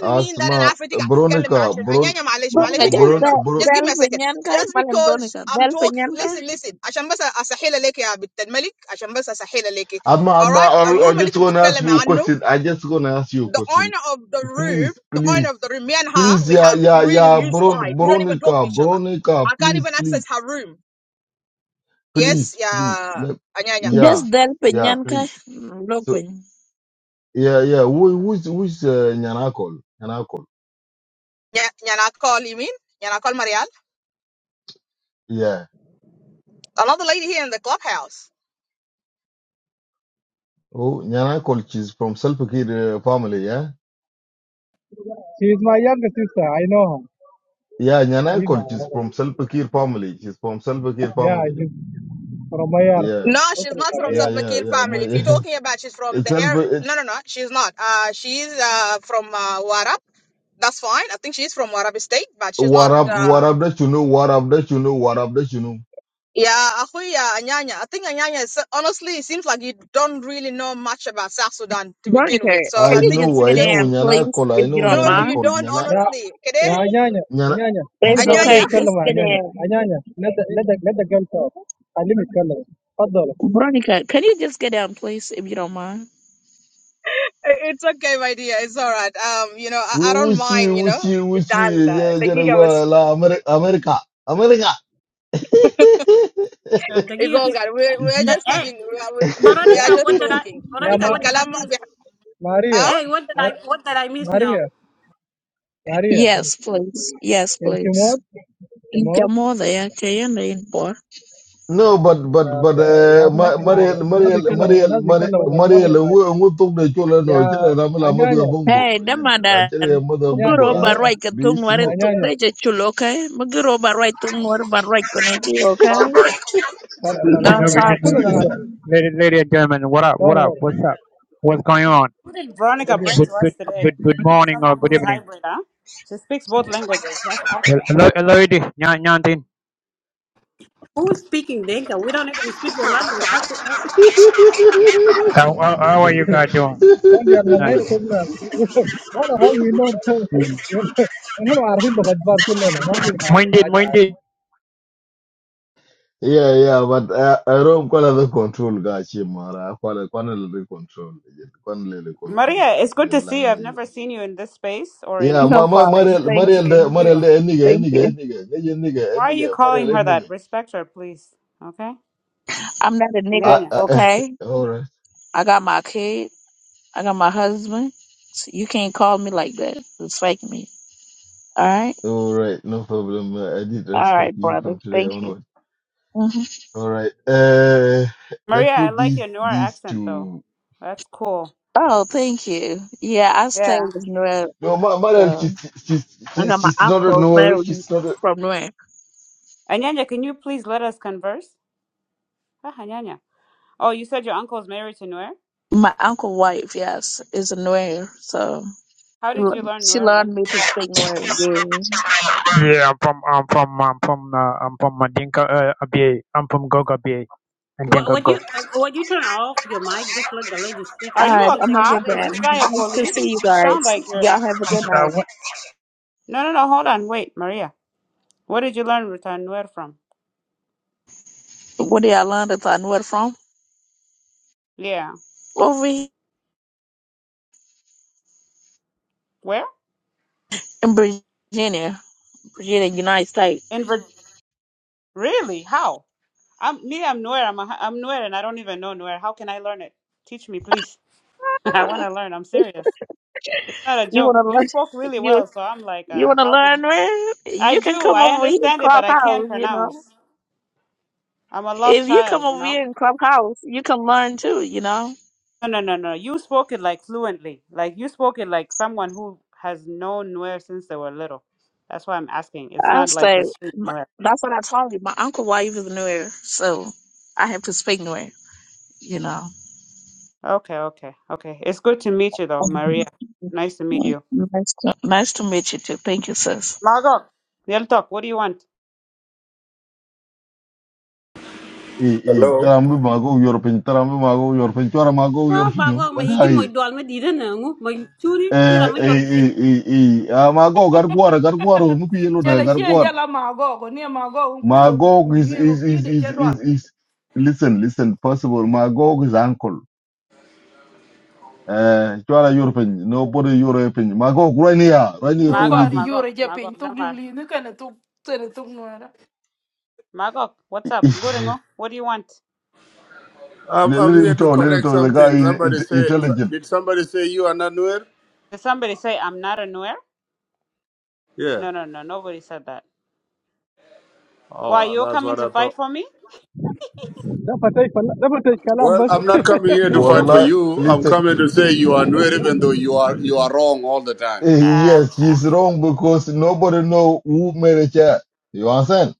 Speaker 1: Asma. Veronica, Veron,
Speaker 12: Veronica, just
Speaker 1: Veron,
Speaker 12: that
Speaker 1: Veron.
Speaker 12: del penyan kai malan Veronica. Del penyan kai.
Speaker 1: Asma, Asma. I, I just wanna ask you a question. I just wanna ask you a question. Please, please, please. Yeah, yeah, yeah. Veron, Veronica, Veronica. Please, please, please, please. Let, yeah,
Speaker 12: Just del
Speaker 1: yeah.
Speaker 12: penyan kai.
Speaker 1: Please. So,
Speaker 12: Look.
Speaker 1: Yeah, yeah. Who, who's who's uh, Nyanakol? Nyanakol. Yeah. Oh, Nyanakol. She's from Salpakir uh, family. Yeah.
Speaker 8: she is my younger sister? I know her.
Speaker 1: Yeah, Nyanakol.
Speaker 8: Niha.
Speaker 1: She's from Salpakir family. She's from Salpakir
Speaker 8: Yeah,
Speaker 1: family.
Speaker 8: she's from my yard.
Speaker 1: Yeah.
Speaker 8: Totally from my
Speaker 1: Yeah,
Speaker 8: yard.
Speaker 1: yeah, yeah. My, it's Salp. It, warab, warab that you know, warab that you know, warab that you know.
Speaker 12: Veronica, can
Speaker 1: I
Speaker 12: you just
Speaker 1: know, I
Speaker 12: get
Speaker 1: know
Speaker 12: in, please,
Speaker 1: Nyanakol. I
Speaker 12: if you
Speaker 1: know
Speaker 12: don't mind?
Speaker 1: Nyanakol. Nyana,
Speaker 8: Yeah, yeah, anyanya,
Speaker 1: Nyana.
Speaker 8: anyanya. هني
Speaker 12: It's
Speaker 8: بنادى
Speaker 12: okay, just
Speaker 8: يتكلم عن
Speaker 12: get
Speaker 8: anyanya,
Speaker 12: in.
Speaker 8: anyanya. ندى ندى ندى قال صوت. خليهم يتكلموا. تفضل.
Speaker 12: Veronica, can you just get in, please, if you don't mind?
Speaker 1: Who- Who's she? Who's she? Who's she? Yeah, yeah, go, la, America, America, America.
Speaker 9: دقيقه بس. ده ايه برونيكا what did I
Speaker 8: يا
Speaker 9: برونيكا
Speaker 8: ما
Speaker 9: what did I miss
Speaker 8: ماريا.
Speaker 9: hey what did I
Speaker 8: ما-
Speaker 9: what did I miss now
Speaker 8: ماريا ماريا
Speaker 12: Yes, please. Yes,
Speaker 8: انت
Speaker 12: please.
Speaker 8: موت انت
Speaker 12: Incha
Speaker 8: موت
Speaker 12: moda ya kayenda inpo.
Speaker 1: No, but but
Speaker 8: يا
Speaker 1: but
Speaker 8: أخي- يا
Speaker 1: uh,
Speaker 8: أخي ما
Speaker 1: Ma-
Speaker 8: في
Speaker 1: Maria,
Speaker 8: حاجة الناس
Speaker 1: Maria,
Speaker 8: يتكلموا
Speaker 1: Maria,
Speaker 8: الناس
Speaker 1: Maria,
Speaker 8: يتكلموا بس ما في
Speaker 1: Mariel ngu
Speaker 8: حاجة
Speaker 1: ngu tuk de chula
Speaker 8: يا
Speaker 1: no chere na mla madu ya
Speaker 8: أنانيا
Speaker 1: bongo
Speaker 12: Hey,
Speaker 1: Jen, la chere ya
Speaker 12: damadan.
Speaker 1: madu ya
Speaker 8: يا
Speaker 12: Muguro
Speaker 1: bongo I
Speaker 12: barai ka
Speaker 1: do you
Speaker 12: tungwari
Speaker 1: smoke?
Speaker 8: أنانيا
Speaker 12: tupeja chulo, okay? Muguro barai tungwari barai koneki, okay?
Speaker 8: فلا فلا
Speaker 12: Don't
Speaker 8: فلا
Speaker 13: Genova,
Speaker 8: ما
Speaker 12: talk to
Speaker 13: Genova,
Speaker 8: كلنا
Speaker 12: me.
Speaker 13: lady, lady and gentlemen, what up,
Speaker 8: دور
Speaker 13: what up,
Speaker 8: دور
Speaker 13: what's up, what's going on?
Speaker 5: Who did Veronica
Speaker 8: دقيقة
Speaker 5: bring
Speaker 13: Good,
Speaker 5: to us
Speaker 13: good,
Speaker 5: today?
Speaker 13: good, good morning or
Speaker 5: Someone
Speaker 13: good
Speaker 5: who's
Speaker 13: evening.
Speaker 5: hybrid, huh? She speaks both languages. That's awesome.
Speaker 13: Hello, hello, it is. Nyan- Nyantin.
Speaker 9: who's speaking Dinka we don't even speak your language how could how,
Speaker 13: How, how how are you guys doing?
Speaker 8: قول يا
Speaker 13: Nice.
Speaker 8: نغير ولا هذا منهم
Speaker 13: Mm.
Speaker 8: نحن عارفين لغة بار كلنا ما في حاجة
Speaker 13: Minded,
Speaker 8: حاجة
Speaker 13: minded.
Speaker 1: yeah yeah but uh, I don't quite the control ga chi mara quite quite the control yeah, quite the control
Speaker 5: Maria, it's good
Speaker 1: je
Speaker 5: to see you.
Speaker 1: lang na
Speaker 5: I've
Speaker 1: je
Speaker 5: never seen you in this space or in
Speaker 1: yeah
Speaker 5: any
Speaker 12: No
Speaker 1: ma
Speaker 5: of these
Speaker 1: ma
Speaker 12: problem.
Speaker 1: Maria,
Speaker 5: spaces. So
Speaker 12: Thank
Speaker 5: it's
Speaker 1: Maria,
Speaker 5: good
Speaker 1: de
Speaker 12: you.
Speaker 5: to see
Speaker 1: Maria,
Speaker 5: you.
Speaker 1: de enige
Speaker 12: Thank
Speaker 1: enige
Speaker 12: you.
Speaker 1: enige enige
Speaker 5: Why are
Speaker 1: enige
Speaker 5: you calling
Speaker 1: Maria,
Speaker 5: her
Speaker 1: enige
Speaker 5: that? Respect her, please. Okay?
Speaker 12: I'm not a
Speaker 1: ah
Speaker 12: nigga,
Speaker 5: Anyanya.
Speaker 1: ah
Speaker 12: okay?
Speaker 1: all right
Speaker 12: I got my kid. I got my husband. So you can't call me like that. It's fake me. All right.
Speaker 1: All right, no problem. Uh, I did
Speaker 12: All
Speaker 1: respect
Speaker 12: right,
Speaker 1: you
Speaker 12: brother.
Speaker 1: from today
Speaker 12: Thank you.
Speaker 1: onward.
Speaker 12: hmm
Speaker 1: All right, uh, let's
Speaker 5: Maria, I
Speaker 1: put
Speaker 5: like
Speaker 1: these
Speaker 5: your Noir
Speaker 1: these
Speaker 5: accent though.
Speaker 1: two.
Speaker 5: That's cool.
Speaker 12: Oh, thank you. Yeah, I stay
Speaker 5: Yeah.
Speaker 12: with Noel.
Speaker 1: No, Ma- Marian, she's
Speaker 12: So
Speaker 1: she's
Speaker 12: I
Speaker 1: she's
Speaker 12: got my
Speaker 1: she's not a
Speaker 12: uncle
Speaker 1: no,
Speaker 12: married
Speaker 1: she's not a.
Speaker 12: from Noel.
Speaker 5: Anyanya, can you please let us converse? Ah, Anyanya. Oh, you said your uncle's married to Noir?
Speaker 12: My uncle wife, yes, is a Noel. So
Speaker 5: How did you learn
Speaker 12: she
Speaker 5: Noir
Speaker 12: learned
Speaker 5: language
Speaker 12: me to
Speaker 5: though?
Speaker 12: speak Noel. Yeah.
Speaker 13: Yeah, I'm from, I'm from, I'm from, uh, I'm from Madinka, uh, Abia. I'm from Gog Abia,
Speaker 9: what
Speaker 13: Madinka
Speaker 9: what you
Speaker 13: Gog.
Speaker 9: uh, what you turn off your mic just let the lady speak and
Speaker 5: Are
Speaker 12: All
Speaker 9: then
Speaker 5: you
Speaker 9: you
Speaker 12: right.
Speaker 5: a
Speaker 9: can
Speaker 12: I'm
Speaker 9: take
Speaker 12: gonna
Speaker 9: over
Speaker 5: cop?
Speaker 12: get
Speaker 5: Is
Speaker 12: that.
Speaker 9: later
Speaker 5: this guy a
Speaker 12: Nice to
Speaker 5: police?
Speaker 12: see you
Speaker 5: You sound
Speaker 12: guys.
Speaker 5: like you're.
Speaker 12: Y'all have a good night.
Speaker 5: No, no, no. Hold on. Wait, Maria. Where did you learn Rutan Noir from?
Speaker 12: What do y'all learn? Where from?
Speaker 5: Yeah.
Speaker 12: Over here
Speaker 5: Where?
Speaker 12: in Virginia, Virginia, United States.
Speaker 5: In Vir- Really? How? I'm me. I'm Noir. I'm a, I'm Noir, and I don't even know Noir. How can I learn it? Teach me, please. I want to learn. I'm serious. It's not a
Speaker 12: You
Speaker 5: joke.
Speaker 12: wanna
Speaker 5: You
Speaker 12: learn?
Speaker 5: spoke really
Speaker 12: You
Speaker 5: well, so I'm like,
Speaker 12: you
Speaker 5: uh,
Speaker 12: wanna
Speaker 5: how did
Speaker 12: learn, man?
Speaker 5: I
Speaker 12: You can
Speaker 5: do?
Speaker 12: come
Speaker 5: I
Speaker 12: over here in
Speaker 5: understand it, but I can't
Speaker 12: Clubhouse. You know,
Speaker 5: pronounce. I'm a
Speaker 12: if
Speaker 5: lost
Speaker 12: you come
Speaker 5: child, you
Speaker 12: over
Speaker 5: know.
Speaker 12: here in Clubhouse, you can learn too. You know,
Speaker 5: No, no, no, no. You spoke it like fluently. Like you spoke it like someone who has known Nuer since they were little. That's why I'm asking. It's
Speaker 12: I
Speaker 5: not like the
Speaker 12: say
Speaker 5: street
Speaker 12: my-
Speaker 5: Nuer.
Speaker 12: that's what I told you. My uncle wife is Nuer, so I have to speak Nuer. You know.
Speaker 5: Okay, okay, okay. It's good to meet you though,
Speaker 12: Mhm.
Speaker 5: Maria. Nice to meet you.
Speaker 12: Nice to nice to meet you too. Thank you, sis.
Speaker 5: Magok. they'll talk. What do you want?
Speaker 1: Eh, eh,
Speaker 14: Hello.
Speaker 1: tarambi mago yorpin, tarambi mago yorpin, chora mago
Speaker 9: Ah,
Speaker 1: yorpin,
Speaker 9: bago ma igi mo
Speaker 1: bagay.
Speaker 9: idwal ma dida na ngu ma churi tira
Speaker 1: Eh,
Speaker 9: ma
Speaker 1: eh,
Speaker 9: yor gifin.
Speaker 1: eh, eh, eh, ah, mago garguar, garguar, muku yelo da
Speaker 6: Chela chia
Speaker 1: garguar.
Speaker 6: jala mago go near mago unkulo
Speaker 1: Mago is
Speaker 6: we go
Speaker 1: is
Speaker 6: feed
Speaker 1: is
Speaker 6: it
Speaker 1: is
Speaker 6: chedwan.
Speaker 1: is is. Listen, listen, possible. Mago is uncle. eh chwala yor piny nobody European. e piny mago gwani ya rani to
Speaker 5: Magok,
Speaker 6: Nobody
Speaker 1: lidi
Speaker 6: you
Speaker 5: Magok,
Speaker 6: are
Speaker 5: Magok,
Speaker 6: japing
Speaker 5: Damar.
Speaker 6: tugli ni kana tug tere tug nuera.
Speaker 5: Magok. what's up? Guringo, what do you want?
Speaker 14: I'm,
Speaker 1: le
Speaker 14: I'm
Speaker 1: le him
Speaker 14: here to
Speaker 1: talk, let him
Speaker 14: correct
Speaker 1: talk. the guy
Speaker 14: something.
Speaker 1: is
Speaker 14: Somebody
Speaker 1: int-
Speaker 14: say,
Speaker 1: intelligent
Speaker 14: did somebody say you are not Nuer?
Speaker 5: Did somebody say I'm not a Nuer?
Speaker 14: Yeah.
Speaker 5: No, no, no. Nobody said that. Why
Speaker 14: Oh,
Speaker 5: you're
Speaker 14: that's
Speaker 5: coming
Speaker 14: what
Speaker 5: to
Speaker 14: I
Speaker 5: fight
Speaker 14: thought.
Speaker 5: for me?
Speaker 8: ده فتش فل... ده فتش كلام
Speaker 14: Well,
Speaker 8: بس
Speaker 14: I'm not coming here to fight for
Speaker 1: Wallah,
Speaker 14: you. I'm
Speaker 1: listen
Speaker 14: coming to say you are Nuer, even though you are you are wrong all the time.
Speaker 1: eh,
Speaker 5: Ah,
Speaker 1: yes
Speaker 5: ah.
Speaker 1: he's wrong because nobody know who made a chair you understand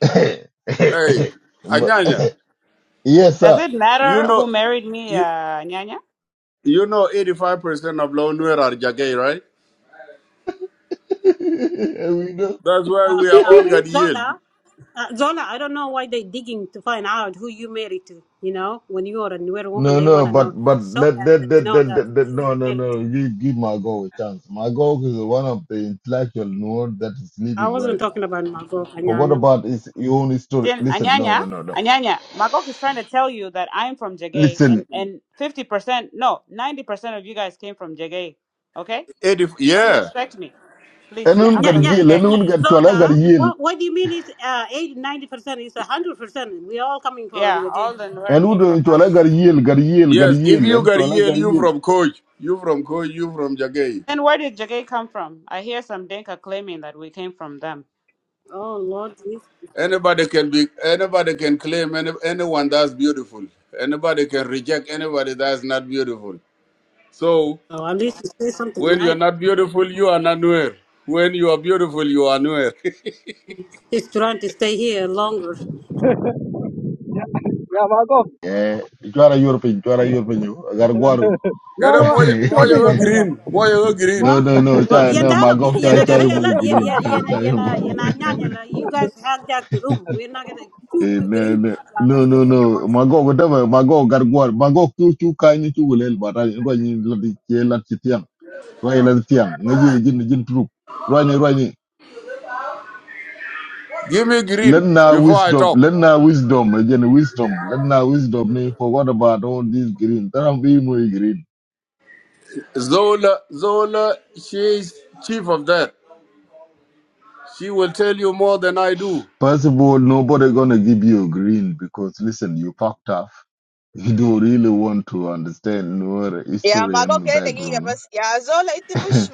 Speaker 14: Hey,
Speaker 1: But-
Speaker 14: Anyanya,
Speaker 1: yes
Speaker 5: does
Speaker 1: sir
Speaker 5: it
Speaker 14: you
Speaker 5: matter who
Speaker 14: know,
Speaker 5: married me, uh,
Speaker 14: you,
Speaker 5: Anyanya?
Speaker 14: you know, 85% of Lon Nuer are Jagay, right?
Speaker 1: we know
Speaker 14: That's why
Speaker 9: Ah,
Speaker 14: we are
Speaker 9: ah,
Speaker 14: all got yield.
Speaker 9: Zola, uh, Zola, I don't know why they digging to find out who you married to. You know, when you are a newer woman,
Speaker 1: no
Speaker 9: they want
Speaker 1: no
Speaker 9: to
Speaker 1: but
Speaker 9: know
Speaker 1: but
Speaker 9: so
Speaker 1: let
Speaker 9: bad
Speaker 1: let
Speaker 9: that you
Speaker 1: let,
Speaker 9: know
Speaker 1: let,
Speaker 9: that
Speaker 1: let, let
Speaker 9: who
Speaker 1: no
Speaker 9: you
Speaker 1: no
Speaker 9: married to.
Speaker 1: no give give mago a chance mago is one of the intellectual nerd that is
Speaker 9: I
Speaker 1: living right
Speaker 9: wasn't
Speaker 1: now
Speaker 9: talking about my girlfriend.
Speaker 1: But what
Speaker 9: Nyanya.
Speaker 1: about his your own story?
Speaker 5: Jin,
Speaker 1: Listen, no,
Speaker 5: Anyanya,
Speaker 1: no, no, no.
Speaker 5: Anyanya. Magok is trying to tell you that I'm from Jagay,
Speaker 1: Listen,
Speaker 5: and and fifty percent, no, ninety percent of you guys came from Jagay. Okay,
Speaker 14: 80,
Speaker 5: so
Speaker 14: yeah.
Speaker 5: respect me, please.
Speaker 9: Yeah,
Speaker 1: anyone
Speaker 5: I'm
Speaker 9: yeah,
Speaker 1: got
Speaker 5: from
Speaker 9: yeah,
Speaker 1: yell,
Speaker 9: yeah.
Speaker 5: Jagay.
Speaker 1: anyone got chola got
Speaker 9: Zola,
Speaker 1: yell,
Speaker 9: what, what do you mean is uh, eighty, ninety 90%? It's 100%. we all coming from
Speaker 5: Yeah,
Speaker 9: Yage.
Speaker 5: all the Nuer came from
Speaker 1: anyone chola
Speaker 5: us.
Speaker 1: got yell, got yell, got
Speaker 14: Yes, if
Speaker 1: yell,
Speaker 14: you
Speaker 1: and
Speaker 14: got
Speaker 1: chola
Speaker 14: yield,
Speaker 1: got
Speaker 14: you
Speaker 1: yell.
Speaker 14: from Coach, you from Coach, you from Jagay.
Speaker 5: Then where did Jagay come from? I hear some Denka claiming that we came from them.
Speaker 9: Oh, Lord. Jesus.
Speaker 14: Anybody can be anybody can claim any, anyone that's beautiful. Anybody can reject anybody that's not beautiful. So
Speaker 9: Oh, at least you say something
Speaker 14: when you're
Speaker 9: nice.
Speaker 14: not beautiful, you are not Nuer. When you are beautiful, you are Nuer.
Speaker 9: He's trying to stay here longer.
Speaker 8: يا معقوف
Speaker 1: Eh, chola European, chola European, you got guaru.
Speaker 8: لا
Speaker 14: Kada
Speaker 8: لا ما
Speaker 14: moja
Speaker 8: ترى
Speaker 14: moja
Speaker 8: يا
Speaker 14: go
Speaker 8: جماعة
Speaker 14: green, moja go green.
Speaker 1: No,
Speaker 9: Well,
Speaker 1: no, no,
Speaker 9: well,
Speaker 1: chai,
Speaker 9: yeah,
Speaker 1: no, my
Speaker 9: that,
Speaker 1: go,
Speaker 9: yeah,
Speaker 1: chai,
Speaker 9: I gotta
Speaker 1: chai,
Speaker 9: hear
Speaker 1: mo
Speaker 9: that. Yeah,
Speaker 1: green,
Speaker 9: yeah,
Speaker 1: chai,
Speaker 9: yeah,
Speaker 1: chai,
Speaker 9: yeah,
Speaker 1: mo.
Speaker 9: yeah, yeah, yeah, yeah, yeah, yeah. You guys have that room. We're not gonna shoot
Speaker 1: Eh,
Speaker 9: with
Speaker 1: no,
Speaker 9: green.
Speaker 1: no.
Speaker 9: Yeah, now
Speaker 1: No,
Speaker 9: your
Speaker 1: no,
Speaker 9: finger
Speaker 1: no.
Speaker 9: wallet.
Speaker 1: Mago, whatever. Mago, garguar. Mago, chu chu kai ni chu gulel barai. Roi ni lati che lati tiang. Roi lati tiang. Ngaji jin jin truk. Roi ni roi ni.
Speaker 14: Give me
Speaker 1: Let
Speaker 14: green
Speaker 1: now
Speaker 14: before I
Speaker 1: wisdom,
Speaker 14: talk.
Speaker 1: let now wisdom, again wisdom, let now wisdom. They forgot about all this green. That I'm being more green.
Speaker 14: Zola Zola, she is chief of that. She will tell you more than I do.
Speaker 1: First of all, nobody gonna give you a green because listen, you fucked up. You don't really want to understand your history and background. Adma,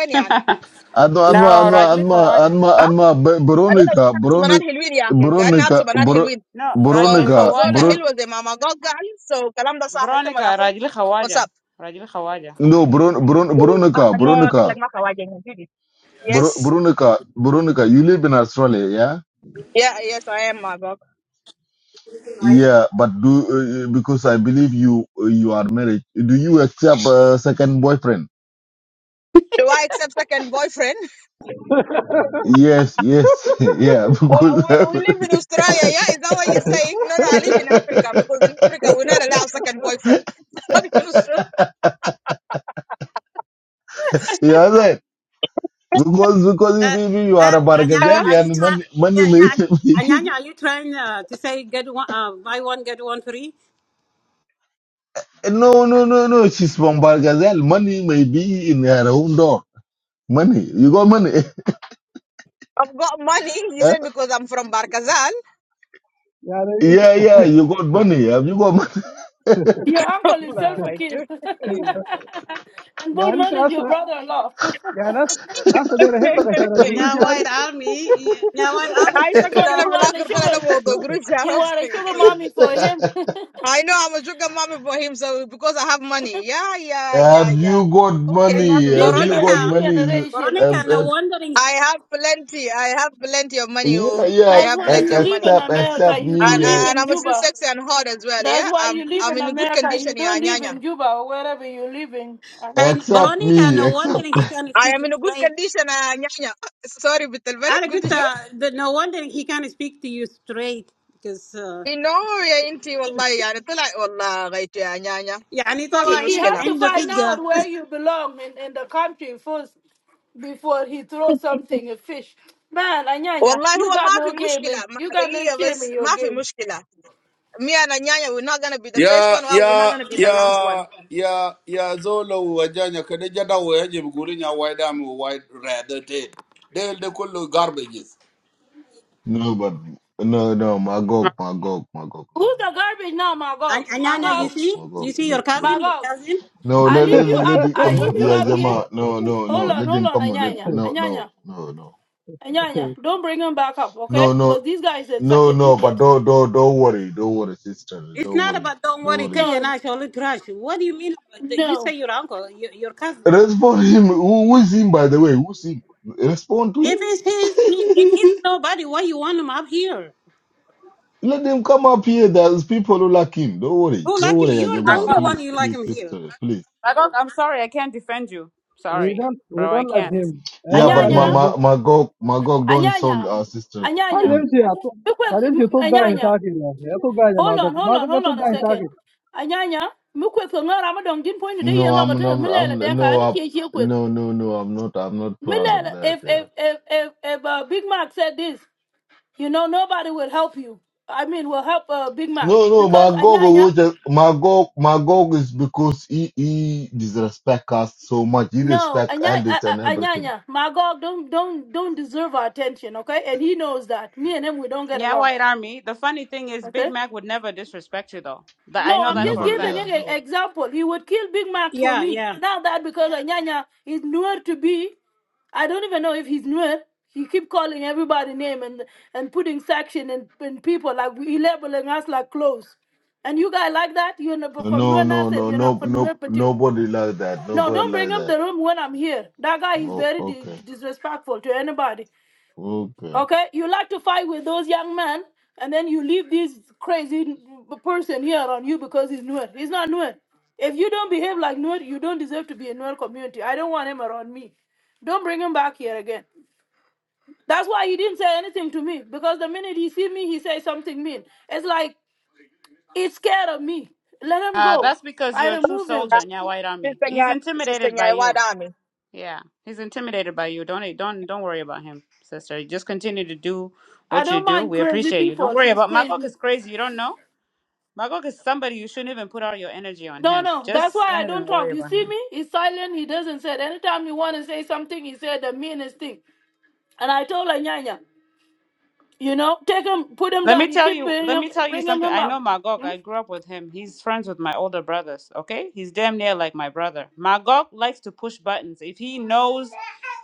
Speaker 5: no,
Speaker 1: Adma,
Speaker 5: Rajli
Speaker 1: Adma, Adma,
Speaker 5: Khawaja.
Speaker 1: Adma, Adma, Be- Veronica, Veronica, Veronica, Ver-
Speaker 5: No, Rajli
Speaker 1: Veronica,
Speaker 5: Khawaja.
Speaker 1: Veron,
Speaker 5: Veronica, Rajli Khawaja. Rajli Khawaja.
Speaker 1: no, Veron, Veron, Veronica, Veronica, Ver- Veronica, Veronica, you live in Australia, yeah? Yeah, but do uh, uh, because I believe you uh, you are married. Do you accept a second boyfriend? Yes, yes, yeah. Because yeah, that because because if,
Speaker 9: Uh,
Speaker 1: if you are
Speaker 9: uh,
Speaker 1: a
Speaker 9: Anyanya,
Speaker 1: Bargazel
Speaker 9: are you
Speaker 1: and
Speaker 9: trying?
Speaker 1: money money
Speaker 9: Yeah,
Speaker 1: may
Speaker 9: yeah. Anyanya, are you trying uh, to say get one, uh, buy one get one free?
Speaker 1: no no no no. She's from Bargazel. Money may be in her own door. Money, you got money. Eh?
Speaker 8: يعني انت
Speaker 1: yeah, yeah, you got money. Have you got money?
Speaker 6: Your uncle is self a kid. and Bull
Speaker 8: يعني انت
Speaker 6: is your
Speaker 8: اصلا
Speaker 6: brother in law. so
Speaker 8: يعني اصلا اصلا انا احبك عشان القروش
Speaker 9: Yeah,
Speaker 8: يعني
Speaker 9: White Army. Yeah, yeah, White Army. There you
Speaker 6: you
Speaker 9: go.
Speaker 6: are the sugar you are a sugar mommy for him.
Speaker 1: Have you got
Speaker 9: Hey,
Speaker 1: money?
Speaker 6: this
Speaker 1: Have
Speaker 6: is
Speaker 1: you
Speaker 6: the
Speaker 1: got
Speaker 9: Veronica.
Speaker 6: new generation.
Speaker 9: Veronica,
Speaker 1: money?
Speaker 9: no wondering.
Speaker 1: Yeah, yeah,
Speaker 6: That's why
Speaker 1: ex-
Speaker 6: you live in
Speaker 1: except
Speaker 6: America.
Speaker 1: except
Speaker 6: You don't
Speaker 1: me,
Speaker 6: live
Speaker 1: uh,
Speaker 6: in Cuba. That's why you live in America. You don't live in Cuba or wherever you live in.
Speaker 9: Hey,
Speaker 1: except
Speaker 9: Veronica,
Speaker 1: me,
Speaker 9: no
Speaker 1: except
Speaker 9: wondering he can speak straight. أنا قلت that no wonder he can't speak to you straight because uh, يعني طلع
Speaker 6: He, he
Speaker 9: عند-
Speaker 6: has to
Speaker 9: عنده
Speaker 6: find
Speaker 9: حجة
Speaker 6: out where you belong in, in the country first before he throws something, a fish. Man, Anyanya, you got no game in. You got no shame in your game.
Speaker 14: ya ya ya ya ya zolo wajanya kada jada waje buguri nya wide am wide rather dead they they call garbage
Speaker 1: no, but no, no, Magog, Magog, Magog, no,
Speaker 6: Who's the
Speaker 1: no,
Speaker 6: garbage now,
Speaker 9: and
Speaker 6: Magog?
Speaker 9: and أنا
Speaker 6: Magog,
Speaker 9: you
Speaker 1: Magog,
Speaker 9: see you
Speaker 1: Magog,
Speaker 9: see your
Speaker 1: look, look,
Speaker 9: cousin your
Speaker 6: Magog.
Speaker 9: cousin
Speaker 1: no,
Speaker 6: I
Speaker 1: let
Speaker 6: leave
Speaker 1: let
Speaker 6: you
Speaker 1: let
Speaker 6: up.
Speaker 1: him
Speaker 6: I
Speaker 1: come
Speaker 6: leave
Speaker 1: up,
Speaker 6: you
Speaker 1: yeah,
Speaker 6: up here.
Speaker 1: Jama, no, no,
Speaker 6: Hold
Speaker 1: no,
Speaker 6: on,
Speaker 1: let
Speaker 6: hold
Speaker 1: him
Speaker 6: on,
Speaker 1: come up, let
Speaker 6: Anyanya,
Speaker 1: no,
Speaker 6: Anyanya,
Speaker 1: no, no, no,
Speaker 6: Anyanya. Don't bring him back up, okay?
Speaker 1: no,
Speaker 6: Because
Speaker 1: no,
Speaker 6: this guy is a, such
Speaker 1: no,
Speaker 6: an
Speaker 1: no, but
Speaker 6: idiot.
Speaker 1: don't don't don't worry, don't worry, sister,
Speaker 9: it's
Speaker 1: don't
Speaker 9: not
Speaker 1: worry,
Speaker 9: about don't
Speaker 1: don't
Speaker 9: worry
Speaker 1: worry.
Speaker 9: Kayana.
Speaker 6: No,
Speaker 9: أنا شغل trash what do you mean about the, you say
Speaker 6: no,
Speaker 9: your uncle your, your cousin
Speaker 1: Respond him. Who, who's him, by the way? Who's him? Respond
Speaker 9: if
Speaker 1: to
Speaker 9: it's his he- if
Speaker 1: him.
Speaker 9: it's nobody why you want him up here
Speaker 1: Let them come up here. There's people who like him. Don't worry.
Speaker 9: who
Speaker 1: Don't
Speaker 9: like him
Speaker 1: worry,
Speaker 9: you're the
Speaker 1: Ajama.
Speaker 9: only one
Speaker 1: Please,
Speaker 9: you like
Speaker 1: please,
Speaker 9: him here
Speaker 1: sister, please.
Speaker 5: Ragok, I'm sorry, I can't defend you. Sorry,
Speaker 8: ويدون
Speaker 5: bro, I
Speaker 8: ويدون
Speaker 5: can't.
Speaker 8: الازهم انا
Speaker 1: Yeah,
Speaker 8: ما
Speaker 1: but
Speaker 8: قاعد
Speaker 1: my
Speaker 6: Anyanya.
Speaker 8: احب
Speaker 1: my my Magog Magog don't insult
Speaker 6: Anyanya,
Speaker 1: our sister.
Speaker 8: خلي
Speaker 6: Anyanya,
Speaker 1: Mm.
Speaker 8: يمشي يا طو-
Speaker 6: Mukwe,
Speaker 8: خلي
Speaker 6: m-
Speaker 8: يمشي طوق قاعد
Speaker 6: Anyanya.
Speaker 8: ساكن يا اخي يا طوق قاعد يا
Speaker 6: Hold
Speaker 8: معقوف
Speaker 6: on, hold on,
Speaker 8: معقوف
Speaker 6: hold
Speaker 8: طوق
Speaker 6: on a
Speaker 8: قاعد
Speaker 6: second.
Speaker 8: ساكن
Speaker 6: Anyanya, Mukwe, Ngor, I'm not going point today. You're
Speaker 1: No,
Speaker 6: not
Speaker 1: I'm
Speaker 6: going to
Speaker 1: I'm,
Speaker 6: Millela
Speaker 1: I'm
Speaker 6: Denka. I
Speaker 1: no
Speaker 6: need
Speaker 1: i
Speaker 6: to hear quick.
Speaker 1: no no no I'm not I'm not proud of
Speaker 6: Millela,
Speaker 1: that.
Speaker 6: if
Speaker 1: Yeah.
Speaker 6: if if if, if uh, Big Mac said this, you know nobody will help you. I mean, will help uh, Big Mac
Speaker 1: No no
Speaker 6: because
Speaker 1: Magog
Speaker 6: Anyanya.
Speaker 1: was just- Magog Magog is because he he disrespect us so much. He
Speaker 6: No,
Speaker 1: respect
Speaker 6: Anya,
Speaker 1: elders and everything.
Speaker 6: Anyanya, my God, don't don't don't deserve our attention, okay? And he knows that. Me and him, we don't get
Speaker 5: Yeah,
Speaker 6: along,
Speaker 5: White Army. The funny thing is, Big
Speaker 6: okay?
Speaker 5: Mac would never disrespect you, though. That I
Speaker 6: No,
Speaker 5: know
Speaker 6: I'm
Speaker 1: And
Speaker 5: that
Speaker 6: just
Speaker 5: for a
Speaker 1: never
Speaker 6: giving an
Speaker 1: yeah
Speaker 5: fact.
Speaker 6: e-
Speaker 1: never.
Speaker 6: example. He would kill Big Mac for
Speaker 9: yeah
Speaker 6: me.
Speaker 9: yeah
Speaker 6: Now that because Anyanya is newer to be, I don't even know if he's newer. He keep calling everybody name and and putting section and, and people like he labeling us like clothes. And you guys like that? You're not from
Speaker 1: No
Speaker 6: Nuer
Speaker 1: no
Speaker 6: Nasser.
Speaker 1: no
Speaker 6: You're not
Speaker 1: no
Speaker 6: from
Speaker 1: no
Speaker 6: Nuer Patil.
Speaker 1: nobody like that.
Speaker 6: No,
Speaker 1: Nobody
Speaker 6: don't bring
Speaker 1: like
Speaker 6: him
Speaker 1: that.
Speaker 6: the room when I'm here. That guy is
Speaker 1: Oh,
Speaker 6: very di-
Speaker 1: okay.
Speaker 6: disrespectful to anybody.
Speaker 1: Okay.
Speaker 6: Okay, you like to fight with those young men, and then you leave this crazy person here on you because he's Nuer. He's not Nuer. If you don't behave like Nuer, you don't deserve to be in Nuer community. I don't want him around me. Don't bring him back here again. That's why he didn't say anything to me because the minute he see me, he says something mean. It's like he's scared of me. Let him
Speaker 5: Uh,
Speaker 6: go.
Speaker 5: that's because
Speaker 6: I
Speaker 5: you're a true
Speaker 6: remove him.
Speaker 5: soldier, yeah, White Army. He's intimidated by you. Yeah, he's intimidated by you. Don't don't don't worry about him, sister. Just continue to do
Speaker 6: I
Speaker 5: what you
Speaker 6: don't
Speaker 5: do.
Speaker 6: mind
Speaker 5: We
Speaker 6: crazy
Speaker 5: appreciate you. Don't
Speaker 6: people.
Speaker 5: worry
Speaker 6: He's
Speaker 5: about Magok
Speaker 6: crazy.
Speaker 5: is crazy. You don't know. Magok is somebody you shouldn't even put all your energy on
Speaker 6: No,
Speaker 5: him.
Speaker 6: no, that's
Speaker 5: Just
Speaker 6: why
Speaker 5: don't
Speaker 6: I
Speaker 5: even
Speaker 6: don't
Speaker 5: worry
Speaker 6: talk. You
Speaker 5: about
Speaker 6: see
Speaker 5: him.
Speaker 6: me? He's silent. He doesn't say it. Anytime you want to say something, he said the meanest thing. And I told Anyanya, you know, take him, put him
Speaker 5: Let me
Speaker 6: down. You
Speaker 5: tell
Speaker 6: keep
Speaker 5: you.
Speaker 6: bringing
Speaker 5: Let
Speaker 6: him,
Speaker 5: me tell you
Speaker 6: bringing
Speaker 5: something.
Speaker 6: him
Speaker 5: I
Speaker 6: up.
Speaker 5: know Magog. I grew up with him. He's friends with my older brothers. Okay, he's damn near like my brother. Magog likes to push buttons. If he knows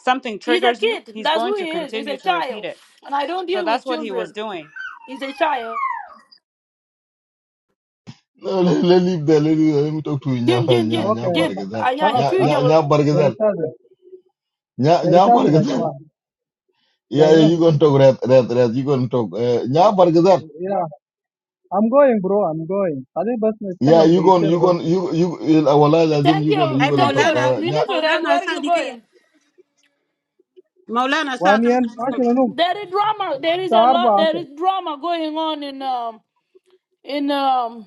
Speaker 5: something
Speaker 6: He's a
Speaker 5: triggers you,
Speaker 6: kid.
Speaker 5: he's
Speaker 6: That's
Speaker 5: going
Speaker 6: who
Speaker 5: to
Speaker 6: he is. He's
Speaker 5: continue
Speaker 6: a
Speaker 5: to repeat
Speaker 6: child.
Speaker 5: it.
Speaker 6: And I don't
Speaker 5: So
Speaker 6: deal
Speaker 5: that's
Speaker 6: with
Speaker 5: what he was
Speaker 6: children.
Speaker 5: doing.
Speaker 6: He's a child.
Speaker 1: No, let, let leave there. Let, leave there. let me talk to Nya
Speaker 6: Jin, Jin,
Speaker 1: Nya
Speaker 6: Jin,
Speaker 1: Nya
Speaker 8: اوكي
Speaker 6: Jin.
Speaker 1: Bargazal.
Speaker 8: خلاص
Speaker 6: Anyanya,
Speaker 1: Nya
Speaker 6: you
Speaker 8: خلاص
Speaker 1: Nya
Speaker 6: know.
Speaker 1: Nya
Speaker 8: يا
Speaker 1: Bargazal.
Speaker 8: رسالة
Speaker 1: Nya
Speaker 8: يا
Speaker 1: Nya
Speaker 8: رسالة يا
Speaker 1: Bargazal.
Speaker 8: جماعة يا
Speaker 1: Yeah, yeah,
Speaker 8: جماعة.
Speaker 1: you gonna talk red red red. You gonna talk. Uh, Nya Bargazal.
Speaker 8: Yeah, I'm going bro, I'm going. خليني بس
Speaker 1: Yeah,
Speaker 8: نتكلم
Speaker 1: you gonna
Speaker 8: دقيقتين
Speaker 1: you
Speaker 8: وبس
Speaker 1: gonna you you. Our lives as in
Speaker 6: Thank
Speaker 1: you gonna
Speaker 6: you.
Speaker 1: you
Speaker 9: أي
Speaker 1: gonna
Speaker 6: Thank you,
Speaker 1: talk.
Speaker 9: مولانا
Speaker 6: Rad.
Speaker 1: Uh,
Speaker 6: Lina
Speaker 1: Nya.
Speaker 6: Rad,
Speaker 9: Maulana.
Speaker 6: where are you
Speaker 9: سادي كي
Speaker 6: going?
Speaker 9: مولانا ساكن
Speaker 8: وانيل ماشي منهم
Speaker 6: There is drama. There is a
Speaker 8: الساعة
Speaker 6: lot.
Speaker 8: 4
Speaker 6: There
Speaker 8: 10
Speaker 6: is drama going on in um in um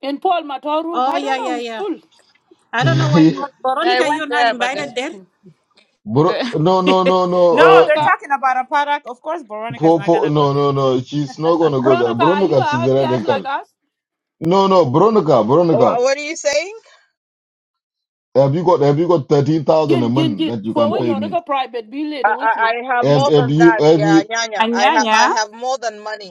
Speaker 6: in Paul Matar room.
Speaker 9: oh
Speaker 6: I don't
Speaker 9: yeah yeah
Speaker 6: know. It's
Speaker 9: yeah
Speaker 6: full.
Speaker 9: I don't know why Ver-
Speaker 5: I
Speaker 9: Veronica, you're
Speaker 5: went
Speaker 9: not
Speaker 5: there, but they're
Speaker 9: invited there.
Speaker 5: speaking.
Speaker 1: Bro,
Speaker 5: They-
Speaker 1: no no no no.
Speaker 5: no, they're
Speaker 1: Uh,
Speaker 6: Veronica,
Speaker 5: talking about a product. Of course, Veronica's
Speaker 1: for
Speaker 5: not
Speaker 1: for
Speaker 5: gonna go
Speaker 1: no
Speaker 5: there.
Speaker 1: no no. She's not gonna go there.
Speaker 6: Veronica, are you a
Speaker 1: Veronica, she's a
Speaker 6: outcast like
Speaker 1: radical.
Speaker 6: us?
Speaker 1: No no, Veronica, Veronica. Have you got have you got thirteen thousand a
Speaker 6: Jin, jin,
Speaker 1: month
Speaker 6: jin.
Speaker 1: that you
Speaker 6: Well,
Speaker 1: can
Speaker 6: we
Speaker 5: Wh-
Speaker 1: pay
Speaker 6: you're
Speaker 1: me?
Speaker 6: a private be lady with you.
Speaker 1: Have, have you have you
Speaker 5: Anyanya,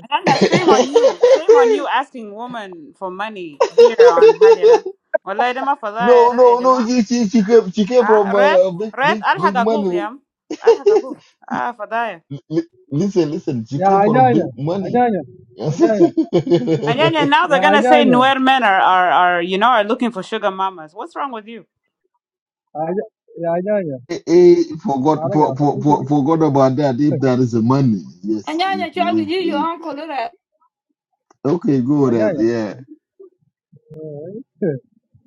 Speaker 5: Anyanya, shame on you. Shame on you asking woman for money here on Hajira. Wallahi dama fadaya
Speaker 1: no,
Speaker 5: ra, eh,
Speaker 1: no, no.
Speaker 5: jama.
Speaker 1: She, she, she came, she came
Speaker 5: Ah,
Speaker 1: from
Speaker 5: Red,
Speaker 1: uh, big,
Speaker 5: Red,
Speaker 1: big,
Speaker 5: Alhag
Speaker 1: big
Speaker 5: Akuk,
Speaker 1: money.
Speaker 5: Yam. Alhag Akuk. Ah, Fadaya.
Speaker 1: L- l- listen, listen. She
Speaker 8: يا
Speaker 1: came from big
Speaker 8: عجاجة
Speaker 1: money.
Speaker 8: عجاجة
Speaker 1: he
Speaker 8: عجاجة
Speaker 5: And then and now
Speaker 8: يا
Speaker 5: they're gonna say
Speaker 8: عجاجة
Speaker 5: Nuer men are, are, are you know are looking for sugar mamas. What's wrong with you?
Speaker 8: عج- يا عجاجة
Speaker 1: forgot,
Speaker 8: معلقة يا
Speaker 1: for,
Speaker 8: أخوي
Speaker 1: for,
Speaker 8: شوفي
Speaker 1: for, forgot about that. If
Speaker 8: ركبتك
Speaker 1: there is a money,
Speaker 6: And
Speaker 1: yes.
Speaker 6: yeah, yeah,
Speaker 1: If,
Speaker 6: child, you,
Speaker 1: if,
Speaker 6: your
Speaker 1: if.
Speaker 6: uncle, that.
Speaker 1: Okay, go red.
Speaker 8: عجاجة
Speaker 1: Yeah,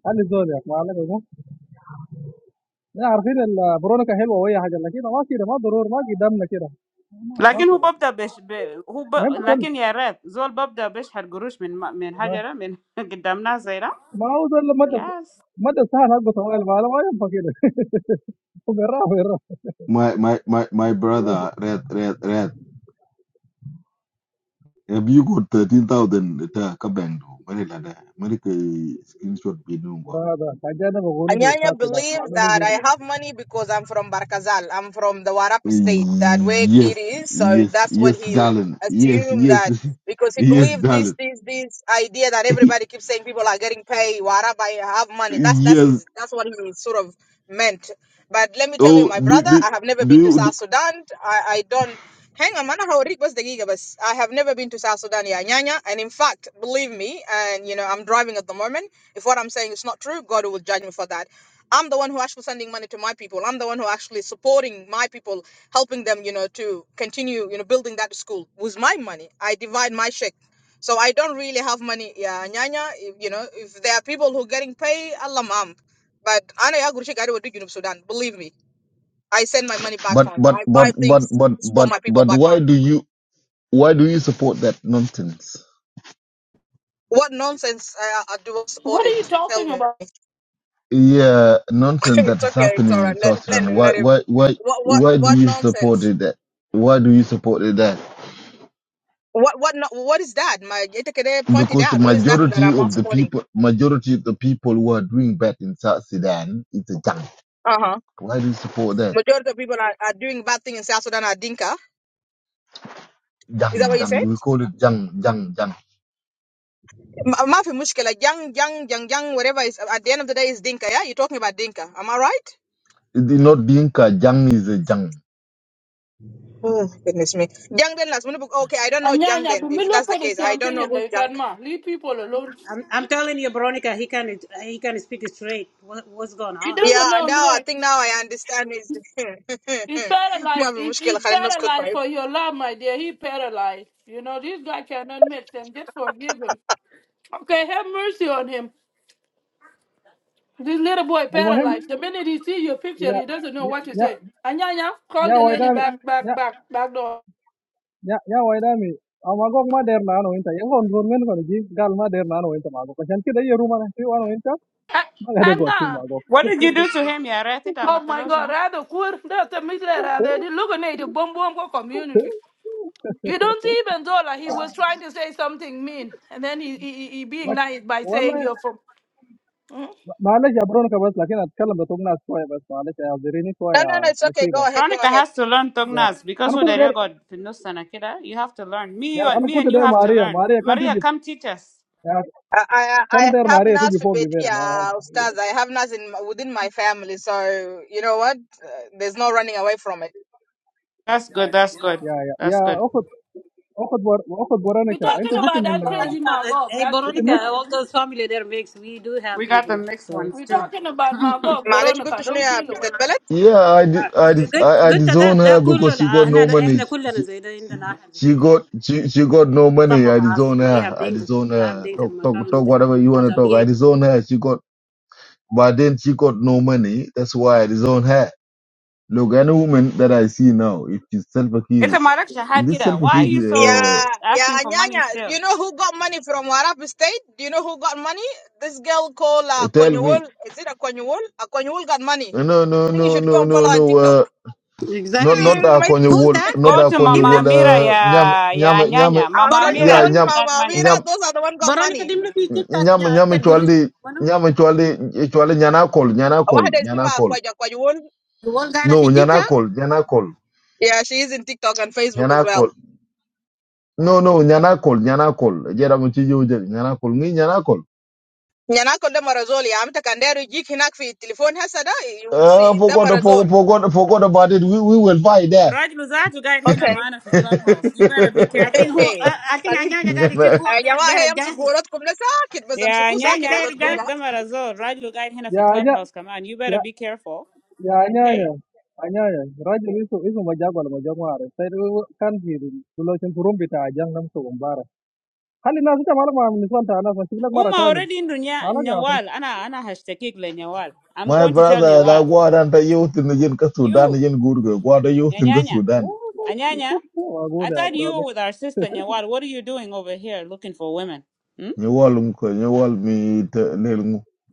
Speaker 8: خلي الزول يا أخي معلقة لا عارفين البرونيكا حلوة وهي حاجة لا كده ما كده ما ضروري ما قدامنا كده ما
Speaker 5: لكن هو
Speaker 8: كده
Speaker 5: ببدأ بش ب... هو ب...
Speaker 8: ما ينبغي
Speaker 5: لكن يا ريت زول ببدأ بيشحت قروش من من حجرة من قدام ناس زي ده.
Speaker 8: ما هو زول مدى
Speaker 5: Yes.
Speaker 8: مدى سهل حقه طوال ما ما ينفع كده وقراه وقراه
Speaker 1: my, my, my, my brother, red, red, red. Have you got thirteen thousand? Ita kabendo. Mari lada. Mari ke screenshot binungo.
Speaker 8: هذا حاجة أنا بقوله في الخاص هناك ما أعرف إيش.
Speaker 1: Yes, yes, yes, darling. Yes, yes, yes, darling. Yes. Oh, do, do, do you? Do, but, but, but, but, but, but, but, why do you? Why do you support that nonsense?
Speaker 6: What are you talking about?
Speaker 1: Yeah, nonsense that is happening in South Sudan. Why, why, why, why do you support it? That? Why do you support it? That? Because the majority of the people, majority of the people who are doing bad in South Sudan, it's a junk. Why do you support that? Jang, jang. We call it jang, jang, jang. It is not Dinka. Jang is a jang.
Speaker 6: And yeah, yeah, but me look for the campaign like that, ma. Leave people alone.
Speaker 9: I'm, I'm telling you, Veronica, he can he can speak straight. What, what's going
Speaker 6: He
Speaker 9: on?
Speaker 6: doesn't know, no. He's paralyzed. He, he's paralyzed for your love, my dear. He paralyzed. You know, this guy cannot make sense. Just forgive him. Okay, have mercy on him. This little boy
Speaker 8: المهم
Speaker 6: paralyzed. The minute he see your picture,
Speaker 8: يا
Speaker 6: he doesn't know what you
Speaker 8: يا
Speaker 6: say. Anyanya, call
Speaker 8: يا
Speaker 6: the lady
Speaker 8: ويدان
Speaker 6: back,
Speaker 8: يا
Speaker 6: back, back, back door.
Speaker 8: Ya, ya waydami amagok ma der nano inta ya gon gon men kon ji gal ma der nano inta magok kan kida yeru mana ti wano inta ma
Speaker 6: A-
Speaker 8: gade got ti
Speaker 6: Anna,
Speaker 8: magok
Speaker 5: What did you do to him يا ريت؟ انت
Speaker 6: oh my
Speaker 5: عملتلوش you
Speaker 6: God,
Speaker 5: know?
Speaker 6: rather cool. That's a middle. They illuminate the Bombombo community. You don't see even though like he was trying to say something mean, and then he he, he he being nice by
Speaker 8: wala
Speaker 6: saying you're from. Hmm?
Speaker 8: mala jabron ka bas lakin atkalam da tugna soya bas mala ya zirini soya nasiba
Speaker 5: Veronica has to learn
Speaker 8: ya
Speaker 5: Tongnas because
Speaker 8: ana
Speaker 5: who
Speaker 8: kunta
Speaker 5: there
Speaker 8: der
Speaker 5: you got في النص سنة كده you have to learn. Me
Speaker 8: ya
Speaker 5: you,
Speaker 8: ana
Speaker 5: me and
Speaker 8: kunta
Speaker 5: you
Speaker 8: der
Speaker 5: have to
Speaker 8: maria
Speaker 5: learn.
Speaker 8: maria kan
Speaker 5: Maria
Speaker 8: tiji
Speaker 5: come teach us.
Speaker 8: ya kan der maria tiji fogi ver
Speaker 5: That's good. That's good.
Speaker 8: ya ya ya
Speaker 5: That's good.
Speaker 8: okot okot bor okot
Speaker 6: We're
Speaker 8: boraneka
Speaker 9: Hey,
Speaker 6: talking
Speaker 8: inta gutu
Speaker 6: about
Speaker 9: Veronica,
Speaker 8: min
Speaker 6: that crazy
Speaker 9: Veronica, uh,
Speaker 6: Magog,
Speaker 9: hey,
Speaker 6: that
Speaker 8: inta
Speaker 9: Veronica,
Speaker 8: mik
Speaker 6: criminal.
Speaker 9: all those family there mix. We do have
Speaker 5: We got the
Speaker 9: people,
Speaker 5: mixed
Speaker 9: so
Speaker 5: ones
Speaker 6: We're
Speaker 9: yeah.
Speaker 5: too.
Speaker 6: talking about Magog Veronica. Don't feel away.
Speaker 1: Yeah, I,
Speaker 9: Uh,
Speaker 1: dis- I, dis-
Speaker 9: good,
Speaker 1: I, I
Speaker 9: good. That
Speaker 1: disown
Speaker 9: that
Speaker 1: her
Speaker 9: that كله
Speaker 1: because she
Speaker 9: الع-
Speaker 1: got
Speaker 9: هنا
Speaker 1: no
Speaker 9: ده-
Speaker 1: money.
Speaker 9: احنا كلنا
Speaker 1: She,
Speaker 9: زي ده عندنا أحد.
Speaker 1: she got she, she got no
Speaker 9: Some
Speaker 1: money.
Speaker 9: of
Speaker 1: I
Speaker 9: us
Speaker 1: disown
Speaker 9: we
Speaker 1: her.
Speaker 9: have
Speaker 1: I
Speaker 9: Dinka.
Speaker 1: disown
Speaker 9: I have
Speaker 1: her.
Speaker 9: Dinka
Speaker 1: Talk
Speaker 9: in my
Speaker 1: talk
Speaker 9: family
Speaker 1: talk
Speaker 9: too.
Speaker 1: whatever you want
Speaker 9: Not
Speaker 1: to
Speaker 9: a B
Speaker 1: talk. I disown her. She got but then she got no money. That's why I disown her. Look, any woman that I see now, if she's self
Speaker 5: it's
Speaker 1: kid,
Speaker 5: a marak shahad
Speaker 1: this
Speaker 5: kida.
Speaker 1: self
Speaker 5: Why are
Speaker 1: kid
Speaker 5: you so
Speaker 1: uh,
Speaker 5: asking for money still?
Speaker 1: tell me no no no no no no. Uh,
Speaker 9: A.
Speaker 1: not
Speaker 9: Exactly.
Speaker 1: not that konyo
Speaker 9: Who's
Speaker 1: wol
Speaker 9: that?
Speaker 1: not
Speaker 5: Go
Speaker 1: that
Speaker 5: to
Speaker 1: konyo
Speaker 9: Dimna?
Speaker 5: Mama
Speaker 1: wol
Speaker 5: Amira
Speaker 1: uh, nyam
Speaker 5: ya
Speaker 1: nyam
Speaker 5: ya
Speaker 1: nyam
Speaker 5: nyanya. Mama Amira
Speaker 1: ya
Speaker 9: Veronica.
Speaker 1: nyam
Speaker 5: got money.
Speaker 1: nyam
Speaker 9: Veronica Dimna في تيك توك
Speaker 1: nyam
Speaker 9: يا
Speaker 1: nyam
Speaker 9: أكتر
Speaker 1: chwaldi
Speaker 9: قروش.
Speaker 1: nyam chwaldi chwaldi nyana kol nyana kol nyana kol
Speaker 9: The one guy that's
Speaker 1: no
Speaker 9: in
Speaker 1: nyana
Speaker 9: TikTok?
Speaker 1: kol nyana kol nyana kol no no nyana kol nyana kol jera mo chijo je nyana kol ngi nyana kol uh, forgot forgot forgot forgot about it we we will fight there
Speaker 5: Rajlu zatu guide hina maana fi clubhouse. You better be
Speaker 9: I think
Speaker 5: careful.
Speaker 9: who uh, I think I know the guy that she who there there jazz.
Speaker 5: Yeah,
Speaker 9: There
Speaker 5: nyanya,
Speaker 9: there
Speaker 5: de
Speaker 9: jazz.
Speaker 5: de marazol. Rajlu guide hina fi
Speaker 8: ya ya
Speaker 5: clubhouse kaman. You better be careful.
Speaker 8: ya ya nya
Speaker 5: Hey.
Speaker 8: أنيايا راجل اسمه اسمه مجاك ولا مجاك ما أعرف سيد هو كان في لوشن فروم بتاع جان نمسه ومبارك خلي الناس تتعامل مع النسوان تاع ناس أشوف لك مرة
Speaker 5: Uma
Speaker 8: ثانية
Speaker 5: already in dunya
Speaker 8: أنا يا أخي
Speaker 5: nyawal. Ana ana hashtag le nyawal. I'm
Speaker 1: my
Speaker 5: going to tell
Speaker 1: brother la
Speaker 5: nyawal.
Speaker 1: gwada ta youth in the yin ka sudan
Speaker 5: You
Speaker 1: yin gurgo gwada
Speaker 5: ya
Speaker 1: youth in ka
Speaker 5: nyanya.
Speaker 1: sudan
Speaker 5: Anyanya. I
Speaker 8: بودا
Speaker 5: thought you were with our sister Nyawal. What are you doing over here looking for women? Hmm?
Speaker 1: Nyawal mko, nyawal mi te- lel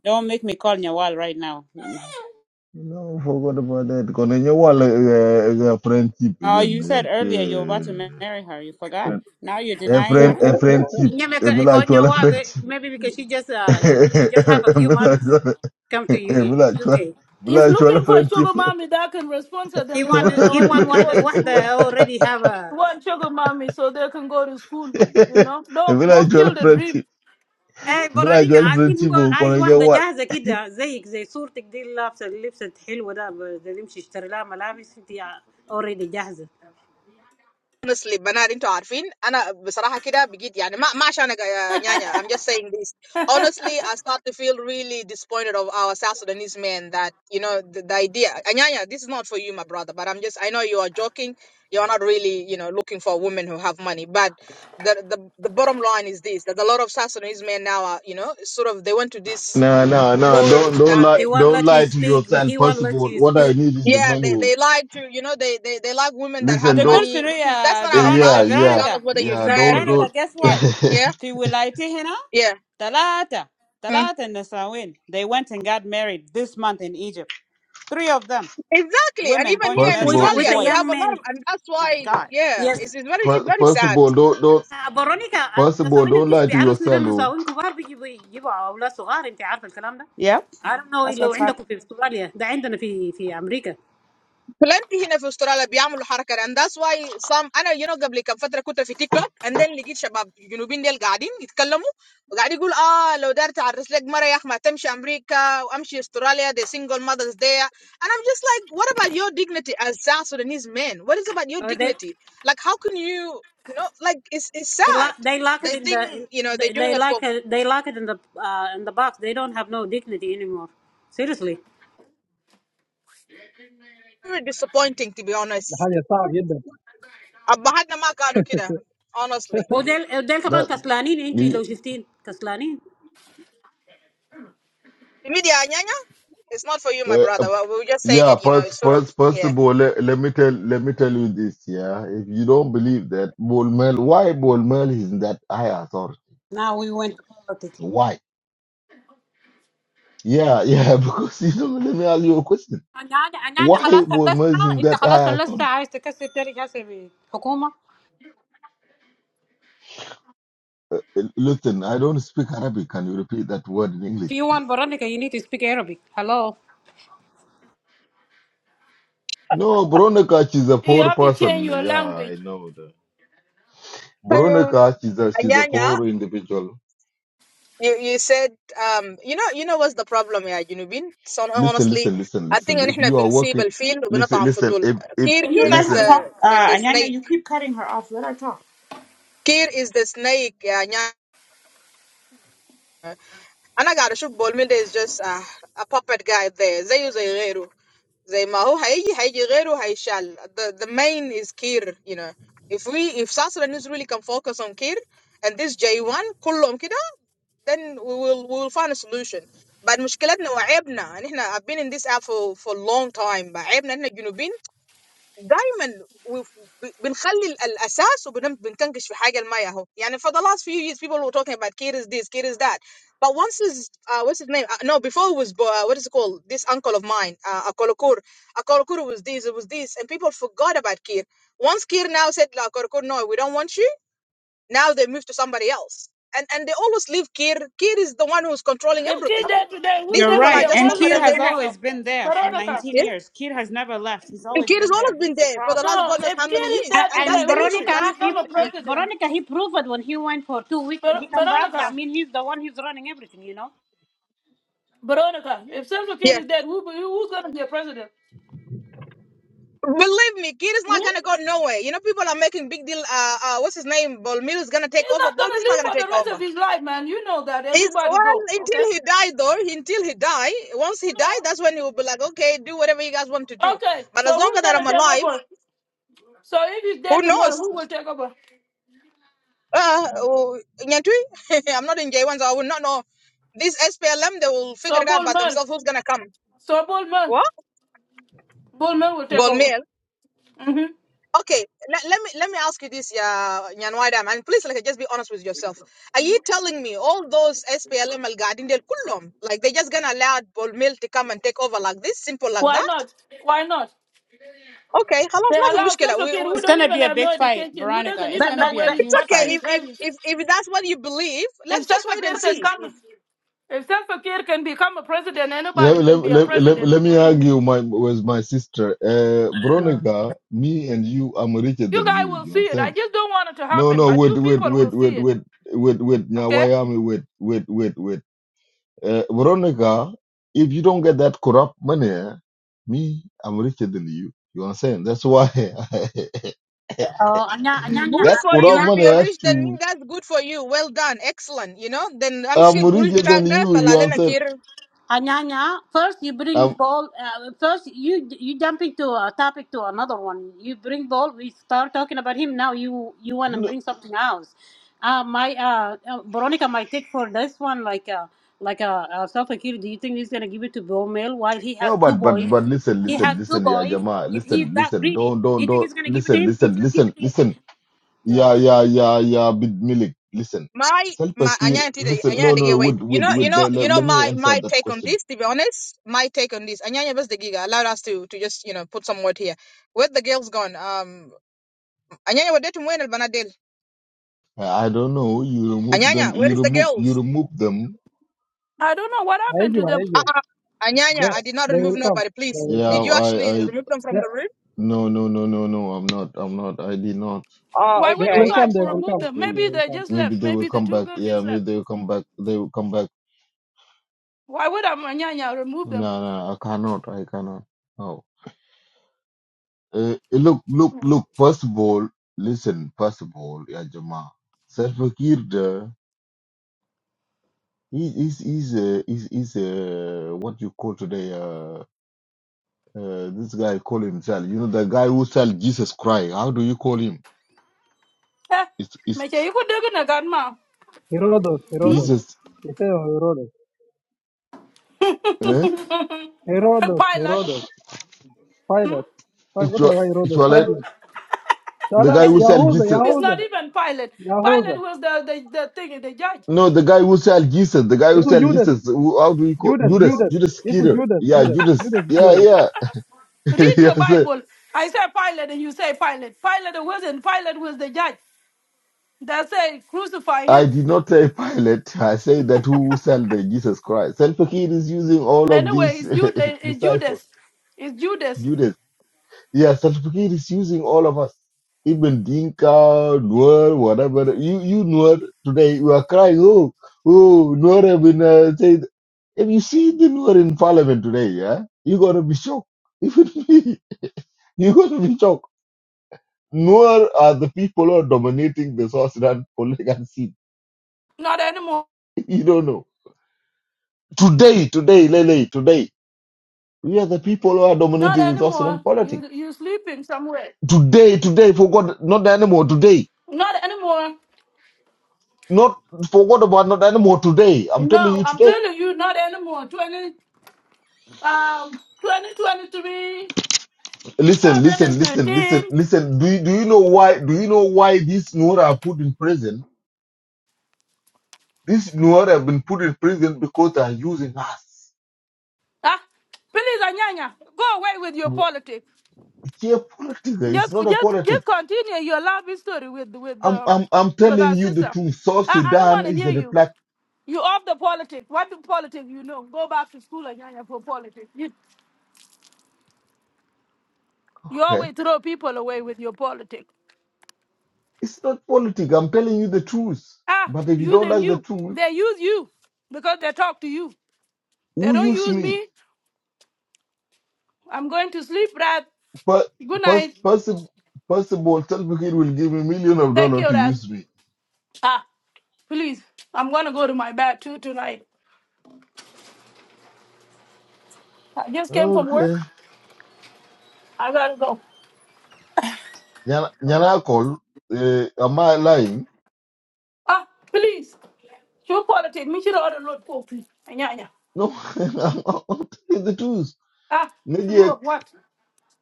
Speaker 5: Don't make me call Nyawal right now.
Speaker 1: You know, forgot about that. Kono nyawal eh, eh, eh, friendship eh,
Speaker 5: Oh,
Speaker 1: yen
Speaker 5: you
Speaker 1: eh,
Speaker 5: said
Speaker 1: yen.
Speaker 5: earlier you were about to ma- marry her. You
Speaker 1: eh,
Speaker 5: forgot?
Speaker 1: Friend,
Speaker 5: Now you're
Speaker 1: a
Speaker 5: denying her?
Speaker 1: friend, a friendship.
Speaker 9: Yeah,
Speaker 1: A
Speaker 9: because
Speaker 1: mila
Speaker 9: for you know what,
Speaker 1: friendship.
Speaker 9: maybe because she just
Speaker 1: A
Speaker 9: uh she, she just have a few
Speaker 1: mila
Speaker 9: months
Speaker 1: chwala,
Speaker 9: come
Speaker 1: a
Speaker 9: to U-
Speaker 1: mila chwala.
Speaker 9: UK.
Speaker 6: He's
Speaker 1: Mila chwala
Speaker 6: looking for a
Speaker 1: friendship.
Speaker 6: sugar mommy that can respond to
Speaker 9: He
Speaker 6: them
Speaker 9: want
Speaker 6: because they
Speaker 1: Mila
Speaker 9: he
Speaker 6: all
Speaker 9: want
Speaker 6: need to go
Speaker 9: what
Speaker 6: to
Speaker 9: what
Speaker 6: school.
Speaker 9: already have a
Speaker 6: He wants sugar mommy so they can go to school. You know, don't
Speaker 1: chwala, a
Speaker 6: don't
Speaker 1: chwala
Speaker 6: kill the dream.
Speaker 1: friendship.
Speaker 6: Hmm?
Speaker 9: Hey
Speaker 1: Mila
Speaker 9: Veronica
Speaker 1: chwala
Speaker 9: عارفين
Speaker 1: friendship.
Speaker 9: هو عايز
Speaker 1: Kono
Speaker 9: واحدة
Speaker 1: nyawal.
Speaker 9: جاهزة كده زيك زي صورتك دي اللي لابسة اللبسة الحلوة ده ب- ده اللي يمشي يشتري لها ملابس انت already جاهزة.
Speaker 1: No, no, no. Don't, don't lie,
Speaker 9: He won't
Speaker 1: don't
Speaker 9: let you
Speaker 1: lie to
Speaker 9: speak.
Speaker 1: yourself.
Speaker 9: He won't let
Speaker 1: Possible.
Speaker 9: you
Speaker 1: What I
Speaker 9: speak.
Speaker 1: need is the money. oh. Listen,
Speaker 5: The
Speaker 1: don't.
Speaker 5: good to know, uh,
Speaker 1: Yeah,
Speaker 5: Veronica,
Speaker 1: yeah,
Speaker 5: Veronica.
Speaker 1: yeah. Don't
Speaker 9: Exactly.
Speaker 5: Veronica,
Speaker 1: don't.
Speaker 5: guess what? Fi wilayati hina, talata, talata nisawin. They went and got married this month in Egypt. Three of them, women going to
Speaker 1: first
Speaker 5: marry
Speaker 1: of
Speaker 9: With
Speaker 1: all,
Speaker 5: young
Speaker 9: with a
Speaker 5: boys.
Speaker 9: young man.
Speaker 5: My God.
Speaker 9: يس
Speaker 1: fir- first of all, don't don't.
Speaker 9: برونيكا،
Speaker 1: First of all,
Speaker 9: النساوين
Speaker 1: don't
Speaker 9: البيس
Speaker 1: lie to
Speaker 9: بيعرسوا الى
Speaker 1: yourself. oh.
Speaker 9: النساوين كبار بيجيبوا يجيبوا اولاد صغار، انت عارفه الكلام ده.
Speaker 5: Yep.
Speaker 9: I don't know
Speaker 5: That's
Speaker 9: لو
Speaker 5: what's happening.
Speaker 9: عندكم في استراليا، ده عندنا في في امريكا. Uh, they they, lo- they lock it in the in- they lock it they lock it in the uh, in the box. They don't have no dignity anymore. Seriously.
Speaker 8: حاجة صعب جدا
Speaker 9: وديل وديل كمان
Speaker 1: That
Speaker 9: كسلانين، انت
Speaker 1: you,
Speaker 9: لو شفتين كسلانين.
Speaker 1: uh, uh, yeah. First, first, first of all, let, let me tell let me tell you this. Yeah, if you don't believe that Bolmel, why Bolmel is in that high authority?
Speaker 9: Now we went to politics.
Speaker 1: Why? Yeah, yeah. Because you don't let me ask you a question.
Speaker 9: انا انا أنا- أنا
Speaker 1: Why
Speaker 9: خلاص خلصت،
Speaker 1: Bolmel is in
Speaker 9: انت
Speaker 1: that
Speaker 9: خلاص
Speaker 1: high
Speaker 9: خلصت،
Speaker 1: authority?
Speaker 9: عايز تكسر تاريخ هسه بالحكومه.
Speaker 1: Listen, I don't speak Arabic. Can you repeat that word in English,
Speaker 9: If you
Speaker 1: please?
Speaker 9: want Veronica, you need to speak Arabic. Hello.
Speaker 1: No, Bronica, she's a
Speaker 6: You
Speaker 1: poor
Speaker 6: have to change
Speaker 1: person.
Speaker 6: your
Speaker 1: Yeah,
Speaker 6: language.
Speaker 1: I know that. Bronica, she's a she's a poor individual. Listen, listen, listen, listen. If you are working, listen, listen. If if
Speaker 5: Can you let her
Speaker 1: listen,
Speaker 5: talk? Uh, Anyanya, you keep cutting her off. Let her talk.
Speaker 6: If kid there today, who's
Speaker 5: You're
Speaker 6: gonna be
Speaker 5: right.
Speaker 6: a
Speaker 5: And Kid
Speaker 6: president
Speaker 5: has
Speaker 6: tomorrow?
Speaker 5: always been there for
Speaker 6: Veronica.
Speaker 5: 19 years. Kid has never left. He's always been there. He's the problem.
Speaker 6: No, if kid is there
Speaker 9: A-
Speaker 6: today,
Speaker 9: And
Speaker 6: who's gonna
Speaker 9: Veronica,
Speaker 6: become
Speaker 9: he
Speaker 6: a president?
Speaker 9: Veronica, he proved when he went for two weeks and
Speaker 6: Ver-
Speaker 9: he come back. That
Speaker 6: Veronica.
Speaker 9: mean he's the one who's running everything, you know.
Speaker 6: Veronica. If Central Kid is dead, who, who's gonna be a president? Hmm? He's not gonna live for the rest of his life, man. You know that. Everybody go, okay? No. Okay, so who's gonna take over? So if he's dead tomorrow, who will take over? So Bullman. So Bullman. Bullman will take over. hmm Why not? Why not? They allow Self Kid who
Speaker 5: It's
Speaker 6: don't
Speaker 5: going to
Speaker 6: even
Speaker 5: be a
Speaker 6: have no
Speaker 5: big fight,
Speaker 6: education, who
Speaker 5: Veronica.
Speaker 6: doesn't
Speaker 5: It's
Speaker 9: But
Speaker 6: even
Speaker 5: going to
Speaker 6: know
Speaker 9: but
Speaker 5: be a
Speaker 6: where
Speaker 9: but.
Speaker 6: his
Speaker 5: huge
Speaker 6: button,
Speaker 5: fight.
Speaker 6: his head is. If Self Kid can come, if Self Kid can become a president,
Speaker 1: yeah,
Speaker 6: anybody
Speaker 1: let,
Speaker 6: can be a
Speaker 1: let, let,
Speaker 6: president,
Speaker 1: let me
Speaker 6: including me.
Speaker 1: argue my with my sister. Uh, Bronica, me and you, I'm richer
Speaker 6: You
Speaker 1: than
Speaker 6: guys
Speaker 1: you.
Speaker 6: will
Speaker 1: You
Speaker 6: see it. I
Speaker 1: understand?
Speaker 6: just don't want it to
Speaker 1: No,
Speaker 6: happen,
Speaker 1: no,
Speaker 6: but
Speaker 1: wait,
Speaker 6: you
Speaker 1: wait,
Speaker 6: people
Speaker 1: wait,
Speaker 6: will see
Speaker 1: wait,
Speaker 6: it.
Speaker 1: wait, wait, wait.
Speaker 6: Okay?
Speaker 1: Nyawayami, wait, wait, wait, wait. Uh, Veronica, if you don't get that corrupt money, eh, me, I'm richer than you. You understand? That's why
Speaker 9: Oh, Anya Anya
Speaker 1: that corrupt money
Speaker 9: Anya
Speaker 1: has to. I'm richer than you. You understand?
Speaker 9: Anyanya, first you bring
Speaker 1: Um,
Speaker 9: ball. Uh, first you you jumping to a topic to another one. You bring ball. We start talking about him now. You you want to
Speaker 1: no,
Speaker 9: bring something else. Uh, my uh, uh, Veronica, my take for this one, like uh, like a uh, uh, self Do you think he's gonna give it to ball mail while he has
Speaker 1: no,
Speaker 9: two
Speaker 1: but but
Speaker 9: boys?
Speaker 1: but listen,
Speaker 9: He has
Speaker 1: listen,
Speaker 9: two
Speaker 1: listen, yeah,
Speaker 9: boys.
Speaker 1: Jama,
Speaker 9: If he's
Speaker 1: listen,
Speaker 9: that
Speaker 1: listen,
Speaker 9: greedy,
Speaker 1: don't
Speaker 9: do
Speaker 1: don't
Speaker 9: you think
Speaker 1: don't
Speaker 9: he's gonna give it to
Speaker 1: listen,
Speaker 9: him? He
Speaker 1: listen,
Speaker 9: should give
Speaker 1: listen,
Speaker 9: it
Speaker 1: listen,
Speaker 9: to
Speaker 1: yeah,
Speaker 9: him.
Speaker 1: yeah, yeah, yeah, big milik, listen. Selpakir, listen, no, no, wait, wait, wait. Let, let, let me answer that question. I I don't know. You remove them. You remove. You remove them
Speaker 6: I don't know what happened to
Speaker 8: هيجوا
Speaker 6: them.
Speaker 8: هيجوا they they will come they will come
Speaker 1: Yeah, I, I,
Speaker 8: they
Speaker 1: no, no, no, no, no. I'm not. I'm not. I did not.
Speaker 6: Why
Speaker 8: they
Speaker 6: would you
Speaker 8: will come
Speaker 6: guys
Speaker 8: they will
Speaker 6: remove
Speaker 8: come they
Speaker 6: them?
Speaker 1: Maybe,
Speaker 6: Maybe
Speaker 8: will
Speaker 6: they
Speaker 8: come.
Speaker 6: just
Speaker 1: maybe
Speaker 6: left.
Speaker 1: they will
Speaker 6: Maybe the
Speaker 1: come
Speaker 6: two
Speaker 1: back.
Speaker 6: girls
Speaker 1: Yeah,
Speaker 6: just
Speaker 1: maybe
Speaker 6: left.
Speaker 1: they will come back. They will come back.
Speaker 6: Why would Amanyanya remove
Speaker 1: No,
Speaker 6: them?
Speaker 1: no, I cannot. I cannot. No. Uh, look, look,
Speaker 6: Mm.
Speaker 1: look. First of all, listen. First of all, yeah, Jama. Self Kirda He, is is uh, is is uh, what you call today. Uh, uh, this guy call himself. You know, the guy who sell Jesus Christ. How do you call him?
Speaker 6: Eh,
Speaker 1: It's it's
Speaker 6: Meche, you could do it again, ma.
Speaker 8: Herodos
Speaker 6: Hmm?
Speaker 8: Herodos
Speaker 1: Jesus.
Speaker 8: يسمى Herodos
Speaker 1: Eh?
Speaker 8: Herodos
Speaker 6: Pilot.
Speaker 8: Herodos Pilate
Speaker 1: It's
Speaker 8: قلت له
Speaker 1: it's
Speaker 8: Herodos
Speaker 1: your.
Speaker 8: Pilate لا
Speaker 1: The
Speaker 8: لا
Speaker 1: guy
Speaker 6: It's
Speaker 1: who
Speaker 6: not,
Speaker 1: sell
Speaker 8: يهوذا
Speaker 1: Jesus.
Speaker 6: it's not
Speaker 8: يهوذا
Speaker 6: even Pilot. Pilot
Speaker 8: يهوذا
Speaker 6: was the, the, the thing, the judge.
Speaker 1: No, the guy who sell Jesus. The guy who
Speaker 8: اسمه
Speaker 1: sell
Speaker 8: يودس
Speaker 1: Jesus. Who, how do you call
Speaker 8: يودس
Speaker 1: Judas?
Speaker 8: يودس
Speaker 1: Judas
Speaker 8: اسمه
Speaker 1: Skeeter.
Speaker 8: يودس
Speaker 1: Yeah, Judas.
Speaker 8: يودس
Speaker 1: Yeah,
Speaker 8: يودس
Speaker 1: yeah.
Speaker 6: Read your
Speaker 1: yes, sir.
Speaker 6: Bible. I say Pilot and you say Pilot. Pilot wasn't. Pilot was the judge. That say crucify
Speaker 1: I
Speaker 6: him.
Speaker 1: did not say Pilate. I say that who sell the Jesus Christ. Self-Fakir is using all of
Speaker 6: Anyway,
Speaker 1: these
Speaker 6: it's Judas. It's
Speaker 1: disciples.
Speaker 6: Judas. It's Judas.
Speaker 1: Judas. Yeah, Salfakir is using all of us. Even Dinka, Nuer, whatever. You, you Nuer, today you are crying, oh, oh, Nuer have been uh, said. If you see the Nuer in parliament today, yeah, you're going to be shocked. Even me, you're going to be shocked. Nuer are the people who are dominating the South Sudan political scene.
Speaker 6: Not anymore.
Speaker 1: You don't know. Today, today, Lele, today, we are the people who are
Speaker 6: Not
Speaker 1: dominating the South Sudan
Speaker 6: anymore.
Speaker 1: politics.
Speaker 6: You you sleeping somewhere.
Speaker 1: Today, today, for God, not the animal, today.
Speaker 6: Not anymore.
Speaker 1: Not forgot about not anymore today. I'm telling
Speaker 6: No,
Speaker 1: you
Speaker 6: I'm
Speaker 1: today.
Speaker 6: telling you, not anymore. 20, um, 2023,
Speaker 1: Listen, listen, listen, listen,
Speaker 6: 2013.
Speaker 1: listen. Do you, do you know why? Do you know why these Nuara are put in prison? These Nuara have been put in prison because they are using us.
Speaker 6: Ah, please, Anyanya, go away with your
Speaker 1: It's
Speaker 6: politics.
Speaker 1: Here, politics. It's
Speaker 6: Just,
Speaker 1: not a
Speaker 6: just, just
Speaker 1: politics.
Speaker 6: continue your love history with, with,
Speaker 1: I'm,
Speaker 6: um,
Speaker 1: I'm, I'm
Speaker 6: with
Speaker 1: telling
Speaker 6: our
Speaker 1: you the
Speaker 6: sister.
Speaker 1: truth. South
Speaker 6: I, I don't
Speaker 1: Sudan
Speaker 6: want to
Speaker 1: is
Speaker 6: hear
Speaker 1: a
Speaker 6: you.
Speaker 1: black.
Speaker 6: You off the politics. What do politics you know? Go back to school, Anyanya, for politics. You, you
Speaker 1: Okay?
Speaker 6: always throw people away with your politics.
Speaker 1: It's not politics. I'm telling you the truth.
Speaker 6: Ah,
Speaker 1: But if you
Speaker 6: you
Speaker 1: don't
Speaker 6: then
Speaker 1: like the
Speaker 6: you.
Speaker 1: truth,
Speaker 6: They use you because they talk to you. They
Speaker 1: who
Speaker 6: don't
Speaker 1: use
Speaker 6: use
Speaker 1: me?
Speaker 6: me. I'm going to sleep, Brad.
Speaker 1: But
Speaker 6: Good
Speaker 1: first,
Speaker 6: night.
Speaker 1: first, first of all, Salva Kiir will give me million of
Speaker 6: Thank
Speaker 1: dollars
Speaker 6: you,
Speaker 1: to
Speaker 6: Brad.
Speaker 1: use me.
Speaker 6: Ah, please. I'm gonna go to my bed too tonight. I just came from
Speaker 1: Okay.
Speaker 6: work. I gotta go.
Speaker 1: Nyana nyana call. uh, am I lying?
Speaker 6: Ah, please. You politics, me should order load coffee. Anyanya.
Speaker 1: No, I'm, I'm telling the truth.
Speaker 6: Ah, to do
Speaker 1: Naji,
Speaker 6: of what?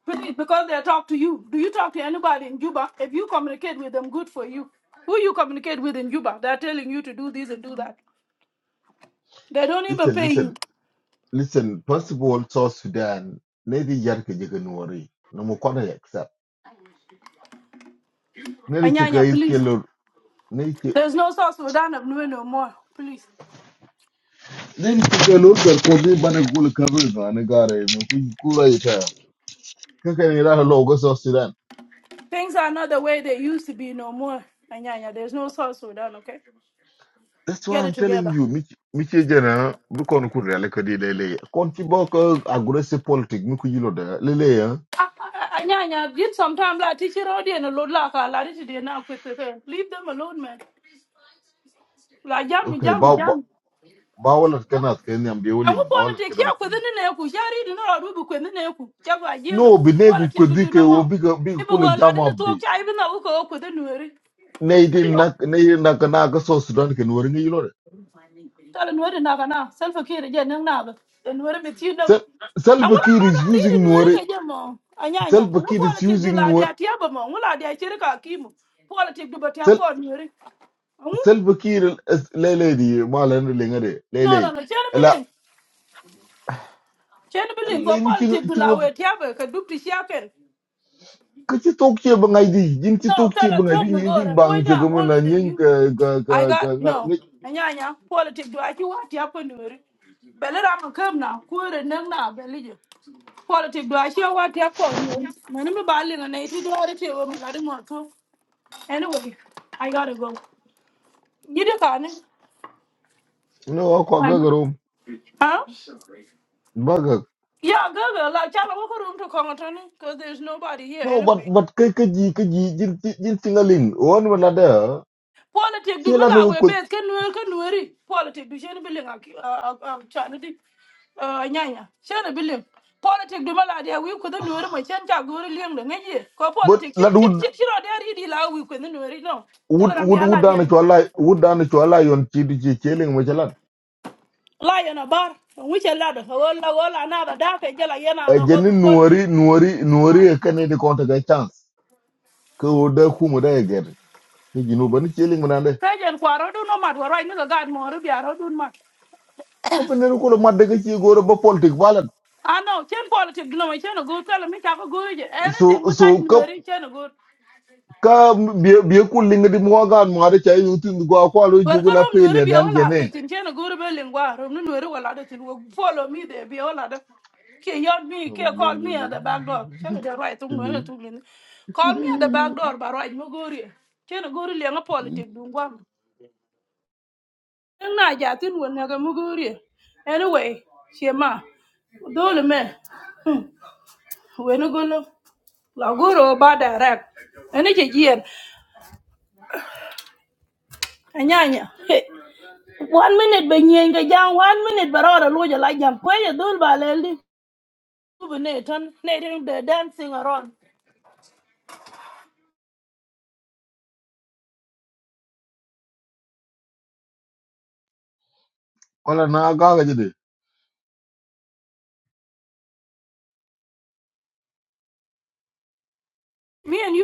Speaker 6: Please, because they talk to you. Do you talk to anybody in Juba? If you communicate with them, good for you. Who you communicate with in Juba? They're telling you to do this and do that. They don't even
Speaker 1: listen,
Speaker 6: pay
Speaker 1: listen,
Speaker 6: you.
Speaker 1: listen. First of all, South Sudan, Naji Yarke Jaganuari, no Mukwana accept. Naji Chika
Speaker 6: Anyanya,
Speaker 1: is
Speaker 6: please.
Speaker 1: Kelor, Naji
Speaker 6: There's no South Sudan up there no more. Please.
Speaker 1: naji Chika Luther, Kobe Banagul Kabir, and Gare, Mukura Ita. Kakani Raha Logo South Sudan.
Speaker 6: Things are not the way they used to be no more. Anyanya, there's no South Sudan, okay?
Speaker 1: That's why
Speaker 6: Get it
Speaker 1: I'm telling
Speaker 6: together.
Speaker 1: you, Mich Michijana, Mukon Kuria Lakadi Lele. Conchibok aggressive politics, Mukujilo, Lele, ya.
Speaker 6: Ah, ah, ah, Anyanya, did sometimes like teach it all and a load like I like it today now with the Leave them alone, man. Like yummy,
Speaker 1: Okay,
Speaker 6: yummy,
Speaker 1: ba ba
Speaker 6: yummy.
Speaker 1: ba wala kana kenya
Speaker 6: And
Speaker 1: ambiuling
Speaker 6: what
Speaker 1: ba wala
Speaker 6: politics?
Speaker 1: kana
Speaker 6: Yeah, within
Speaker 1: kenya.
Speaker 6: the neck, yeah, reading all do within the neck. Jago, I give it.
Speaker 1: No, binegu
Speaker 6: Politics, you do
Speaker 1: kudike
Speaker 6: no
Speaker 1: o
Speaker 6: more.
Speaker 1: biga biga
Speaker 6: People
Speaker 1: kule
Speaker 6: were like in
Speaker 1: jama
Speaker 6: the talk,
Speaker 1: bi.
Speaker 6: I even know who go up with the new.
Speaker 1: Neidi nak neidi nakana ka so Sudan ke nuori ngi lore.
Speaker 6: tala nuwari na kana selfa kiri je nang na ba nuwari mi tin
Speaker 1: Sel
Speaker 6: dago
Speaker 1: Salva
Speaker 6: angula
Speaker 1: Kiir
Speaker 6: rodo
Speaker 1: is
Speaker 6: ri di
Speaker 1: using
Speaker 6: nuwari ka
Speaker 1: nuori.
Speaker 6: je mo anyanya
Speaker 1: Salva
Speaker 6: angu
Speaker 1: Kiir
Speaker 6: pola
Speaker 1: is
Speaker 6: tik du
Speaker 1: using
Speaker 6: la
Speaker 1: nuori.
Speaker 6: dia tia ba mo angula dia chiri ka kimu pola tik du ba tia
Speaker 1: Sel
Speaker 6: ko nuwari angu
Speaker 1: Salva Kiir is lele di ma lengare
Speaker 6: no no
Speaker 1: lele.
Speaker 6: no chen
Speaker 1: La
Speaker 6: biling chen biling ko
Speaker 1: le mi
Speaker 6: pola
Speaker 1: chinga
Speaker 6: tik du la
Speaker 1: chinga
Speaker 6: we tia ba ka dupti shaken
Speaker 1: ka ci tok ci ba ngay di jin ci
Speaker 6: No,
Speaker 1: tok
Speaker 6: tell
Speaker 1: ci
Speaker 6: her
Speaker 1: di
Speaker 6: talk no
Speaker 1: ñi
Speaker 6: good.
Speaker 1: jin
Speaker 6: I point
Speaker 1: bang ci ga
Speaker 6: I'm older than you.
Speaker 1: ka ka ka
Speaker 6: I
Speaker 1: ka
Speaker 6: got
Speaker 1: ngar
Speaker 6: no.
Speaker 1: ngi
Speaker 6: And yeah, yeah. Politics do I you what happened to it? But let I'm come now. Quit and then now, Belly. Politics do I share what you call me. My name is Bali and eighty dollar to my God more too. Anyway, I gotta go. You do can
Speaker 1: no ko ga
Speaker 6: Fine. Huh?
Speaker 1: garo
Speaker 6: Yeah, go go. Like, child, I walk room to Congress because there's nobody here
Speaker 1: No, but
Speaker 6: anyway.
Speaker 1: but cái cái gì cái gì jin jin singalin on wala da
Speaker 6: politic du
Speaker 1: ci la no
Speaker 6: mila we
Speaker 1: ko
Speaker 6: bes ken nuer ken nueri politic du chen biling ak ak chan di nyanya chen biling politic du mila dia wi ku den nuer ma chen ta gori liang de ngi ko
Speaker 1: but
Speaker 6: politic
Speaker 1: la
Speaker 6: chit chit
Speaker 1: wood
Speaker 6: chit chiro dia di la wi ku den nueri no tala
Speaker 1: wood
Speaker 6: ram bi
Speaker 1: wood wood
Speaker 6: ala dia
Speaker 1: dan
Speaker 6: ni.
Speaker 1: ci wala wood dan ci wala yon ci di ci celing ma ci lan
Speaker 6: la yana bar we chen la do ko la ko la na da da ke jela yana
Speaker 1: e
Speaker 6: no go
Speaker 1: jenni
Speaker 6: du politic
Speaker 1: nuori nuori nuori
Speaker 6: Huh?
Speaker 1: e kane di konta ga chance ko da ku mu da ger ke jinu ban celing ma nan
Speaker 6: Kajen kwaro do no mat warai ni ga mo ru biaro dun mat.
Speaker 1: ka ban ne ko lo madde ga ci goro ba politique balan
Speaker 6: I know chen politics no chen go tell me ka go je
Speaker 1: so
Speaker 6: anything but
Speaker 1: so
Speaker 6: I
Speaker 1: ka
Speaker 6: know chen go.
Speaker 1: ka bi bi ku linga di mo ga mo ada cai yutin go ko lo
Speaker 6: Wer
Speaker 1: jugo
Speaker 6: ka
Speaker 1: la
Speaker 6: rom nuori
Speaker 1: pele
Speaker 6: bia
Speaker 1: dan
Speaker 6: wala
Speaker 1: gene
Speaker 6: ka tin chen guru be lingwa rom nu nuori wala da tin wo follow me there bia wala da ke yod me
Speaker 1: Oh,
Speaker 6: ke
Speaker 1: well,
Speaker 6: call me
Speaker 1: really,
Speaker 6: at the back door chen de right tung
Speaker 1: really,
Speaker 6: nuori tung lin call me at the
Speaker 1: really.
Speaker 6: back door ba right mo gori chen guru le nga politic dun gwam Eng na ja tin won na ga mo gori anyway shema dole me we no golo la guru ba direct ene ke jien anyanya one minute be nyen ga jam. one minute ba ro lu ja la jam ko ye dul ba le li bu ne ton ne de dancing around
Speaker 1: Wala na gaga jide.
Speaker 6: me and you